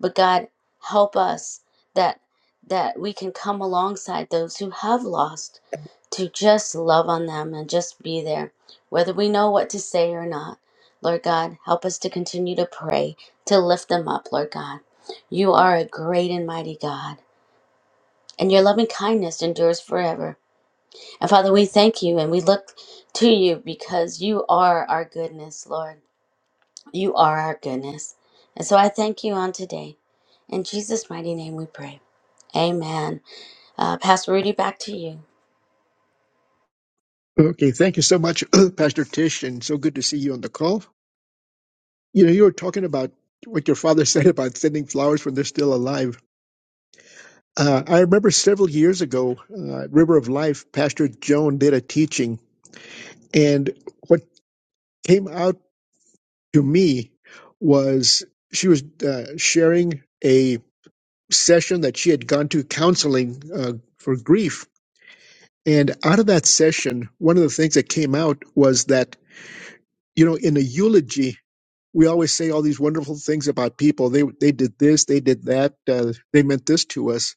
K: but God, help us that that we can come alongside those who have lost to just love on them and just be there, whether we know what to say or not. Lord God, help us to continue to pray, to lift them up, Lord God. You are a great and mighty God, and your loving kindness endures forever. And Father, we thank you and we look to you because you are our goodness, Lord. You are our goodness. And so I thank you on today. In Jesus' mighty name we pray. Amen. Uh, Pastor Rudy, back to you.
B: Okay, thank you so much, Pastor Tish, and so good to see you on the call. You know, you were talking about what your father said about sending flowers when they're still alive. Uh, I remember several years ago, uh, River of Life, Pastor Joan did a teaching, and what came out to me was she was uh, sharing a session that she had gone to counseling uh, for grief. And out of that session, one of the things that came out was that, you know, in a eulogy, we always say all these wonderful things about people. They, they did this, they did that, uh, they meant this to us.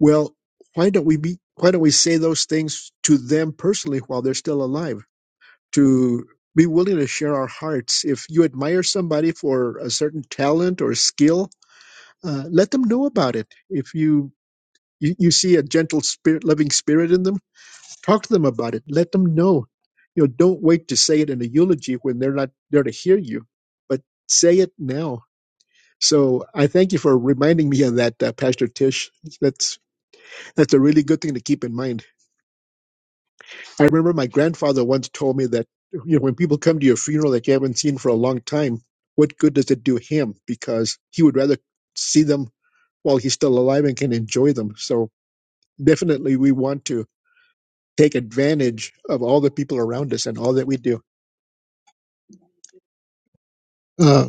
B: Well, why don't we be, why don't we say those things to them personally while they're still alive? to be willing to share our hearts. If you admire somebody for a certain talent or skill, uh, let them know about it. If you, you you see a gentle spirit, loving spirit in them, talk to them about it. Let them know. You know, don't wait to say it in a eulogy when they're not there to hear you, but say it now. So I thank you for reminding me of that, uh, Pastor Tish. That's that's a really good thing to keep in mind. I remember my grandfather once told me that you know when people come to your funeral that you haven't seen for a long time, what good does it do him? Because he would rather see them while he's still alive and can enjoy them. So definitely, we want to take advantage of all the people around us and all that we do. Uh,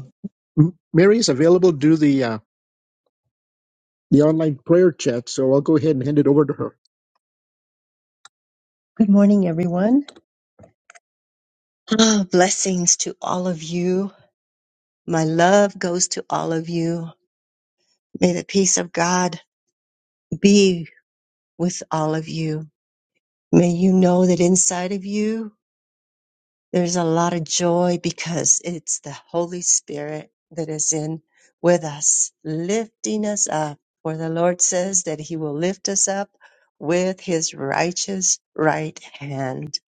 B: M- Mary is available to do the uh, the online prayer chat, so I'll go ahead and hand it over to her. Good morning, everyone. Ah, blessings to all of you. My love goes to all of you. May the peace of God be with all of you. May you know that inside of you, there's a lot of joy because it's the Holy Spirit that is in with us, lifting us up. For the Lord says that He will lift us up with His righteous right hand.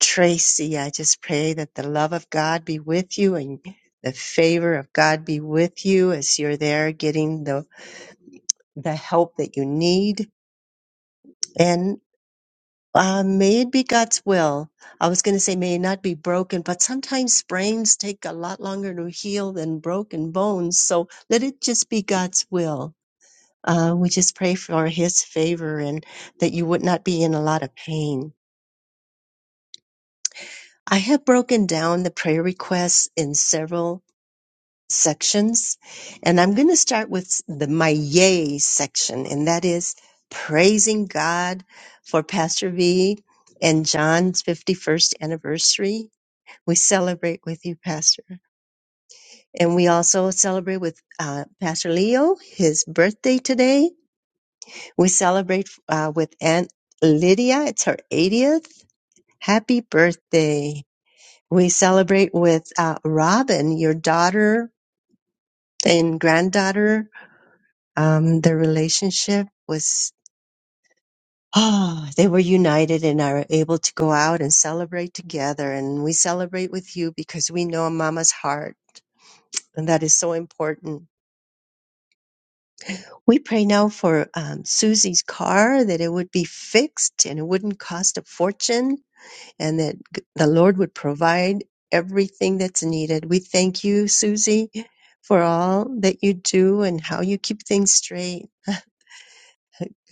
B: Tracy, I just pray that the love of God be with you and the favor of God be with you as you're there getting the, the help that you need. and. Uh, may it be God's will. I was going to say may it not be broken, but sometimes sprains take a lot longer to heal than broken bones. So let it just be God's will. Uh, we just pray for His favor and that you would not be in a lot of pain. I have broken down the prayer requests in several sections, and I'm going to start with the my yay section, and that is praising God for Pastor V and John's 51st anniversary We celebrate with you, Pastor. And we also celebrate with uh, Pastor Leo, his birthday today. We celebrate uh, with Aunt Lydia. It's her 80th. Happy birthday. We celebrate with uh, Robin, your daughter and granddaughter. Um, their relationship was, oh, they were united and are able to go out and celebrate together. And we celebrate with you because we know Mama's heart. And that is so important We pray now for um, Susie's car that it would be fixed and it wouldn't cost a fortune and that g- the Lord would provide everything that's needed. We thank you, Susie, for all that you do and how you keep things straight.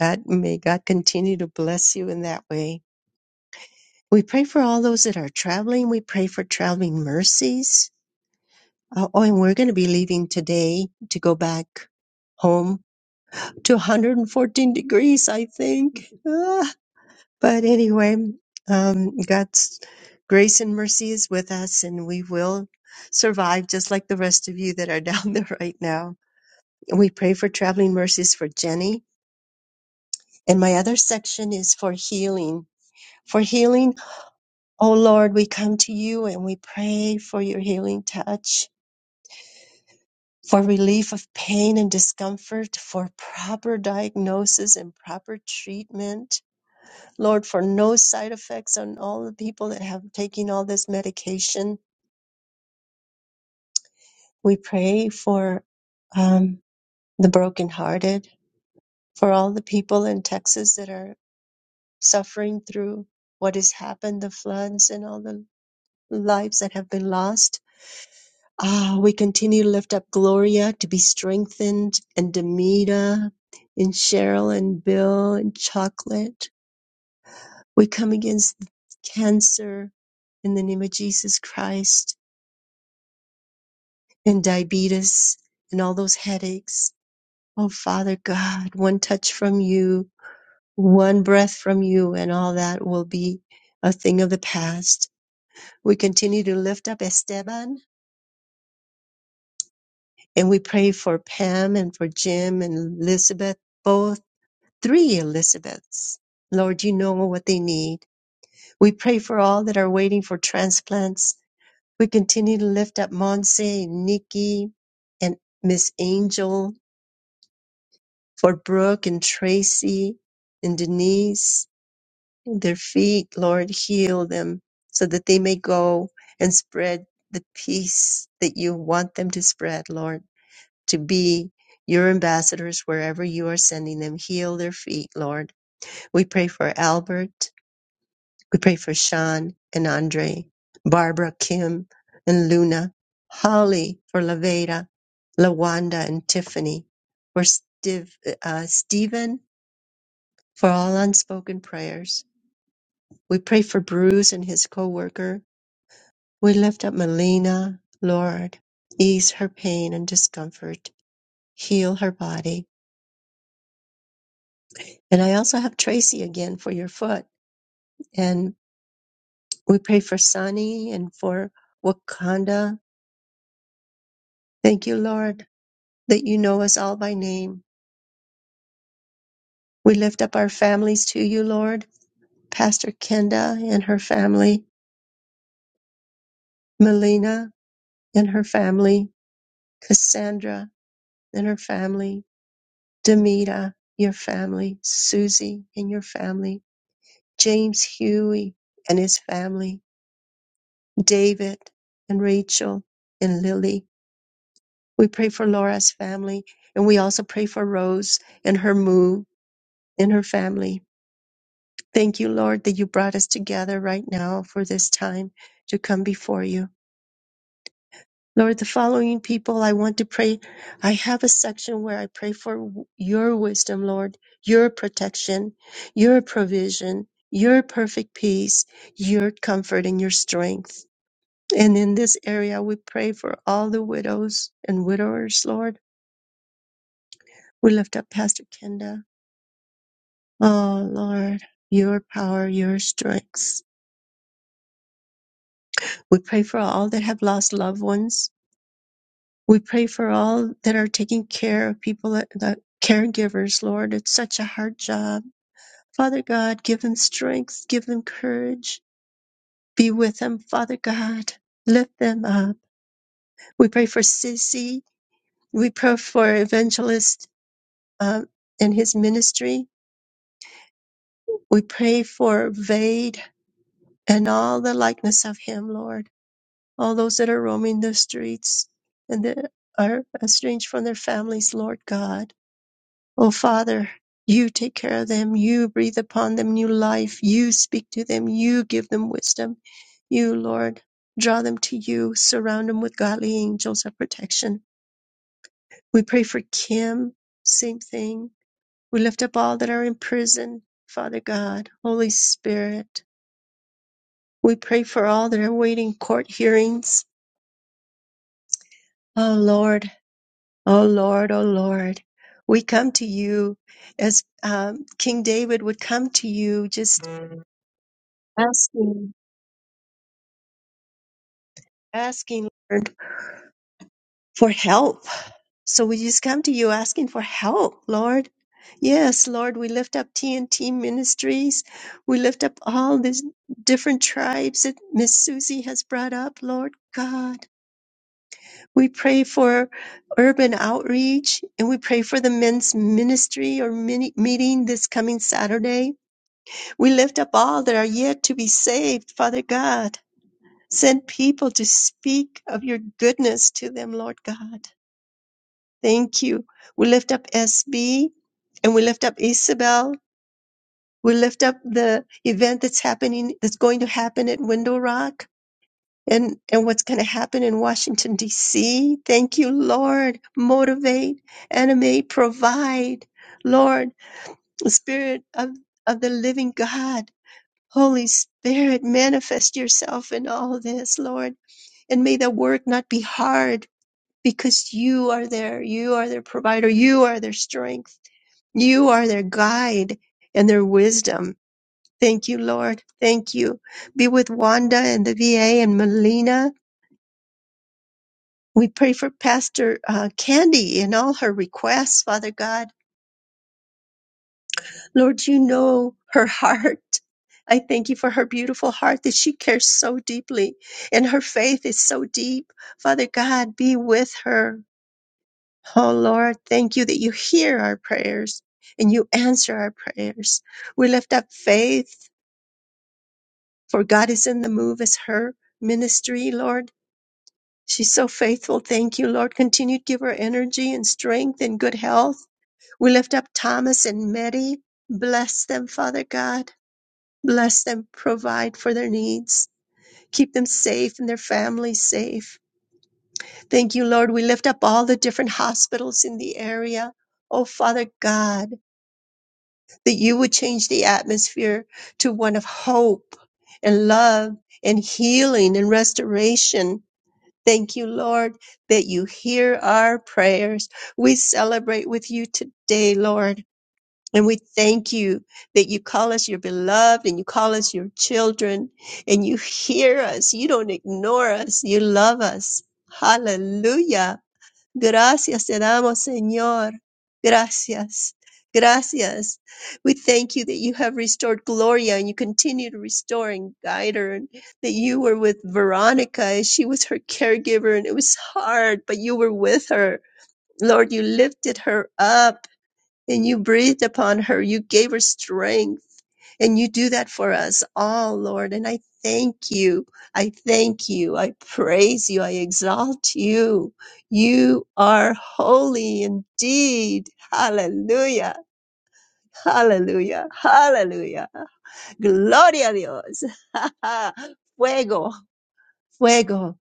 B: God, may God continue to bless you in that way. We pray for all those that are traveling. We pray for traveling mercies. Oh, oh, and we're going to be leaving today to go back home to 114 degrees, I think. But anyway, um, God's grace and mercy is with us, and we will survive just like the rest of you that are down there right now. And we pray for traveling mercies for Jenny. And my other section is for healing. For healing, oh Lord, we come to you and we pray for your healing touch, for relief of pain and discomfort, for proper diagnosis and proper treatment. Lord, for no side effects on all the people that have taken all this medication. We pray for um, the brokenhearted, for all the people in Texas that are suffering through what has happened, the floods and all the lives that have been lost. Ah, we continue to lift up Gloria to be strengthened and Demita and Cheryl and Bill and Chocolate. We come against cancer in the name of Jesus Christ and diabetes and all those headaches. Oh, Father God, one touch from you one breath from you and all that will be a thing of the past. We continue to lift up Esteban and we pray for Pam and for Jim and Elizabeth, both three Elizabeths. Lord, you know what they need. We pray for all that are waiting for transplants. We continue to lift up Monse, Nikki, and Miss Angel, for Brooke and Tracy and Denise their feet, Lord, heal them so that they may go and spread the peace that you want them to spread, Lord, to be your ambassadors wherever you are sending them. Heal their feet, Lord. We pray for Albert. We pray for Sean and Andre, Barbara, Kim, and Luna, Holly for Laveda, Lawanda, and Tiffany, for Stiv- uh, Stephen, for all unspoken prayers We pray for Bruce and his coworker. We lift up Melina. Lord, ease her pain and discomfort, heal her body. And I also have Tracy again for your foot. And we pray for Sunny and for Wakanda. Thank you, Lord, that you know us all by name. We lift up our families to you, Lord. Pastor Kenda and her family, Melina and her family, Cassandra and her family, Demita, your family, Susie and your family, James Huey and his family, David and Rachel and Lily. We pray for Laura's family and we also pray for Rose and her move and her family. Thank you, Lord, that you brought us together right now for this time to come before you. Lord, the following people I want to pray. I have a section where I pray for w- your wisdom, Lord, your protection, your provision, your perfect peace, your comfort, and your strength. And in this area, we pray for all the widows and widowers, Lord. We lift up Pastor Kenda. Oh, Lord, your power, your strength. We pray for all that have lost loved ones. We pray for all that are taking care of people, that, the caregivers, Lord. It's such a hard job. Father God, give them strength, give them courage. Be with them, Father God. Lift them up. We pray for Sissy. We pray for Evangelist uh, and his ministry. We pray for Vade and all the likeness of him, Lord. All those that are roaming the streets and that are estranged from their families, Lord God. Oh, Father, you take care of them. You breathe upon them new life. You speak to them. You give them wisdom. You, Lord, draw them to you. Surround them with godly angels of protection. We pray for Kim. Same thing. We lift up all that are in prison. Father God, Holy Spirit. We pray for all that are waiting court hearings. Oh, Lord. Oh, Lord. Oh, Lord. We come to you as um, King David would come to you just asking, asking, Lord, for help. So we just come to you asking for help, Lord. Yes, Lord, we lift up TNT Ministries. We lift up all these different tribes that Miss Susie has brought up, Lord God. We pray for urban outreach and we pray for the men's ministry or mini- meeting this coming Saturday. We lift up all that are yet to be saved, Father God. Send people to speak of your goodness to them, Lord God. Thank you. We lift up SB and we lift up Isabel. We lift up the event that's happening, that's going to happen at Window Rock and, and what's going to happen in Washington, D.C. Thank you, Lord. Motivate, animate, provide. Lord, the Spirit of, of the living God, Holy Spirit, manifest yourself in all this, Lord. And may the work not be hard because you are there. You are their provider. You are their strength. You are their guide and their wisdom. Thank you, Lord. Thank you. Be with Wanda and the VA and Melina. We pray for Pastor uh, Candy and all her requests, Father God. Lord, you know her heart. I thank you for her beautiful heart that she cares so deeply and her faith is so deep. Father God, be with her. Oh Lord, thank you that you hear our prayers and you answer our prayers. We lift up faith for God is in the move as her ministry, Lord. She's so faithful. Thank you, Lord. Continue to give her energy and strength and good health. We lift up Thomas and Mary. Bless them, Father God. Bless them, provide for their needs, keep them safe and their families safe. Thank you, Lord. We lift up all the different hospitals in the area. Oh, Father God, that you would change the atmosphere to one of hope and love and healing and restoration. Thank you, Lord, that you hear our prayers. We celebrate with you today, Lord. And we thank you that you call us your beloved and you call us your children and you hear us. You don't ignore us. You love us. Hallelujah. Gracias te damos, Señor. Gracias. Gracias. We thank you that you have restored Gloria and you continue to restore and guide her and that you were with Veronica as she was her caregiver and it was hard, but you were with her. Lord, you lifted her up and you breathed upon her. You gave her strength. And you do that for us all, Lord. And I thank you. I thank you. I praise you. I exalt you. You are holy indeed. Hallelujah. Hallelujah. Hallelujah. Gloria a Dios. fuego. Fuego.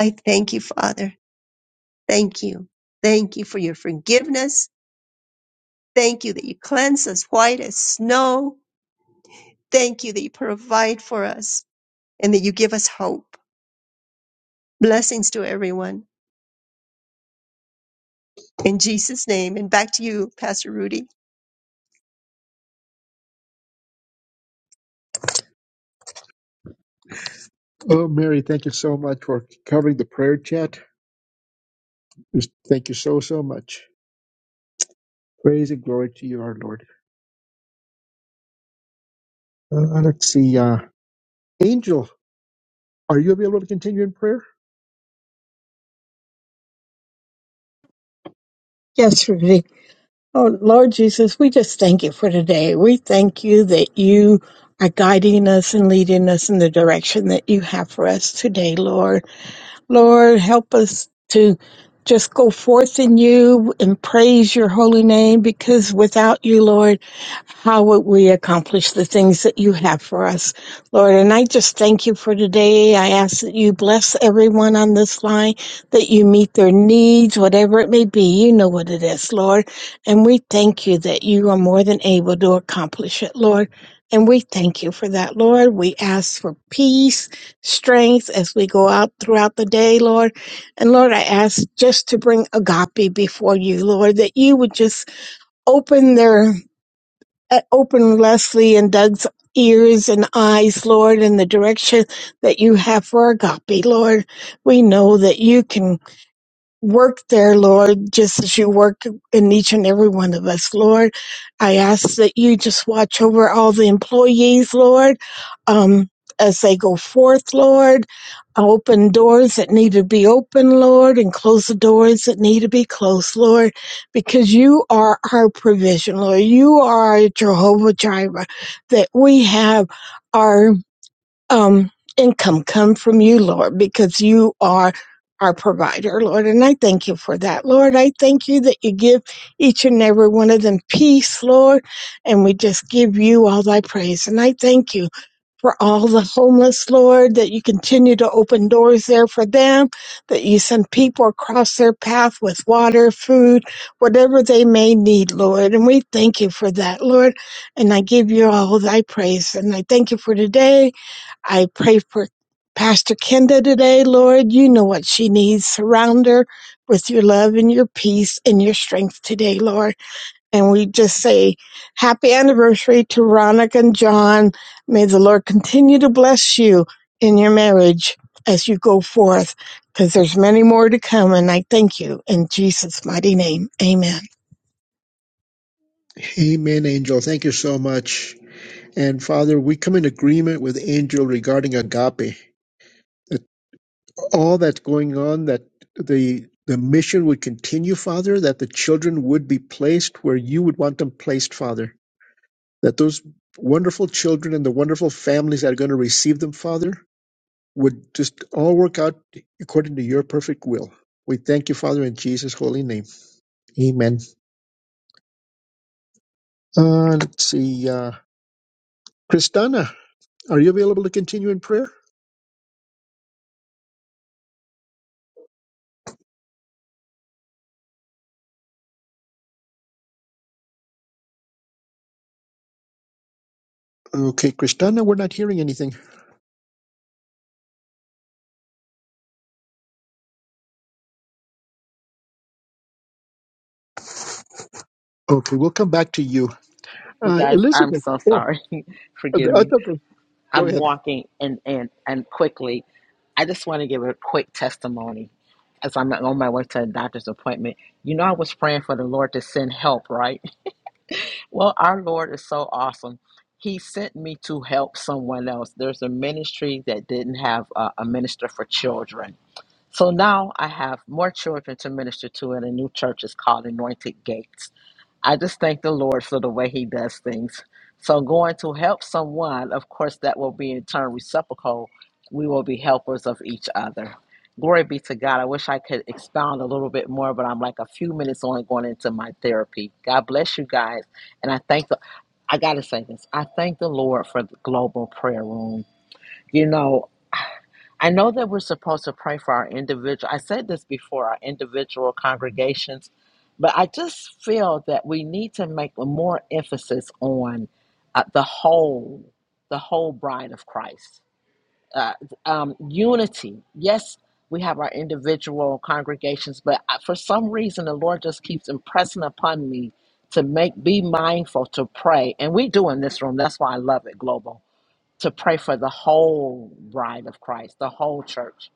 B: I thank you, Father. Thank you. Thank you for your forgiveness. Thank you that you cleanse us white as snow. Thank you that you provide for us and that you give us hope. Blessings to everyone. In Jesus' name. And back to you, Pastor Rudy. Oh, Mary, thank you so much for covering the prayer chat. Just Thank you so, so much. Praise and glory to you, our Lord. Uh, uh, let's see. Uh, Angel, are you able to continue in prayer?
L: Yes, Rudy. Oh, Lord Jesus, we just thank you for today. We thank you that you are guiding us and leading us in the direction that you have for us today, Lord. Lord, help us to just go forth in you and praise your holy name because without you, Lord, how would we accomplish the things that you have for us, Lord? And I just thank you for today. I ask that you bless everyone on this line, that you meet their needs, whatever it may be. You know what it is, Lord. And we thank you that you are more than able to accomplish it, Lord. And we thank you for that, Lord. We ask for peace strength as we go out throughout the day, Lord. And Lord, I ask just to bring agape before you, Lord, that you would just open their, uh, open Leslie and Doug's ears and eyes, Lord, in the direction that you have for agape, Lord. We know that you can Work there, Lord, just as you work in each and every one of us, Lord. I ask that you just watch over all the employees, Lord, um, as they go forth, Lord. Open doors that need to be open, Lord, and close the doors that need to be closed, Lord, because you are our provision, Lord. You are our Jehovah Jireh, that we have our um, income come from you, Lord, because you are our provider, Lord. And I thank you for that, Lord. I thank you that you give each and every one of them peace, Lord. And we just give you all thy praise. And I thank you for all the homeless, Lord, that you continue to open doors there for them, that you send people across their path with water, food, whatever they may need, Lord. And we thank you for that, Lord. And I give you all thy praise. And I thank you for today. I pray for Pastor Kenda today, Lord. You know what she needs. Surround her with your love and your peace and your strength today, Lord. And we just say happy anniversary to Ronick and John. May the Lord continue to bless you in your marriage as you go forth, because there's many more to come. And I thank you in Jesus' mighty name. Amen.
B: Amen, Angel. Thank you so much. And Father, we come in agreement with Angel regarding agape. all that's going on, that the the mission would continue, Father, that the children would be placed where you would want them placed, Father. That those wonderful children and the wonderful families that are going to receive them, Father, would just all work out according to your perfect will. We thank you, Father, in Jesus' holy name. Amen. Uh, let's see. Uh, Kristana, are you available to continue in prayer? Okay, Kristana, we're not hearing anything. Okay, we'll come back to you.
M: You
B: Uh,
M: guys, I'm
B: Elizabeth.
M: so
B: Oh,
M: sorry. Forgive
B: that's
M: me.
B: okay. Go
M: I'm
B: ahead.
M: walking and and and quickly. I just want to give a quick testimony as I'm on my way to a doctor's appointment. You know, I was praying for the Lord to send help, right? Well, our Lord is so awesome. He sent me to help someone else. There's a ministry that didn't have a, a minister for children. So now I have more children to minister to, and a new church is called Anointed Gates I just thank the Lord for the way He does things. So, going to help someone, of course, that will be in turn reciprocal. We will be helpers of each other. Glory be to God. I wish I could expound a little bit more, but I'm like a few minutes only going into my therapy. God bless you guys. And I thank the, I got to say this I thank the Lord for the global prayer room. You know, I know that we're supposed to pray for our individual. I said this before our individual congregations, but I just feel that we need to make a more emphasis on uh, the whole, the whole bride of Christ. Uh, um, unity. Yes, we have our individual congregations, but I, for some reason, the Lord just keeps impressing upon me to make be mindful to pray, and we do in this room. That's why I love it, Global to pray for the whole bride of Christ, the whole church.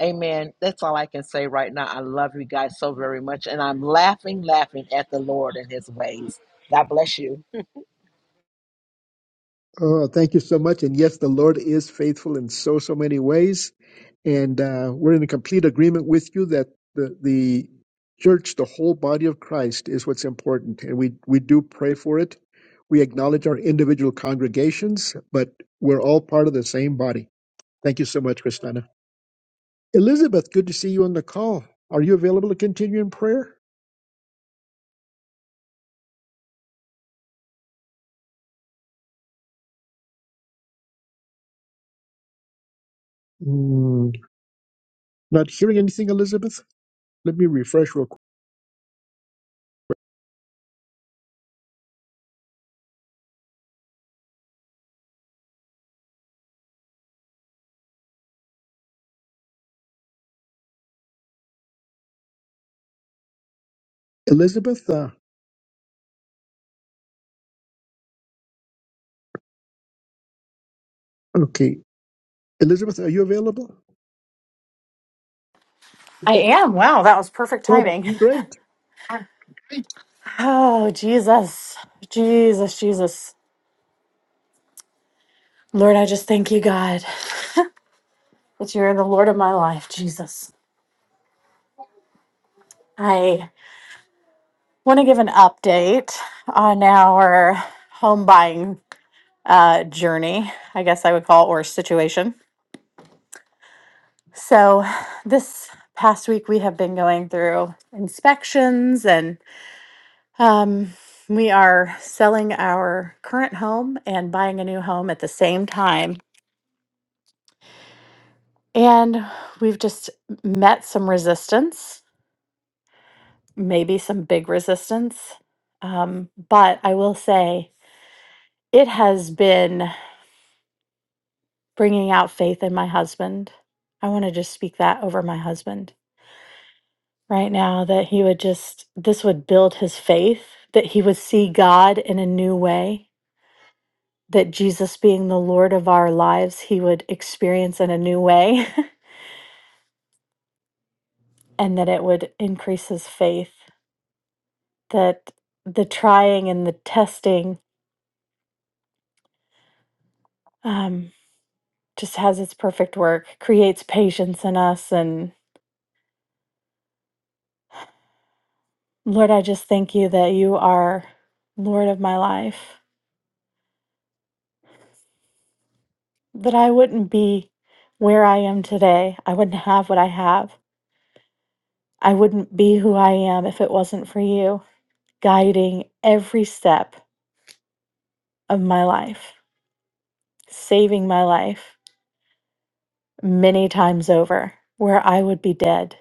M: Amen. That's all I can say right now. I love you guys so very much. And I'm laughing, laughing at the Lord and his ways. God bless you.
B: Oh, thank you so much. And yes, the Lord is faithful in so, so many ways. And uh, we're in complete agreement with you that the, the church, the whole body of Christ, is what's important. And we, we do pray for it. We acknowledge our individual congregations, but we're all part of the same body. Thank you so much, Christina. Elizabeth, good to see you on the call. Are you available to continue in prayer? Hmm, not hearing anything, Elizabeth. Let me refresh real quick. Elizabeth, uh, okay. Elizabeth, are you available?
N: I
B: Oh,
N: am. Wow, that was perfect
B: oh,
N: timing.
B: great.
N: Oh, Jesus. Jesus, Jesus. Lord, I just thank you, God, that you're the Lord of my life, Jesus. I want to give an update on our home buying uh, journey, I guess I would call it, or situation. So, this past week, we have been going through inspections and um, we are selling our current home and buying a new home at the same time And we've just met some resistance, maybe some big resistance. Um, but I will say it has been bringing out faith in my husband. I want to just speak that over my husband right now that he would just, this would build his faith, that he would see God in a new way, that Jesus being the Lord of our lives, he would experience in a new way, and that it would increase his faith, that the trying and the testing um, just has its perfect work, creates patience in us. And Lord, I just thank you that you are Lord of my life, that I wouldn't be where I am today. I wouldn't have what I have. I wouldn't be who I am if it wasn't for you guiding every step of my life, saving my life many times over, where I would be dead.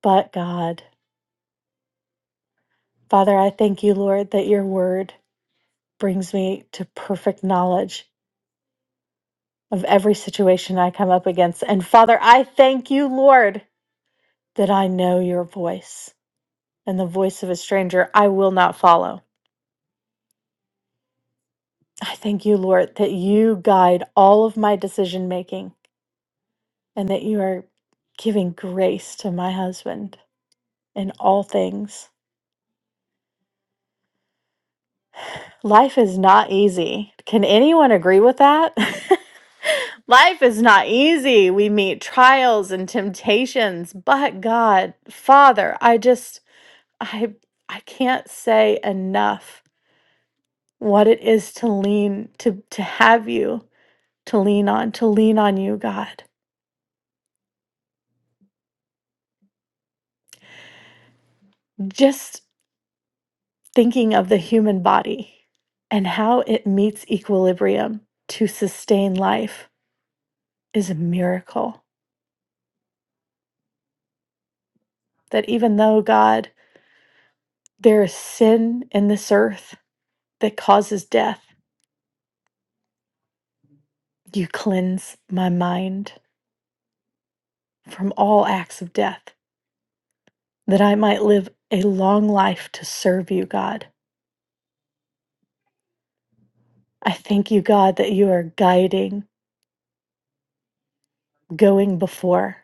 N: But God, Father, I thank you, Lord, that your word brings me to perfect knowledge of every situation I come up against. And Father, I thank you, Lord, that I know your voice and the voice of a stranger I will not follow. I thank you, Lord, that you guide all of my decision making and that you are giving grace to my husband in all things. Life is not easy. Can anyone agree with that? Life is not easy. We meet trials and temptations, but God, Father, I just I I can't say enough what it is to lean to to have you to lean on to lean on you God. Just thinking of the human body and how it meets equilibrium to sustain life is a miracle. That even though God there is sin in this earth that causes death, you cleanse my mind from all acts of death that I might live a long life to serve you God I thank you, God, that you are guiding, going before,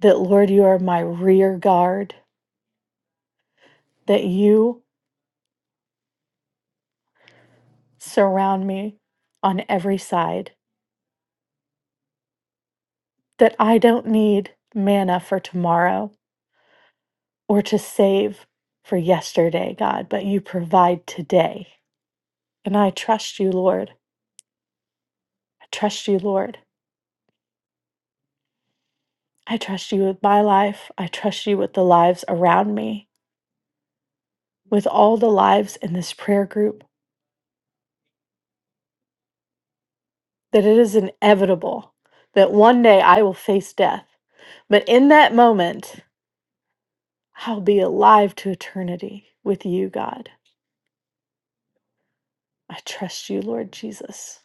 N: that, Lord, you are my rear guard, that you surround me on every side, that I don't need manna for tomorrow or to save for yesterday, God, but you provide today. And I trust you, Lord. I trust you, Lord. I trust you with my life. I trust you with the lives around me, with all the lives in this prayer group. that it is inevitable that one day I will face death. But in that moment, I'll be alive to eternity with you, God. I trust you, Lord Jesus.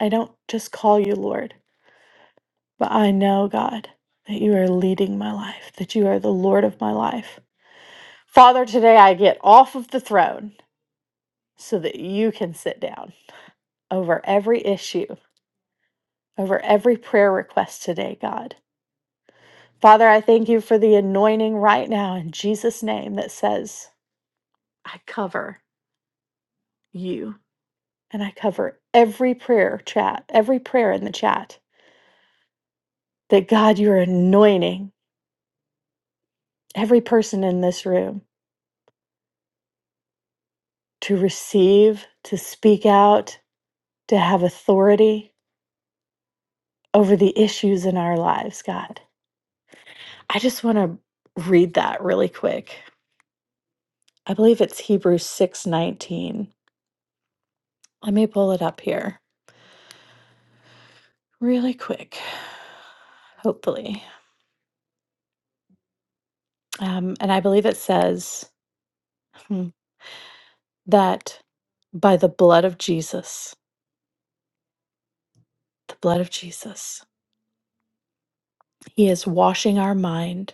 N: I don't just call you Lord, but I know, God, that you are leading my life, that you are the Lord of my life. Father, today I get off of the throne so that you can sit down over every issue, over every prayer request today, God. Father, I thank you for the anointing right now in Jesus' name that says, I cover you and I cover every prayer chat, every prayer in the chat. That God, you're anointing every person in this room to receive, to speak out, to have authority over the issues in our lives, God. I just want to read that really quick. I believe it's Hebrews 6:19. Let me pull it up here really quick, hopefully. Um, and I believe it says hmm, that by the blood of Jesus, the blood of Jesus, He is washing our mind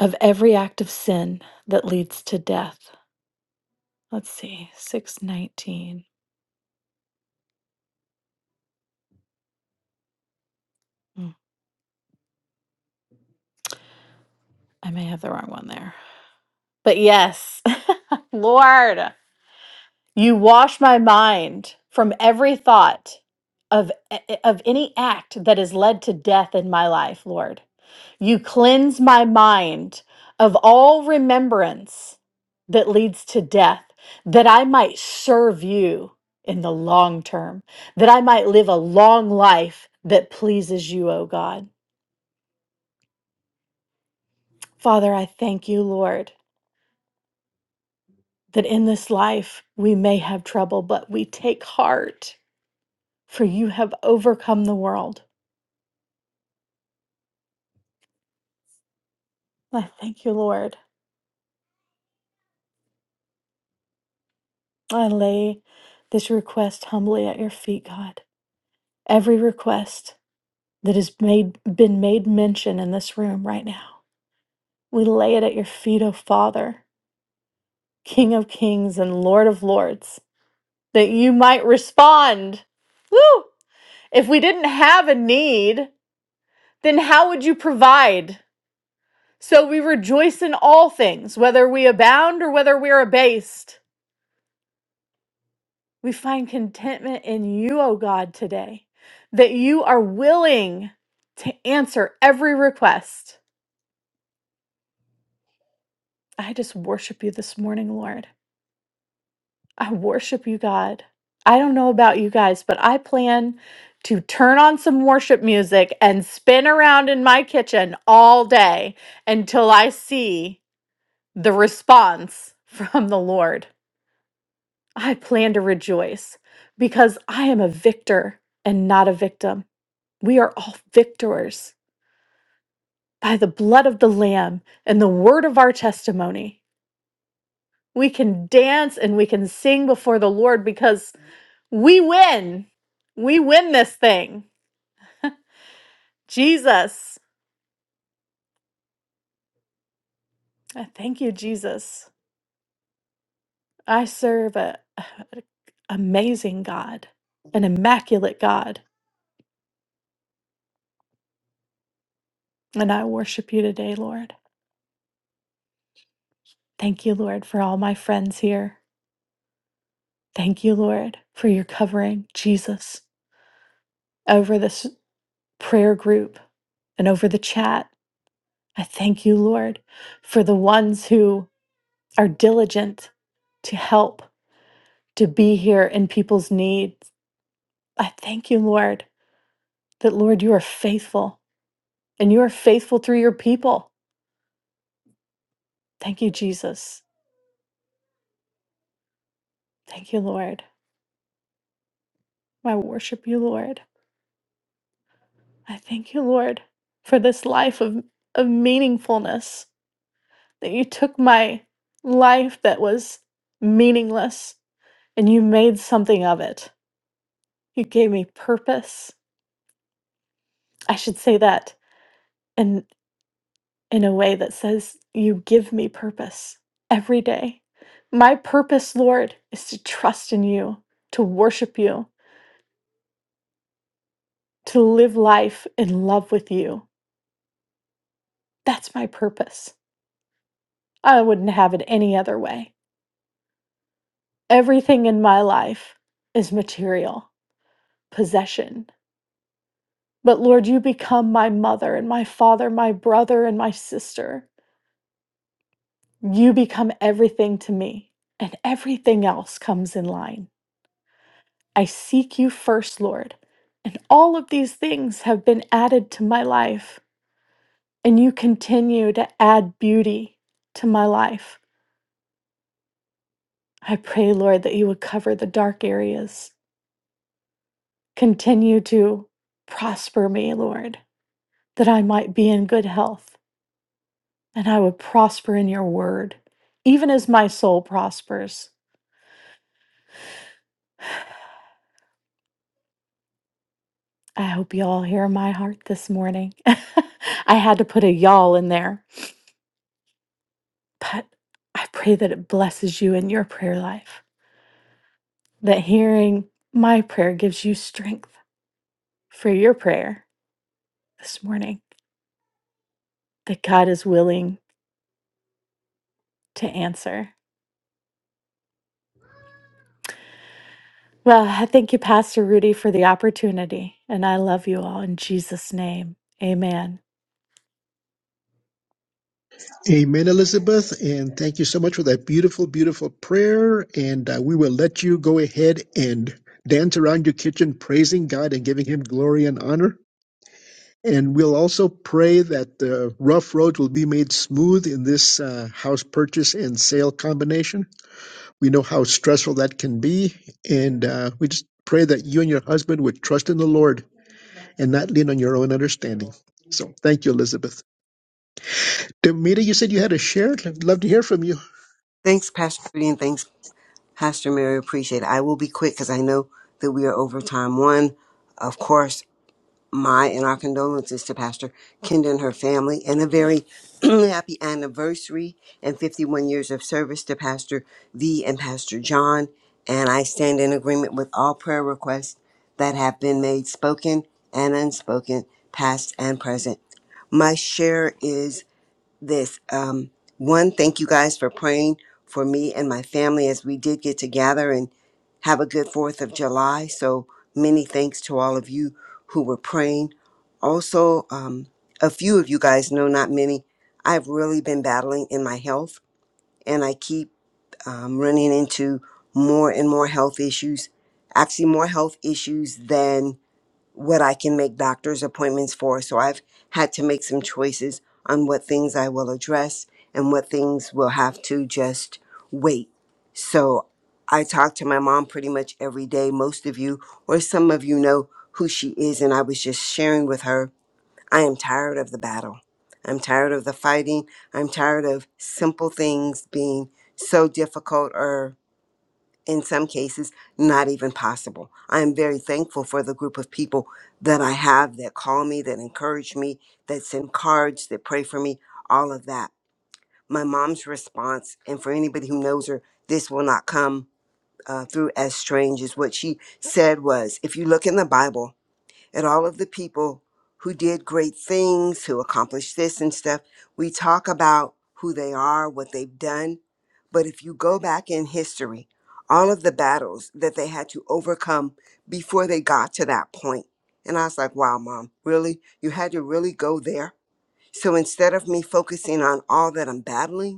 N: of every act of sin that leads to death. Let's see, 619. Hmm, I may have the wrong one there. But yes, Lord, you wash my mind from every thought of eh, eh, of any act that has led to death in my life, Lord. You cleanse my mind of all remembrance that leads to death, that I might serve you in the long term, that I might live a long life that pleases you, O God. Father, I thank you, Lord, that in this life we may have trouble, but we take heart, for you have overcome the world. I thank you, Lord. I lay this request humbly at your feet, God. Every request that has made been made mention in this room right now. We lay it at your feet, O Father, King of Kings and Lord of Lords, that you might respond. Woo! If we didn't have a need, then how would you provide? So we rejoice in all things, whether we abound or whether we are abased. We find contentment in you, O God, today, that you are willing to answer every request. I just worship you this morning, Lord. I worship you, God. I don't know about you guys, but I plan to turn on some worship music and spin around in my kitchen all day until I see the response from the Lord. I plan to rejoice because I am a victor and not a victim. We are all victors by the blood of the Lamb and the word of our testimony. We can dance and we can sing before the Lord because We win. We win this thing. Jesus. I Thank you, Jesus. I serve a, a- amazing God, an immaculate God, and I worship you today, Lord. Thank you, Lord, for all my friends here. Thank you, Lord, for your covering, Jesus, over this prayer group and over the chat. I thank you, Lord, for the ones who are diligent to help, to be here in people's needs. I thank you, Lord, that, Lord, you are faithful and you are faithful through your people. Thank you, Jesus. Thank you, Lord. I worship you, Lord. I thank you, Lord, for this life of, of meaningfulness, that you took my life that was meaningless and you made something of it. You gave me purpose. I should say that. in in a way that says, You give me purpose every day. My purpose, Lord, is to trust in you, to worship you, to live life in love with you. That's my purpose. I wouldn't have it any other way. Everything in my life is material, possession. But Lord, you become my mother and my father, my brother and my sister. You become everything to me, and everything else comes in line. I seek you first, Lord. And all of these things have been added to my life, and you continue to add beauty to my life. I pray, Lord, that you would cover the dark areas. Continue to prosper me, Lord, that I might be in good health and I would prosper in your word, even as my soul prospers. I hope you all hear my heart this morning. I had to put a y'all in there. But I pray that it blesses you in your prayer life, that hearing my prayer gives you strength for your prayer this morning, that God is willing to answer. Well, I thank you, Pastor Rudy, for the opportunity, and I love you all in Jesus' name. Amen.
B: Amen, Elizabeth. And thank you so much for that beautiful, beautiful prayer. And uh, we will let you go ahead and dance around your kitchen, praising God and giving Him glory and honor. And we'll also pray that the rough road will be made smooth in this uh, house purchase and sale combination. We know how stressful that can be. And uh, we just pray that you and your husband would trust in the Lord and not lean on your own understanding. So thank you, Elizabeth. Demita, you said you had a share. I'd love to hear from you.
O: Thanks, Pastor Rudy, and thanks, Pastor Mary. Appreciate it. I will be quick because I know that we are over time. One, of course, my and our condolences to Pastor Kendra and her family, and a very happy anniversary and 51 years of service to Pastor V and Pastor John. And I stand in agreement with all prayer requests that have been made, spoken and unspoken, past and present. My share is this. Um, one, thank you guys for praying for me and my family as we did get together and have a good 4th of July. So many thanks to all of you who were praying. Also, um, a few of you guys know, not many, I've really been battling in my health and I keep um, running into more and more health issues, actually, more health issues than what I can make doctor's appointments for. So I've had to make some choices on what things I will address and what things will have to just wait. So I talk to my mom pretty much every day. Most of you, or some of you, know who she is. And I was just sharing with her I am tired of the battle. I'm tired of the fighting. I'm tired of simple things being so difficult or in some cases not even possible. I am very thankful for the group of people that I have that call me, that encourage me, that send cards, that pray for me, all of that. My mom's response, and for anybody who knows her, this will not come uh, through as strange as what she said was if you look in the Bible, at all of the people who did great things, who accomplished this and stuff. We talk about who they are, what they've done. But if you go back in history, all of the battles that they had to overcome before they got to that point. And I was like, wow, mom, really? You had to really go there? So instead of me focusing on all that I'm battling,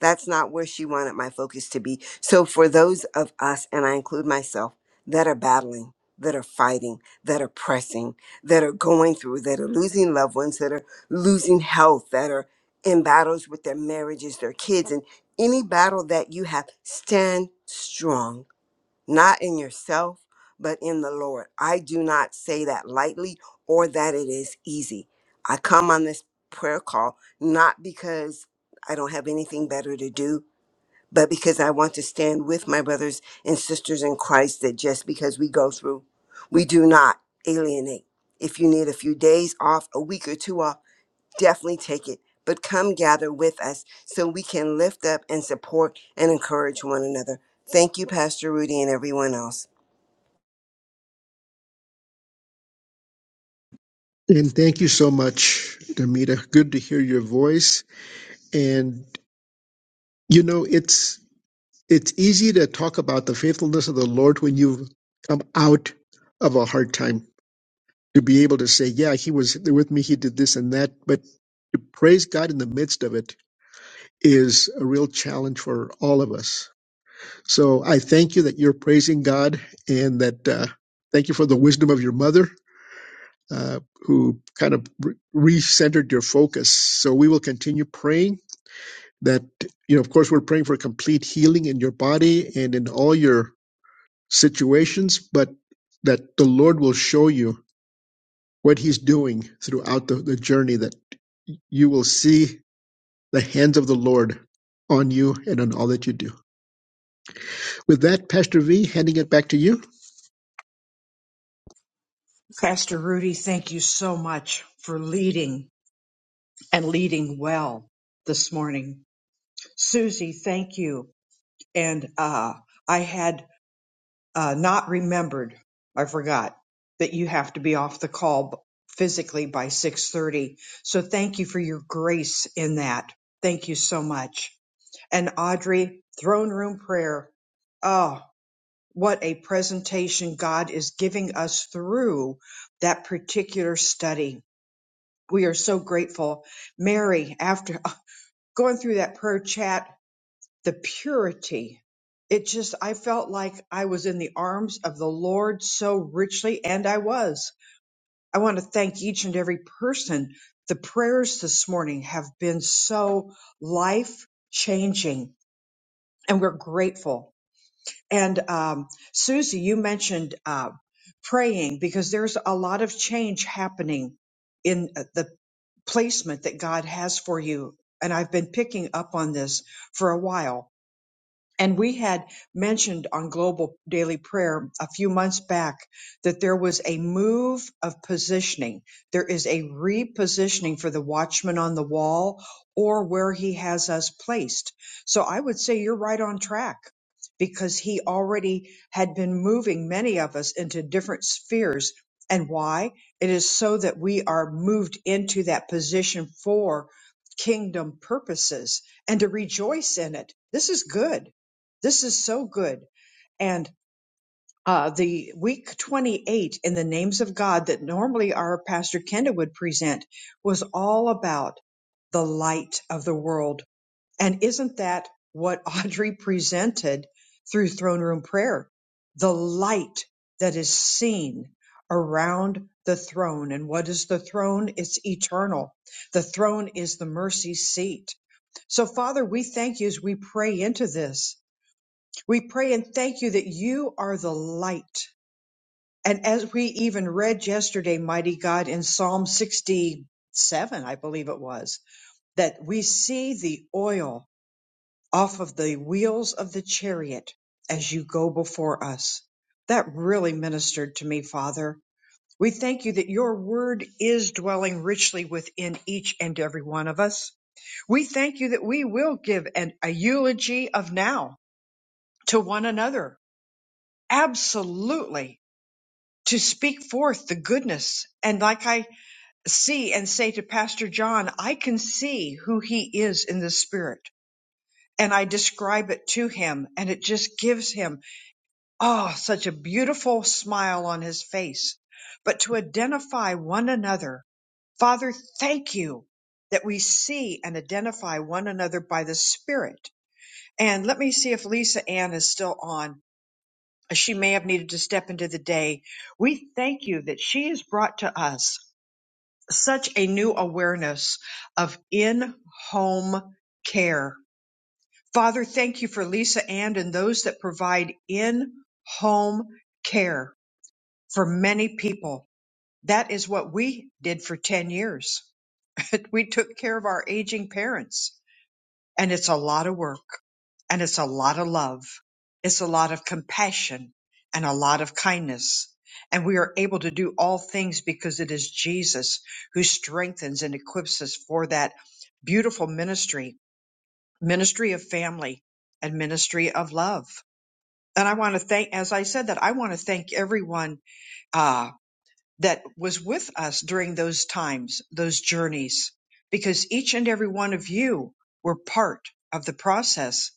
O: that's not where she wanted my focus to be. So, for those of us, and I include myself, that are battling, that are fighting, that are pressing, that are going through, that are losing loved ones, that are losing health, that are in battles with their marriages, their kids, and any battle that you have, stand strong not in yourself, but in the Lord. I do not say that lightly or that it is easy. I come on this prayer call not because I don't have anything better to do, but because I want to stand with my brothers and sisters in Christ that just because we go through, we do not alienate. If you need a few days off, a week or two off, definitely take it. But come gather with us so we can lift up and support and encourage one another. Thank you, Pastor Rudy, and everyone else.
B: And thank you so much, Demita. Good to hear your voice. And you know, it's it's easy to talk about the faithfulness of the Lord when you've come out of a hard time. To be able to say, Yeah, he was with me, he did this and that, but to praise God in the midst of it is a real challenge for all of us. So I thank you that you're praising God and that uh, thank you for the wisdom of your mother uh, who kind of re- recentered your focus. So we will continue praying that, you know, of course, we're praying for complete healing in your body and in all your situations, but that the Lord will show you what He's doing throughout the, the journey, that you will see the hands of the Lord on you and on all that you do. With that, Pastor V, handing it back to you.
A: Pastor Rudy, thank you so much for leading and leading well this morning. Susie, thank you. And uh, I had uh, not remembered, I forgot that you have to be off the call b- physically by 6:30. So thank you for your grace in that. Thank you so much. And Audrey, throne room prayer. Oh. what a presentation God is giving us through that particular study. We are so grateful. Mary, after uh, going through that prayer chat, the purity, it just, I felt like I was in the arms of the Lord so richly, and I was. I want to thank each and every person. The prayers this morning have been so life changing, and we're grateful And um, Susie, you mentioned uh, praying because there's a lot of change happening in uh, the placement that God has for you. And I've been picking up on this for a while. And we had mentioned on Global Daily Prayer a few months back that there was a move of positioning. There is a repositioning for the watchman on the wall or where he has us placed. So I would say you're right on track because he already had been moving many of us into different spheres. And why? It is so that we are moved into that position for kingdom purposes and to rejoice in it. This is good this is so good. And uh, the week 28 in the names of God that normally our pastor Kenda would present was all about the light of the world. And isn't that what Audrey presented through throne room prayer? The light that is seen around the throne. And what is the throne? It's eternal. The throne is the mercy seat. So Father, we thank you as we pray into this. We pray and thank you that you are the light. And as we even read yesterday, mighty God, in Psalm 67, I believe it was, that we see the oil off of the wheels of the chariot as you go before us. That really ministered to me, Father. We thank you that your word is dwelling richly within each and every one of us. We thank you that we will give an, a eulogy of now to one another. Absolutely to speak forth the goodness. And like I see and say to Pastor John, I can see who he is in the spirit. And I describe it to him, and it just gives him, oh, such a beautiful smile on his face. But to identify one another, Father, thank you that we see and identify one another by the Spirit. And let me see if Lisa Ann is still on. She may have needed to step into the day. We thank you that she is brought to us such a new awareness of in home care. Father, thank you for Lisa Ann and those that provide in home care for many people. That is what we did for 10 years. we took care of our aging parents. And it's a lot of work and it's a lot of love. It's a lot of compassion and a lot of kindness. And we are able to do all things because it is Jesus who strengthens and equips us for that beautiful ministry, ministry of family and ministry of love. And I want to thank, as I said that, I want to thank everyone uh, that was with us during those times, those journeys, because each and every one of you were part of the process.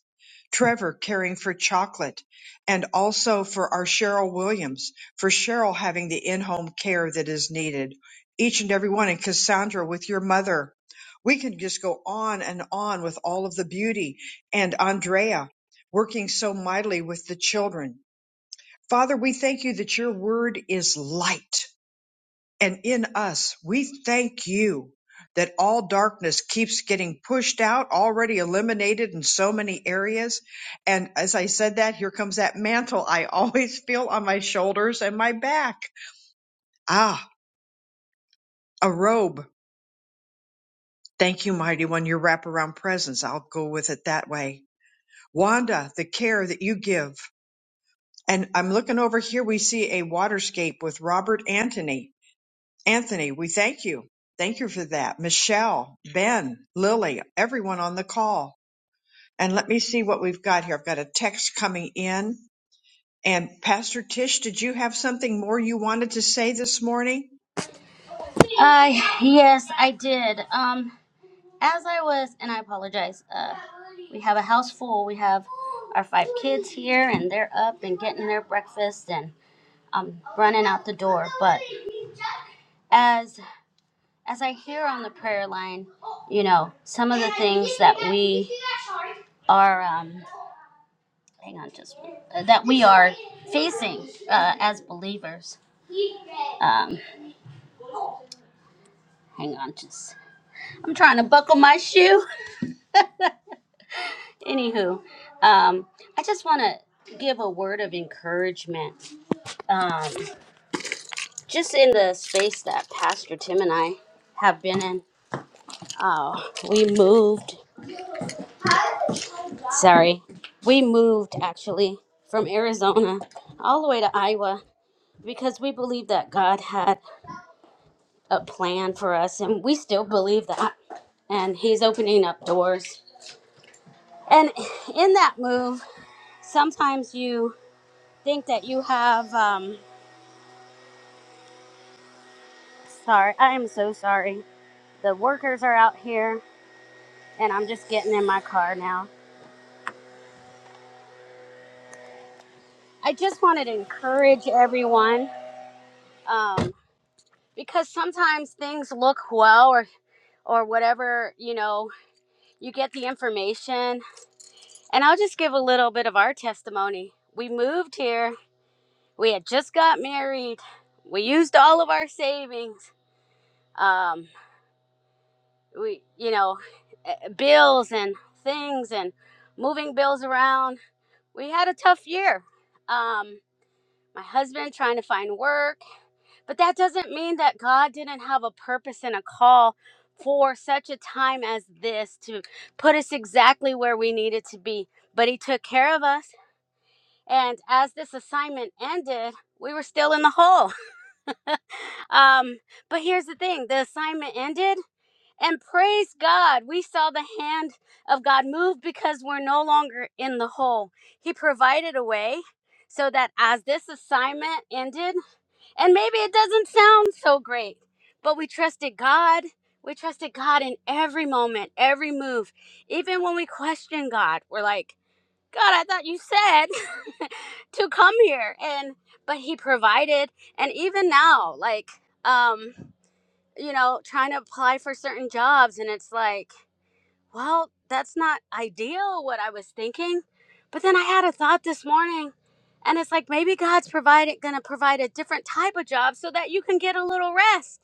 A: Trevor caring for chocolate and also for our Cheryl Williams, for Cheryl having the in home care that is needed. Each and every one, and Cassandra with your mother. We can just go on and on with all of the beauty and Andrea working so mightily with the children. Father, we thank you that your word is light and in us. We thank you that all darkness keeps getting pushed out, already eliminated in so many areas. And as I said that, here comes that mantle I always feel on my shoulders and my back. Ah, a robe. Thank you, mighty one, your wraparound presence. I'll go with it that way. Wanda, the care that you give. And I'm looking over here, we see a waterscape with Robert Anthony Anthony, we thank you. Thank you for that. Michelle, Ben, Lily, everyone on the call. And let me see what we've got here. I've got a text coming in. And Pastor Tish, did you have something more you wanted to say this morning?
K: Uh, yes, I did. Um, as I was, and I apologize. Uh, we have a house full. We have our five kids here, and they're up and getting their breakfast, and I'm running out the door. But as as I hear on the prayer line, you know, some of the things that we are, um, hang on, just uh, that we are facing uh, as believers. Um, hang on, just I'm trying to buckle my shoe. Anywho, um, I just want to give a word of encouragement. Um, just in the space that Pastor Tim and I have been in, oh, we moved. Sorry, we moved actually from Arizona all the way to Iowa because we believed that God had a plan for us, and we still believe that. And He's opening up doors. And in that move, sometimes you think that you have. Um, sorry, I am so sorry The workers are out here, and I'm just getting in my car now. I just wanted to encourage everyone um, because sometimes things look well or or whatever you know you get the information and i'll just give a little bit of our testimony we moved here we had just got married we used all of our savings um, we you know eh, eh, bills and things and moving bills around we had a tough year um, my husband trying to find work. But that doesn't mean that God didn't have a purpose and a call for such a time as this to put us exactly where we needed to be. But He took care of us. And as this assignment ended, we were still in the hole. Um, but here's the thing the assignment ended, and praise God, we saw the hand of God move because we're no longer in the hole. He provided a way so that as this assignment ended, And maybe it doesn't sound so great, but we trusted God. We trusted God in every moment, every move. Even when we question God, we're like, God, I thought you said to come here and but he provided and even now like um you know trying to apply for certain jobs and it's like well, that's not ideal what I was thinking. But then I had a thought this morning and it's like maybe God's provided gonna provide a different type of job so that you can get a little rest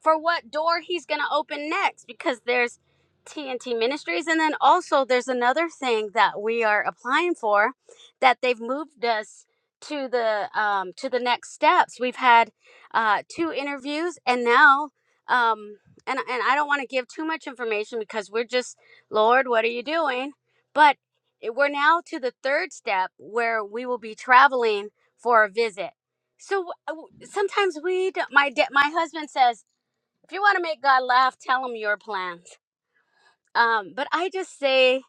K: for what door he's gonna open next because there's TNT Ministries and then also there's another thing that we are applying for that they've moved us to the um, to the next steps. We've had uh, two interviews and now um, and and I don't want to give too much information because we're just Lord, what are you doing? But we're now to the third step where we will be traveling for a visit. So uh, w- sometimes we, do my da- my husband says, if you want to make God laugh, tell him your plans. Um, but I just say,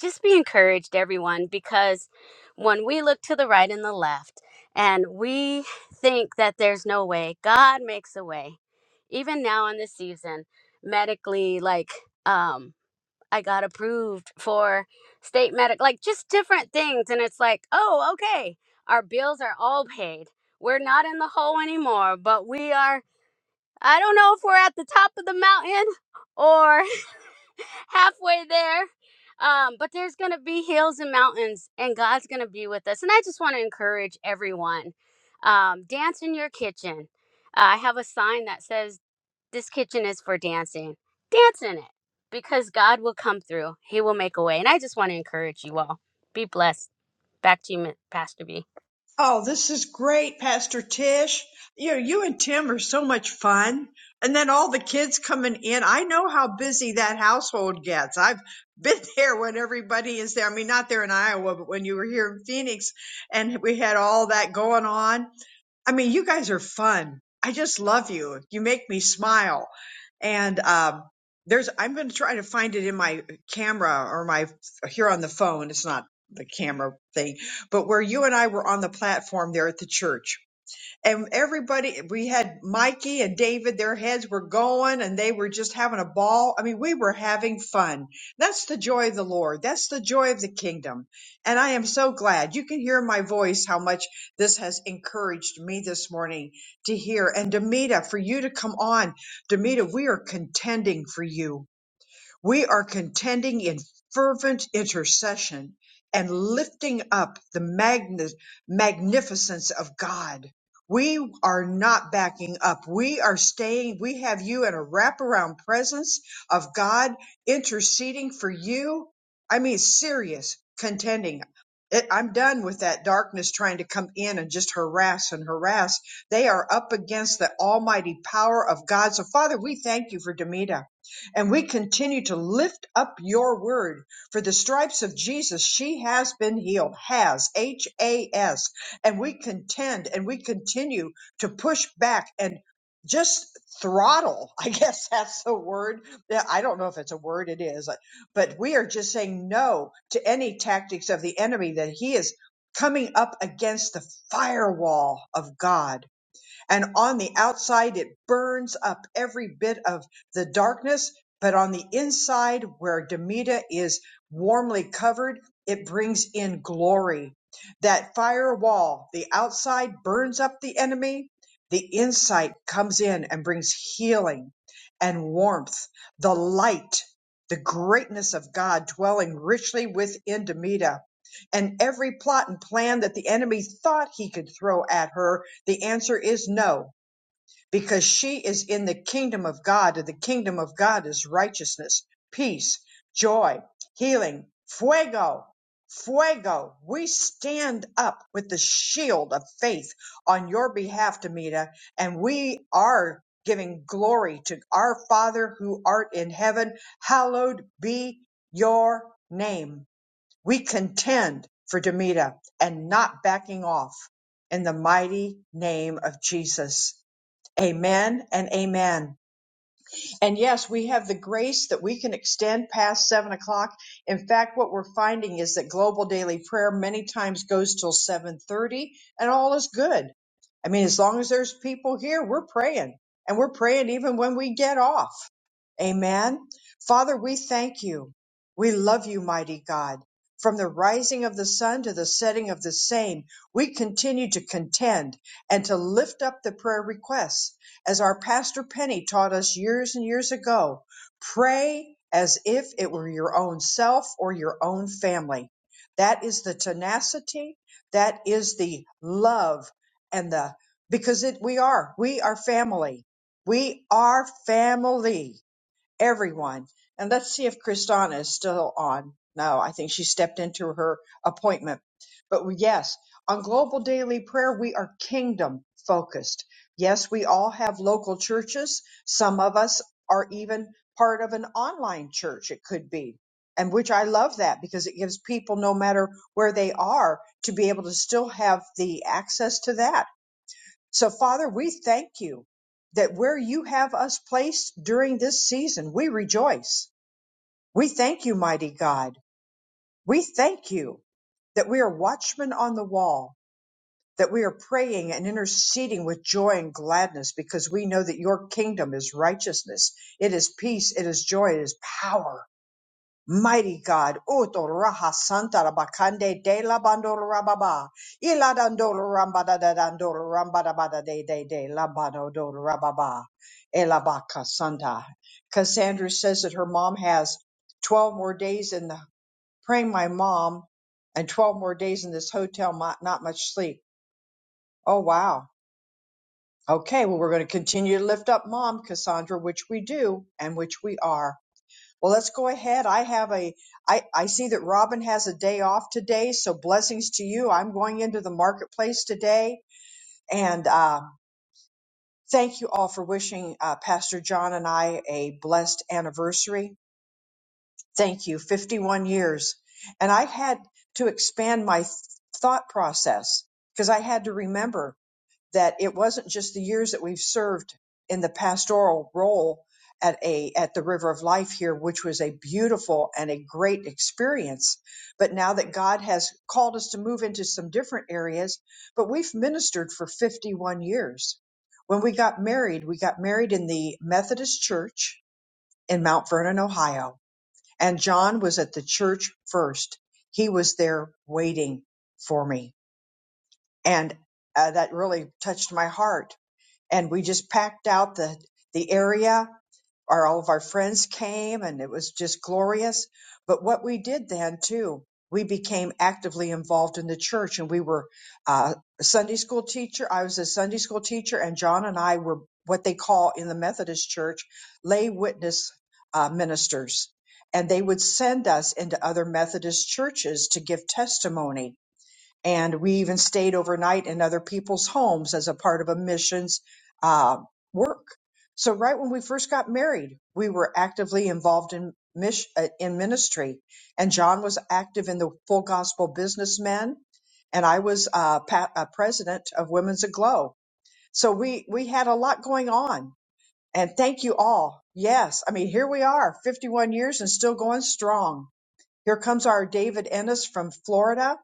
K: just be encouraged, everyone, because when we look to the right and the left, and we think that there's no way, God makes a way. Even now in this season, medically, like, um. I got approved for state medic, like just different things. And it's like, oh, okay, our bills are all paid. We're not in the hole anymore, but we are, I don't know if we're at the top of the mountain or halfway there. Um, but there's going to be hills and mountains, and God's going to be with us. And I just want to encourage everyone um, dance in your kitchen. Uh, I have a sign that says, this kitchen is for dancing. Dance in it because God will come through. He will make a way. And I just want to encourage you all. Be blessed. Back to you, Pastor B.
A: Oh, this is great, Pastor Tish. You know, you and Tim are so much fun. And then all the kids coming in. I know how busy that household gets. I've been there when everybody is there. I mean, not there in Iowa, but when you were here in Phoenix and we had all that going on I mean, you guys are fun. I just love you. You make me smile. And um, there's, I'm going to try to find it in my camera or my here on the phone. It's not the camera thing, but where you and I were on the platform there at the church and everybody we had mikey and david their heads were going and they were just having a ball i mean we were having fun that's the joy of the lord that's the joy of the kingdom and i am so glad you can hear my voice how much this has encouraged me this morning to hear and demita for you to come on demita we are contending for you we are contending in fervent intercession and lifting up the magni- magnificence of God. We are not backing up. We are staying. We have you in a wraparound presence of God interceding for you. I mean, serious contending. It, I'm done with that darkness trying to come in and just harass and harass. They are up against the almighty power of God. So, Father, we thank you for Demita. And we continue to lift up your word. For the stripes of Jesus, she has been healed. Has, H A S. And we contend and we continue to push back and just throttle. I guess that's the word. Yeah, I don't know if it's a word, it is. uh, But we are just saying no to any tactics of the enemy that he is coming up against the firewall of God and on the outside it burns up every bit of the darkness, but on the inside where Demita is warmly covered, it brings in glory. That fire wall, the outside burns up the enemy, the inside comes in and brings healing and warmth, the light, the greatness of God dwelling richly within Demita and every plot and plan that the enemy thought he could throw at her, the answer is no, because she is in the kingdom of God, and the kingdom of God is righteousness, peace, joy, healing, fuego. Fuego, we stand up with the shield of faith on your behalf, Demita, and we are giving glory to our Father who art in heaven. Hallowed be your name we contend for Demita and not backing off in the mighty name of Jesus. Amen and amen. And yes, we have the grace that we can extend past seven o'clock. In fact, what we're finding is that global daily prayer many times goes till seven thirty and all is good. I mean, as long as there's people here, we're praying and we're praying even when we get off. Amen. Father, we thank you. We love you, mighty God. From the rising of the sun to the setting of the same, we continue to contend and to lift up the prayer requests as our pastor Penny taught us years and years ago, pray as if it were your own self or your own family. That is the tenacity, that is the love and the because it we are, we are family. We are family everyone. And let's see if Kristana is still on. No, I think she stepped into her appointment. But yes, on Global Daily Prayer, we are kingdom focused. Yes, we all have local churches. Some of us are even part of an online church, it could be. And which I love that because it gives people, no matter where they are, to be able to still have the access to that so, Father, we thank you that where you have us placed during this season, we rejoice. We thank you, mighty God. We thank you that we are watchmen on the wall, that we are praying and interceding with joy and gladness because we know that your kingdom is righteousness, it is peace, it is joy, it is power. Mighty God, Uto Raha Santa Rabakande de la Bandora Rababa, Iladandora Rambada da Dandora Rambada Bada de de de Lambado Dora Rababa, Elabaka Santa. Cassandra says that her mom has 12 more days in the praying my mom and 12 more days in this hotel, not, not much sleep. Oh, wow. Okay, well, we're going to continue to lift up mom, Cassandra, which we do and which we are. Well, let's go ahead. I have a, I, I see that Robin has a day off today. So blessings to you. I'm going into the marketplace today. And, uh, thank you all for wishing, uh, Pastor John and I a blessed anniversary. Thank you. 51 years. And I had to expand my th- thought process because I had to remember that it wasn't just the years that we've served in the pastoral role at a at the River of Life here, which was a beautiful and a great experience. But now that God has called us to move into some different areas, but we've ministered for 51 years. When we got married, we got married in the Methodist Church in Mount Vernon, Ohio, and John was at the church first. He was there waiting for me. And uh, that really touched my heart and we just packed out the the area Our all of our friends came and it was just glorious but what we did then too we became actively involved in the church and we were uh, a sunday school teacher i was a sunday school teacher and john and i were what they call in the methodist church lay witness uh, ministers and they would send us into other methodist churches to give testimony and we even stayed overnight in other people's homes as a part of a missions uh, work. So right when we first got married, we were actively involved in mis- uh, in ministry, and John was active in the Full Gospel Businessmen, and I was uh, pa- uh, president of Women's Aglow. So we we had a lot going on, and thank you all. Yes, I mean here we are, 51 years and still going strong. Here comes our David Ennis from Florida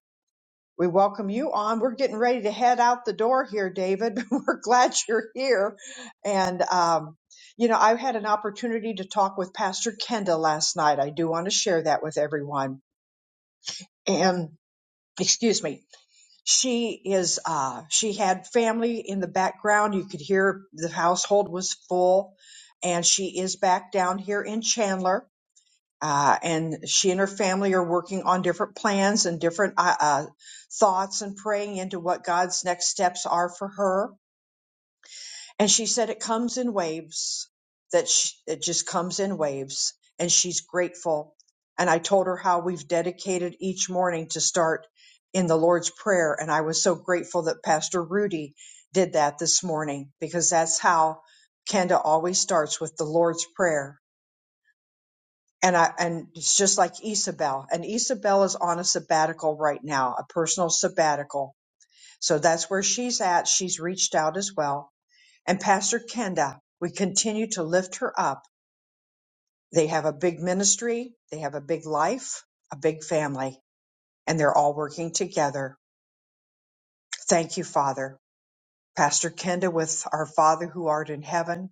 A: we welcome you on. We're getting ready to head out the door here, David. We're glad you're here. And, um, you know, I had an opportunity to talk with Pastor Kenda last night. I do want to share that with everyone. And, excuse me, she is, uh, she had family in the background. You could hear the household was full. And she is back down here in Chandler uh, and she and her family are working on different plans and different uh, uh, thoughts and praying into what God's next steps are for her. And she said it comes in waves, that sh it just comes in waves, and she's grateful. And I told her how we've dedicated each morning to start in the Lord's Prayer. And I was so grateful that Pastor Rudy did that this morning because that's how Kenda always starts with the Lord's Prayer and I and it's just like Isabel. And Isabel is on a sabbatical right now, a personal sabbatical. So that's where she's at. She's reached out as well. And Pastor Kenda, we continue to lift her up. They have a big ministry, they have a big life, a big family, and they're all working together. Thank you, Father. Pastor Kenda with our Father who art in heaven,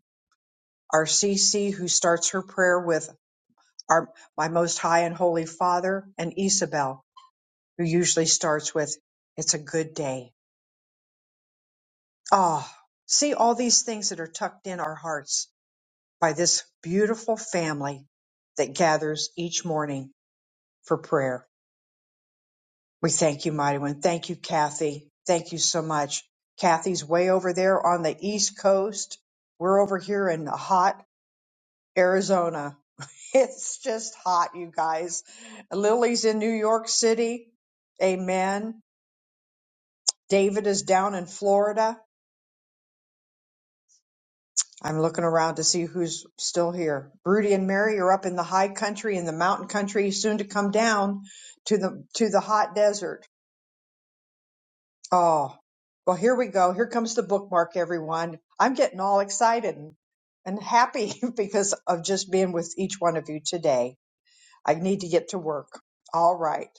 A: our CC who starts her prayer with our my most high and holy Father, and Isabel who usually starts with, It's a good day. Ah, see all these things that are tucked in our hearts by this beautiful family that gathers each morning for prayer. We thank you, Mighty One. Thank you, Kathy. Thank you so much. Kathy's way over there on the East Coast. We're over here in hot Arizona. It's just hot, you guys. Lily's in New York City. Amen. David is down in Florida. I'm looking around to see who's still here. Rudy and Mary are up in the high country in the mountain country, soon to come down to the to the hot desert. Oh, well, here we go. Here comes the bookmark, everyone. I'm getting all excited and, and happy because of just being with each one of you today. I need to get to work. All right.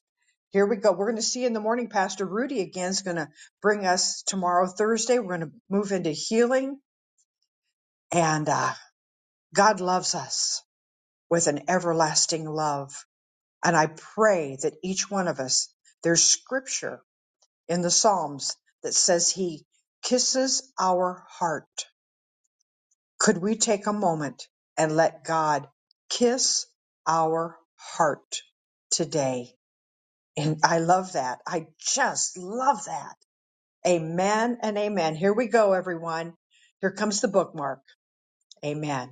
A: Here we go. We're going to see in the morning. Pastor Rudy again is going to bring us tomorrow, Thursday. We're going to move into healing and uh, God loves us. with an everlasting love. And I pray that each one of us, there's scripture in the Psalms that says he kisses our heart. Could we take a moment and let God kiss our heart today? And I love that. I just love that. Amen and amen. Here we go, everyone. Here comes the bookmark. Amen.